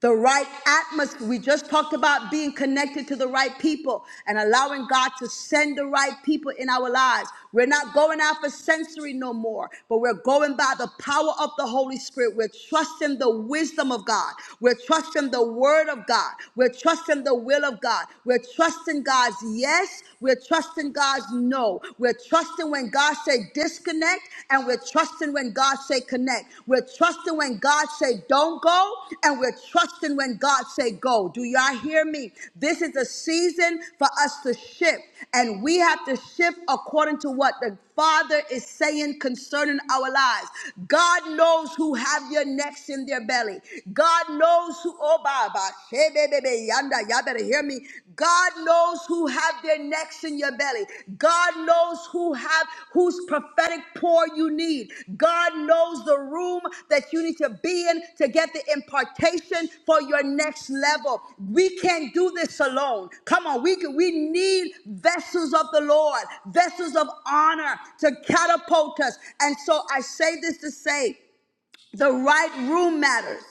the right atmosphere. We just talked about being connected to the right people and allowing God to send the right people in our lives. We're not going after sensory no more, but we're going by the power of the Holy Spirit. We're trusting the wisdom of God. We're trusting the word of God. We're trusting the will of God. We're trusting God's yes. We're trusting God's no. We're trusting when God said, this disconnect and we're trusting when God say connect. We're trusting when God say don't go and we're trusting when God say go. Do y'all hear me? This is a season for us to shift and we have to shift according to what the Father is saying concerning our lives. God knows who have your necks in their belly. God knows who, oh, Baba, hey, baby, yanda, y'all better hear Hear me. God knows who have their necks in your belly. God knows who have whose prophetic pour you need. God knows the room that you need to be in to get the impartation for your next level. We can't do this alone. Come on, we can, we need vessels of the Lord, vessels of honor to catapult us. And so I say this to say. The right room matters.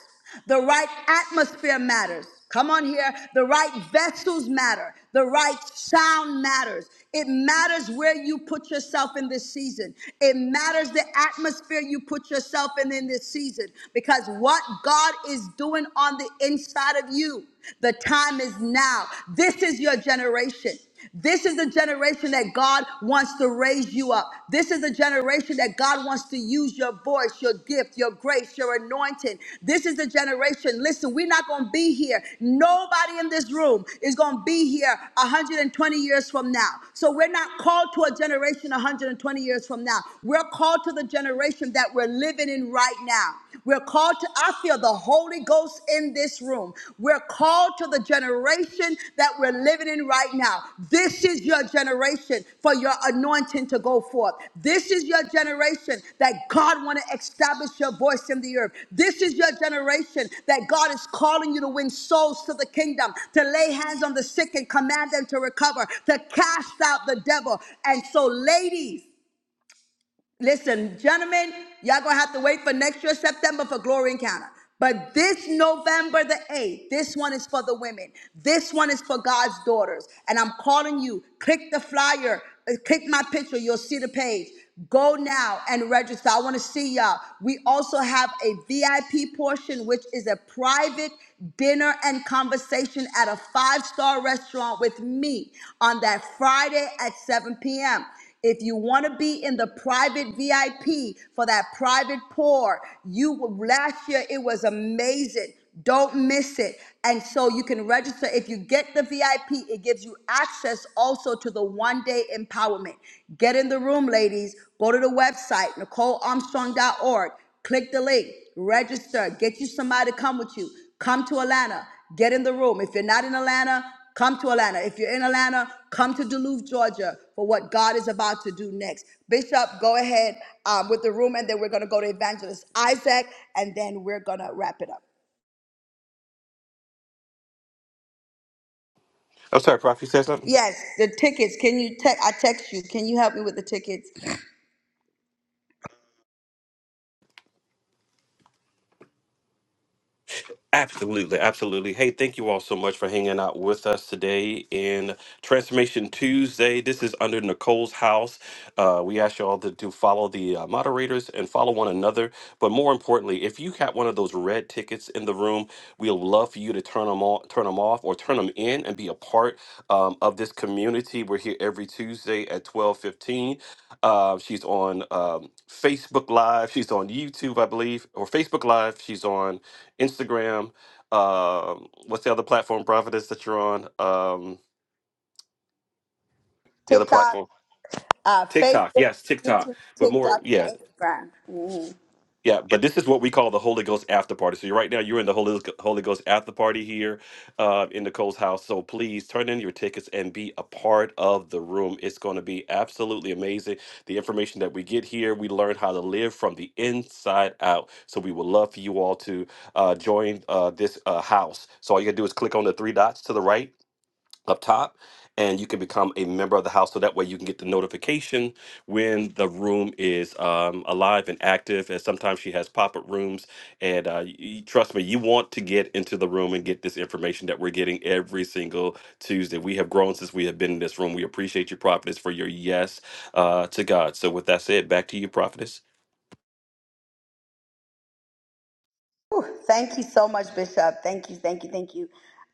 The right atmosphere matters. Come on here. The right vessels matter. The right sound matters. It matters where you put yourself in this season. It matters the atmosphere you put yourself in in this season because what God is doing on the inside of you, the time is now. This is your generation. This is the generation that God wants to raise you up. This is the generation that God wants to use your voice, your gift, your grace, your anointing. This is the generation. Listen, we're not going to be here. Nobody in this room is going to be here 120 years from now. So we're not called to a generation 120 years from now. We're called to the generation that we're living in right now. We're called to, I feel the Holy Ghost in this room. We're called to the generation that we're living in right now. This is your generation for your anointing to go forth. This is your generation that God want to establish your voice in the earth. This is your generation that God is calling you to win souls to the kingdom, to lay hands on the sick and command them to recover, to cast out the devil. And so, ladies, Listen, gentlemen, y'all gonna have to wait for next year, September, for Glory Encounter. But this November the 8th, this one is for the women. This one is for God's daughters. And I'm calling you, click the flyer, uh, click my picture, you'll see the page. Go now and register. I wanna see y'all. We also have a VIP portion, which is a private dinner and conversation at a five star restaurant with me on that Friday at 7 p.m. If you want to be in the private VIP for that private pour, you last year it was amazing. Don't miss it. And so you can register. If you get the VIP, it gives you access also to the one day empowerment. Get in the room, ladies. Go to the website, NicoleArmstrong.org. Click the link, register, get you somebody to come with you. Come to Atlanta, get in the room. If you're not in Atlanta, come to Atlanta. If you're in Atlanta, come to Duluth, Georgia for what God is about to do next. Bishop, go ahead um, with the room, and then we're going to go to Evangelist Isaac, and then we're going to wrap it up.
I'm sorry, Prof. You said something?
Yes, the tickets. Can you text? I text you. Can you help me with the tickets?
Absolutely, absolutely. Hey, thank you all so much for hanging out with us today in Transformation Tuesday. This is under Nicole's house. Uh, we ask you all to, to follow the uh, moderators and follow one another. But more importantly, if you got one of those red tickets in the room, we'd love for you to turn them on, turn them off, or turn them in and be a part um, of this community. We're here every Tuesday at twelve fifteen. Uh, she's on um, Facebook Live. She's on YouTube, I believe, or Facebook Live. She's on Instagram. Um, what's the other platform, Providence, that you're on? Um, the other
TikTok,
platform,
uh,
TikTok.
Facebook,
Yes, TikTok.
YouTube,
But more,
TikTok,
yeah,
Instagram.
yeah. But this is what we call the Holy Ghost after party. So you're, right now, you're in the Holy Holy Ghost after party here uh, in Nicole's house. So please turn in your tickets and be a part of the room. It's going to be absolutely amazing. The information that we get here, we learn how to live from the inside out. So we would love for you all to uh, join uh, this uh, house. So all you gotta do is click on the three dots to the right up top and you can become a member of the house so that way you can get the notification when the room is um, alive and active and sometimes she has pop-up rooms and uh, y- y- trust me you want to get into the room and get this information that we're getting every single tuesday we have grown since we have been in this room we appreciate you prophetess for your yes uh, to god so with that said back to you prophetess
Whew, Thank you so much, Bishop. Thank you, thank you, thank you.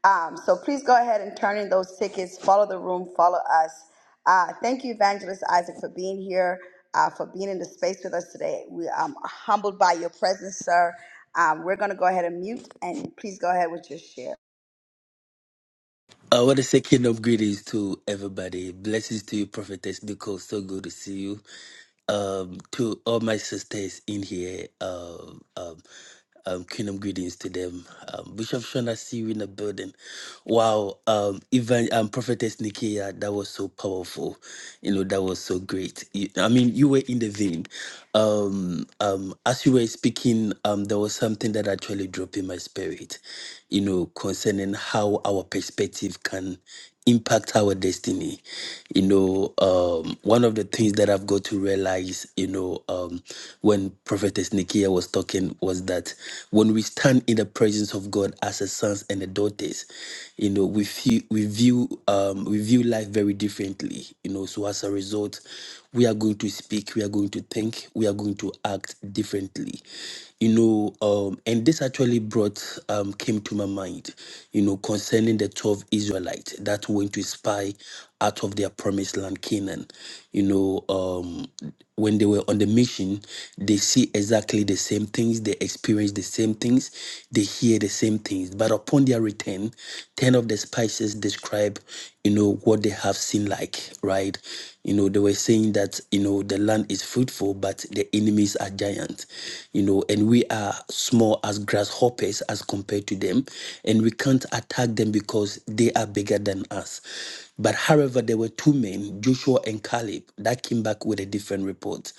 Um, so please go ahead and turn in those tickets. Follow the room. Follow us. Uh, thank you, Evangelist Isaac, for being here, uh, for being in the space with us today. We um, are humbled by your presence, sir. Um, we're going to go ahead and mute, and please go ahead with your share.
I want to say kingdom greetings to everybody. Blessings to you, Prophetess Nicole. So good to see you. Um, to all my sisters in here, um, um, um, kingdom greetings to them. Um, Bishop Shona, see you in the building. Wow, um, even um, Prophetess Nikia, that was so powerful. You know, that was so great. You- I mean, you were in the vein. Um, um, as you were speaking, um, there was something that actually dropped in my spirit, you know, concerning how our perspective can impact our destiny. You know, um, one of the things that I've got to realize, you know, um, when Prophetess Nikia was talking was that when we stand in the presence of God as a sons and a daughters, you know, we feel we view um, we view life very differently. You know, so as a result, we are going to speak, we are going to think, we are going to act differently. You know, um, and this actually brought um, came to my mind, you know, concerning the 12 Israelites that went to spy out of their promised land, Canaan. You know, um, when they were on the mission, they see exactly the same things, they experience the same things, they hear the same things. But upon their return, 10 of the spices describe, you know, what they have seen like. Amalek, right? You know, they were saying that, you know, the land is fruitful, but the enemies are giants, you know, and we are small as grasshoppers as compared to them, and we can't attack them because they are bigger than us. But however, there were two men, Joshua and Caleb, that came back with a different report.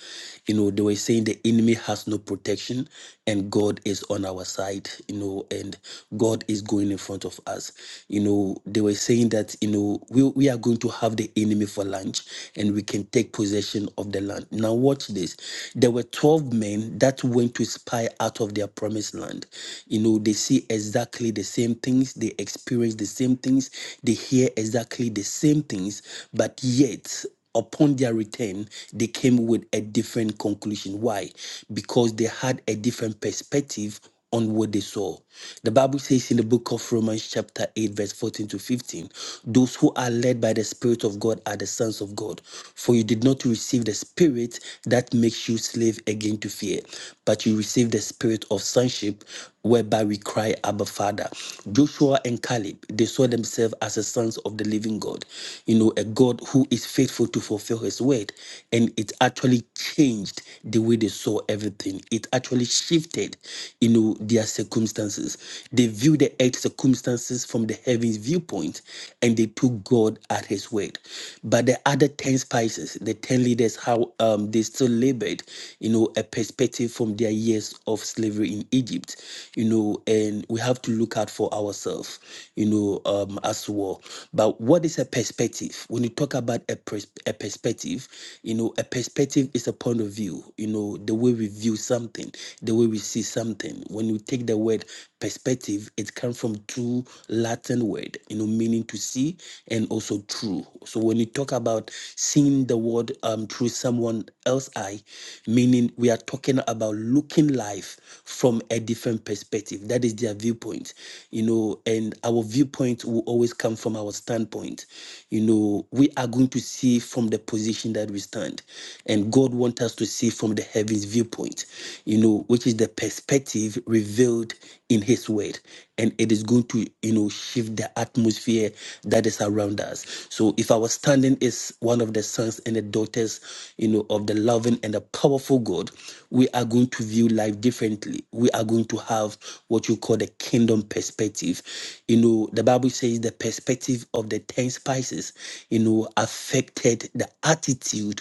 You know, they were saying the enemy has no protection and God is on our side, you know, and God is going in front of us. You know, they were saying that, you know, we, we are going to have have the enemy for lunch and we can take possession of the land. Now, watch this. There were 12 men that went to spy out of their promised land. You know, they see exactly the same things, they experience the same things, they hear exactly the same things, but yet upon their return, they came with a different conclusion. Why? Because they had a different perspective on what they saw. The Bible says in the book of Romans, chapter 8, verse 14 to 15, those who are led by the Spirit of God are the sons of God. For you did not receive the Spirit that makes you slave again to fear, but you received the Spirit of sonship, whereby we cry, Abba Father. Joshua and Caleb, they saw themselves as the sons of the living God. God, you know, a God who is faithful to fulfill his word. And it actually changed the way they saw everything. It actually shifted, you know, their circumstances. They viewed the earth circumstances from the heavens viewpoint and they took God at his word. But the other 10 spices, the 10 leaders, how um, they still labored, you know, a perspective from their years of slavery in Egypt, you know, and we have to look out for ourselves, you know, um, as well. But what is a perspective? When you talk about a, pers- a perspective, you know, a perspective is a point of view, you know, the way we view something, the way we see something. When you take the word perspective, it comes from two Latin word, you know, meaning to see and also true. So when you talk about seeing the world um, through someone else's eye, meaning we are talking about looking life from a different perspective. That is their viewpoint viewpoint, you know, and our viewpoint will always come from our standpoint. You know, we are going to see from the position that we stand, and God wants us to see from the heavens viewpoint, you know, which is the perspective revealed in His Word, and it is going to, you know, shift the atmosphere that is around us. So, if our standing is one of the sons and the daughters, you know, of the loving and the powerful God, we are going to view life differently. We are going to have what you call the kingdom perspective. You know, the Bible says the perspective of the 10 spices, you know, affected the attitude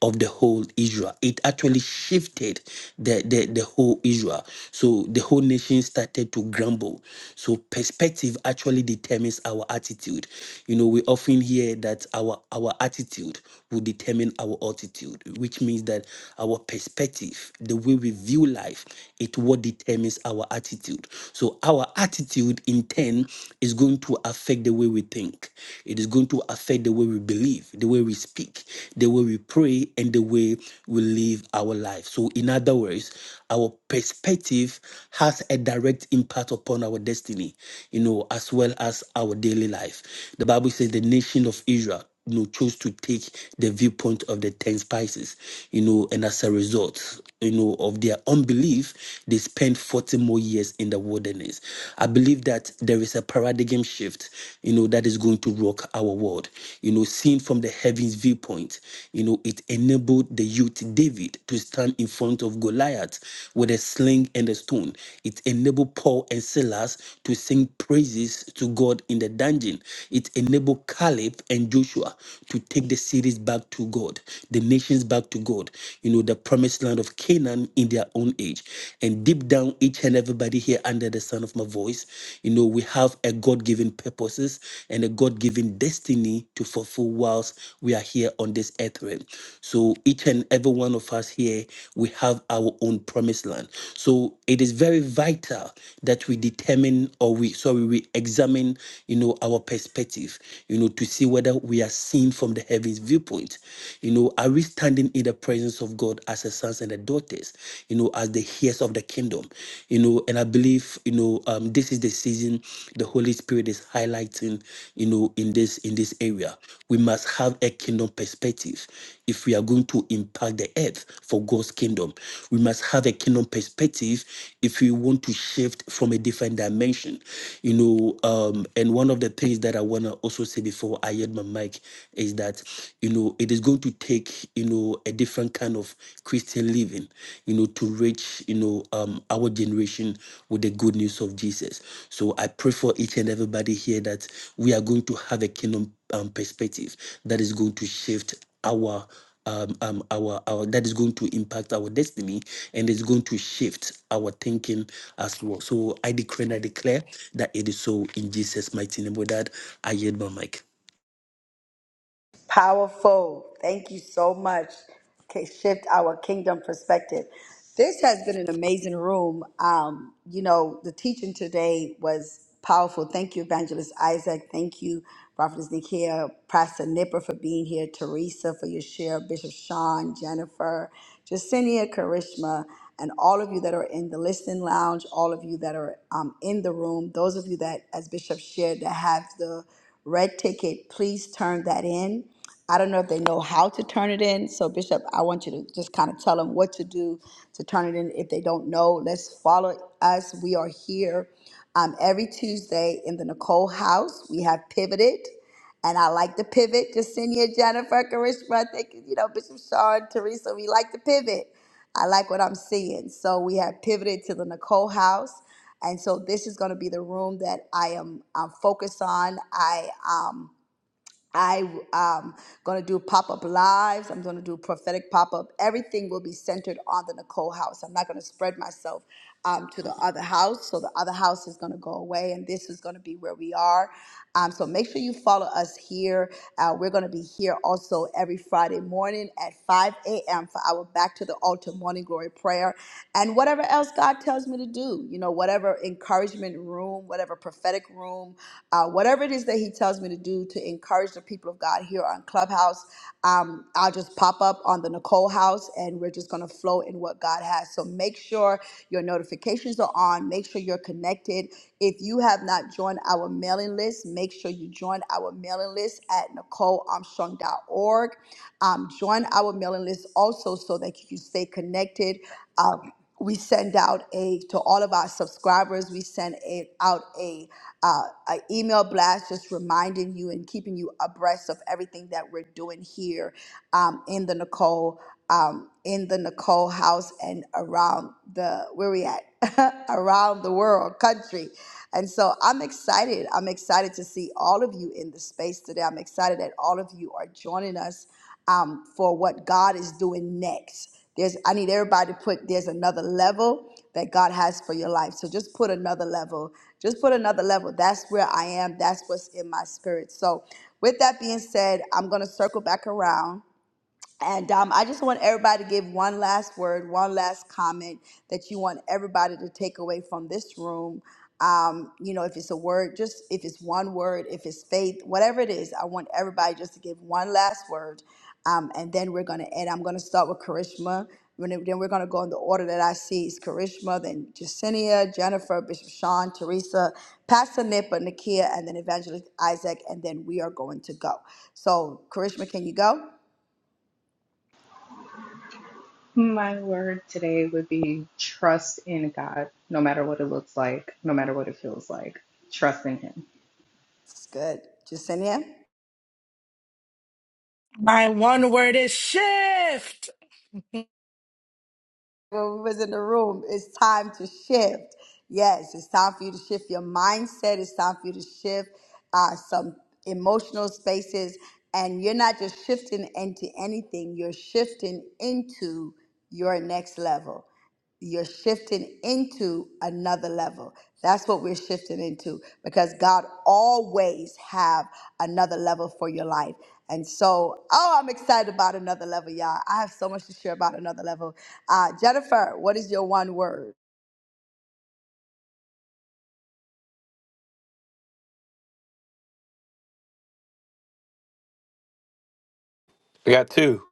of the whole Israel. It actually shifted the, the, the whole Israel. So the whole nation started to grumble. So perspective actually determines our attitude. You know, we often hear that our our attitude will determine our altitude, which means that our perspective, the way we view life, it what determines our attitude. So our attitude in turn is going to affect the way we think. It is going to affect the way we believe, the way we speak, the way we pray, and the way we live our life. So in other words, our perspective has a direct impact upon our destiny, you know, as well as our daily life. The Bible says the nation of Israel you know chose to take the viewpoint of the ten spices you know and as a result you know of their unbelief they spent 40 more years in the wilderness i believe that there is a paradigm shift you know that is going to rock our world you know seen from the heavens viewpoint you know it enabled the youth david to stand in front of goliath with a sling and a stone it enabled paul and silas to sing praises to god in the dungeon it enabled Caleb and Joshua to take the cities back to God, the nations back to God, you know, the promised land of Canaan in their own age. And deep down, each and everybody here under the sound of my voice, you know, we have a God given purposes and a God given destiny to fulfill whilst we are here on this earth realm. So each and every one of us here, we have our own promised land. So it is very vital that we determine or we sorry, we examine, you know, our our perspective, you know, to see whether we are seen from the heavens viewpoint. You know, are we standing in the presence of God as a sons and a daughters, you know, as the heirs of the kingdom, you know, and I believe, you know, um, this is the season the Holy Spirit is highlighting, you know, in this in this area. We must have a kingdom perspective if we are going to impact the earth for God's kingdom. We must have a kingdom perspective if we want to shift from a different dimension. You know, um, um, and one of the things that I want to also say before I hit my mic is that, you know, it is going to take, you know, a different kind of Christian living, you know, to reach, you know, um, our generation with the good news of Jesus. So I pray for each and everybody here that we are going to have a kingdom um, perspective that is going to shift our um, um, our, our that is going to impact our destiny and it's going to shift our thinking as well. So I decree and I declare that it is so in Jesus' mighty name. With that, I yield my mic.
Powerful. Thank you so much. K- Shift our kingdom perspective. This has been an amazing room. Um, you know, the teaching today was powerful. Thank you, Evangelist Isaac. Thank you, Prophetess Nikia, Pastor Nipper for being here, Teresa for your share, Bishop Sean, Jennifer, Jacinia, Karishma, and all of you that are in the listening lounge, all of you that are um, in the room, those of you that, as Bishop shared, that have the red ticket, please turn that in. I don't know if they know how to turn it in. So, Bishop, I want you to just kind of tell them what to do to turn it in. If they don't know, let's follow us. We are here um, every Tuesday in the Nicole house. We have pivoted. And I like to pivot. Jacinia, Jennifer, Karishma, I think, you know, Bishop Sean, Teresa, we like to pivot. I like what I'm seeing. So we have pivoted to the Nicole house and so this is going to be the room that I am um, focused on. I um I um going to do pop up lives. I'm going to do prophetic pop up. Everything will be centered on the Nicole house. I'm not going to spread myself um, to the other house. So the other house is going to go away, and this is going to be where we are. Um, so make sure you follow us here. Uh, we're going to be here also every Friday morning at 5 a.m. for our Back to the Altar morning glory prayer and whatever else God tells tells me to do, you know, whatever encouragement room, whatever prophetic room, uh, whatever it is that He tells me to do to encourage the people of God here on Clubhouse, um, I'll just pop up on the Nicole House and we're just going to flow in what God has. So make sure your notifications are on, make sure you're connected. If you have not joined our mailing list, make sure you join our mailing list at NicoleArmstrong.org. Um, join our mailing list also so that you can stay connected. Um, we send out a to all of our subscribers we send a, out a, uh, a email blast just reminding you and keeping you abreast of everything that we're doing here um, in the nicole um, in the nicole house and around the where we at around the world country and so i'm excited i'm excited to see all of you in the space today i'm excited that all of you are joining us um, for what God is doing next. There's, I need everybody to put there's another level that God has for your life. So just put another level. Just put another level. That's where I am. That's what's in my spirit. So, with that being said, I'm gonna circle back around and um, I just want everybody to give one last word, one last comment that you want everybody to take away from this room. Um, you know, if it's a word, just if it's one word, if it's faith, whatever it is, I want everybody just to give one last word. Um, and then we're going to end. I'm going to start with Karishma. When it- Then we're going to go in the order that I see is Karishma, then Jacinia, Jennifer, Bishop Sean, Teresa, Pastor Nipa, Nakia, and then Evangelist Isaac. And then we are going to go. So, Karishma, can you go?
My word today would be trust in God, no matter what it looks like, no matter what it feels like. Trust in Him.
It's good. Justinia,
my one word is shift.
when we was in the room, it's time to shift. Yes, it's time for you to shift your mindset. It's time for you to shift uh, some emotional spaces. And you're not just shifting into anything, you're shifting into your next level. you're shifting into another level that's what we're shifting into because god always have another level for your life and so oh i'm excited about another level y'all i have so much to share about another level uh, jennifer what is your one word
i got two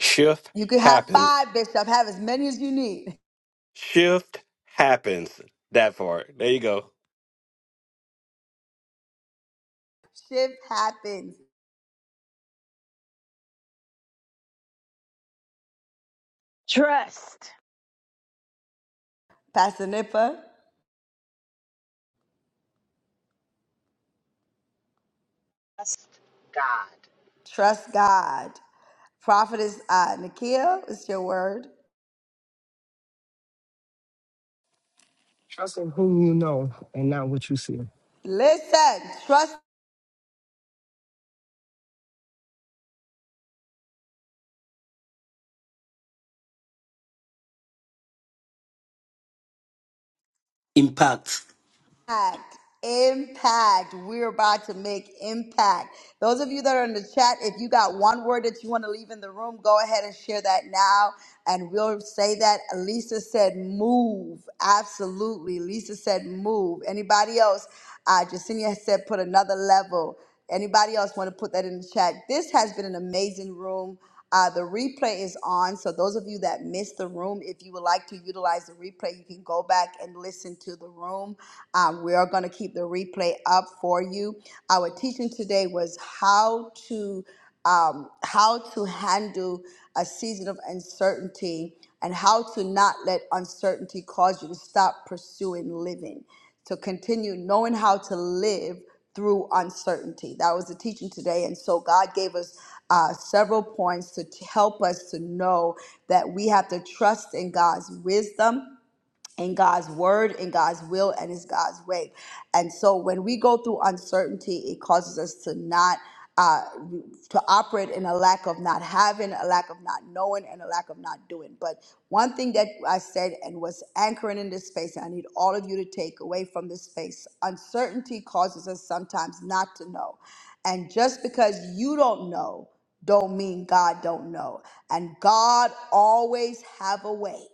shift
you could have
happens
five bishop have as many as you need
shift happens that part there you go
shift happens
Trust.
pastor nippa trust god prophetess uh, nikia what's your word
Trust in whom you know and not what you see.
Listen, trust
Impact.
impact impact we're about to make impact those of you that are in the chat if you got one word that you want to leave in the room go ahead and share that now and we'll say that lisa said move absolutely lisa said move anybody else uh jacinia said put another level anybody else want to put that in the chat this has been an amazing room uh, the replay is on, so those of you that missed the room, if you would like to utilize the replay, you can go back and listen to the room. Um, we are going to keep the replay up for you. Our teaching today was how to um, how to handle a season of uncertainty and how to not let uncertainty cause you to stop pursuing living. To continue knowing how to live through uncertainty. That was the teaching today. And so God gave us uh, several points to t- help us to know that we have to trust in God's wisdom in God's word, in God's will, and in God's way. And so when we go through uncertainty, it causes us to not. Uh, to operate in a lack of not having, a lack of not knowing, and a lack of not doing. But one thing that I said and was anchoring in this space, and I need all of you to take away from this space uncertainty causes us sometimes not to know. And just because you don't know, don't mean God don't know. And God always have a way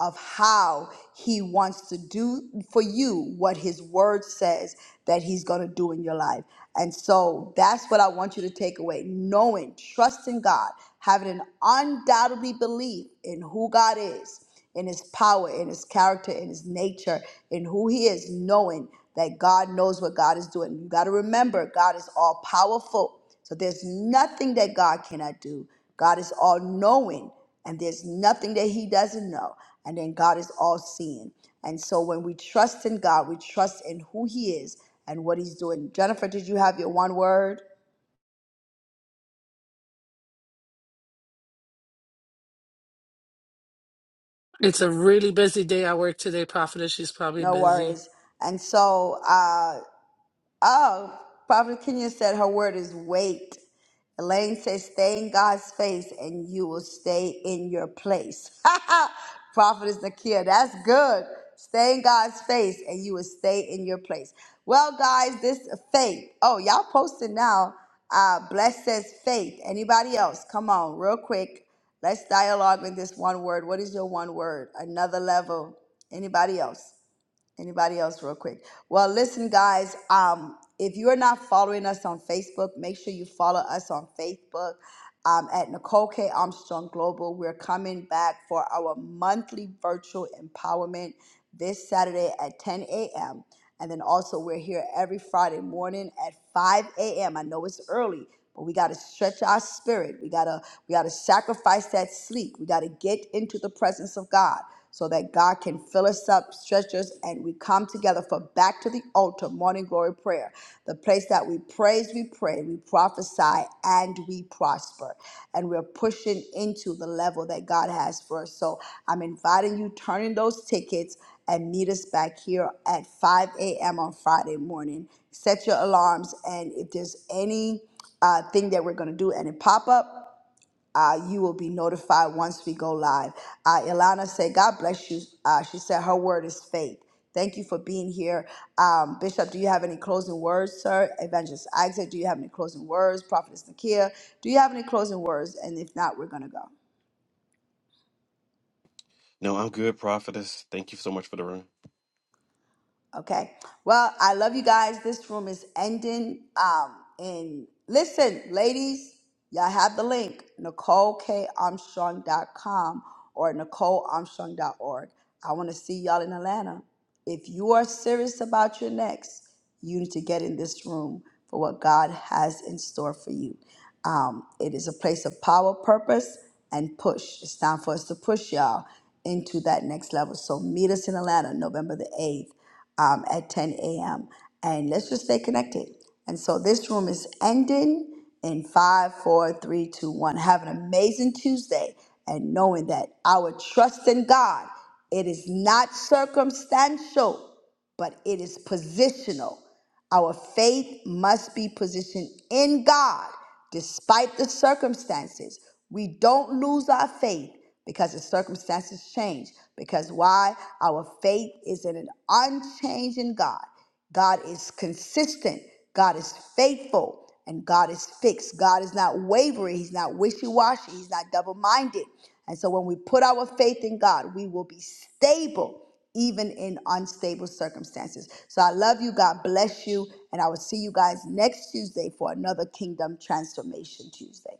of how he wants to do for you what his word says that he's going to do in your life. And so that's what I want you to take away knowing, trusting God, having an undoubtedly belief in who God is, in his power, in his character, in his nature, in who he is, knowing that God knows what God is doing. You got to remember, God is all powerful. So there's nothing that God cannot do. God is all knowing and there's nothing that he doesn't know and then god is all seeing and so when we trust in god we trust in who he is and what he's doing jennifer did you have your one word
It's a really busy day at work today, Prophetess. She's probably
no
busy.
worries and so uh oh prophet kenya said her word is wait elaine says stay in god's face and you will stay in your place Prophetess Nakia, that's good. Stay in God's face and you will stay in your place. Well, guys, this faith. Oh, y'all posted now. Uh, blessed says faith. Anybody else? Come on, real quick. Let's dialogue with this one word. What is your one word? Another level. Anybody else? Anybody else, real quick? Well, listen, guys. Um, if you're not following us on Facebook, make sure you follow us on Facebook um, at Nicole K. Armstrong Global. We're coming back for our monthly virtual empowerment this Saturday at 10 a.m. And then also, we're here every Friday morning at 5 a.m. I know it's early, but we got to stretch our spirit. We gotta we gotta sacrifice that sleep. We gotta get into the presence of God so that God can fill us up, stretch us, and we come together for back to the altar, morning glory prayer, the place that we praise, we pray, we prophesy, and we prosper. And we're pushing into the level that God has for us. So I'm inviting you, turning those tickets, and meet us back here at 5 a.m. on Friday morning. Set your alarms, and if there's any uh, thing that we're going to do and it pop up, uh, you will be notified once we go live. Uh, Ilana said, God bless you. Uh, she said, her word is faith. Thank you for being here. Um, Bishop, do you have any closing words, sir? Evangelist Isaac, do you have any closing words? Prophetess Nakia, do you have any closing words? And if not, we're going to go.
No, I'm good, prophetess. Thank you so much for the room.
Okay. Well, I love you guys. This room is ending. Um, and listen, ladies, y'all have the link, NicoleKArmstrong.com or NicoleArmstrong.org. I want to see y'all in Atlanta. If you are serious about your next, you need to get in this room for what God has in store for you. Um, it is a place of power, purpose, and push. It's time for us to push y'all into that next level. So meet us in Atlanta, November the 8th um, at 10 a.m. And let's just stay connected. And so this room is ending in five, four, three, two, one. Have an amazing Tuesday and knowing that our trust in God, it is not circumstantial but it is positional. Our faith must be positioned in God despite the circumstances. We don't lose our faith because the circumstances change. Because why? Our faith is in an unchanging God. God is consistent. God is faithful. And God is fixed. God is not wavering. He's not wishy washy. He's not double minded. And so when we put our faith in God, we will be stable even in unstable circumstances. So I love you. God bless you. And I will see you guys next Tuesday for another Kingdom Transformation Tuesday.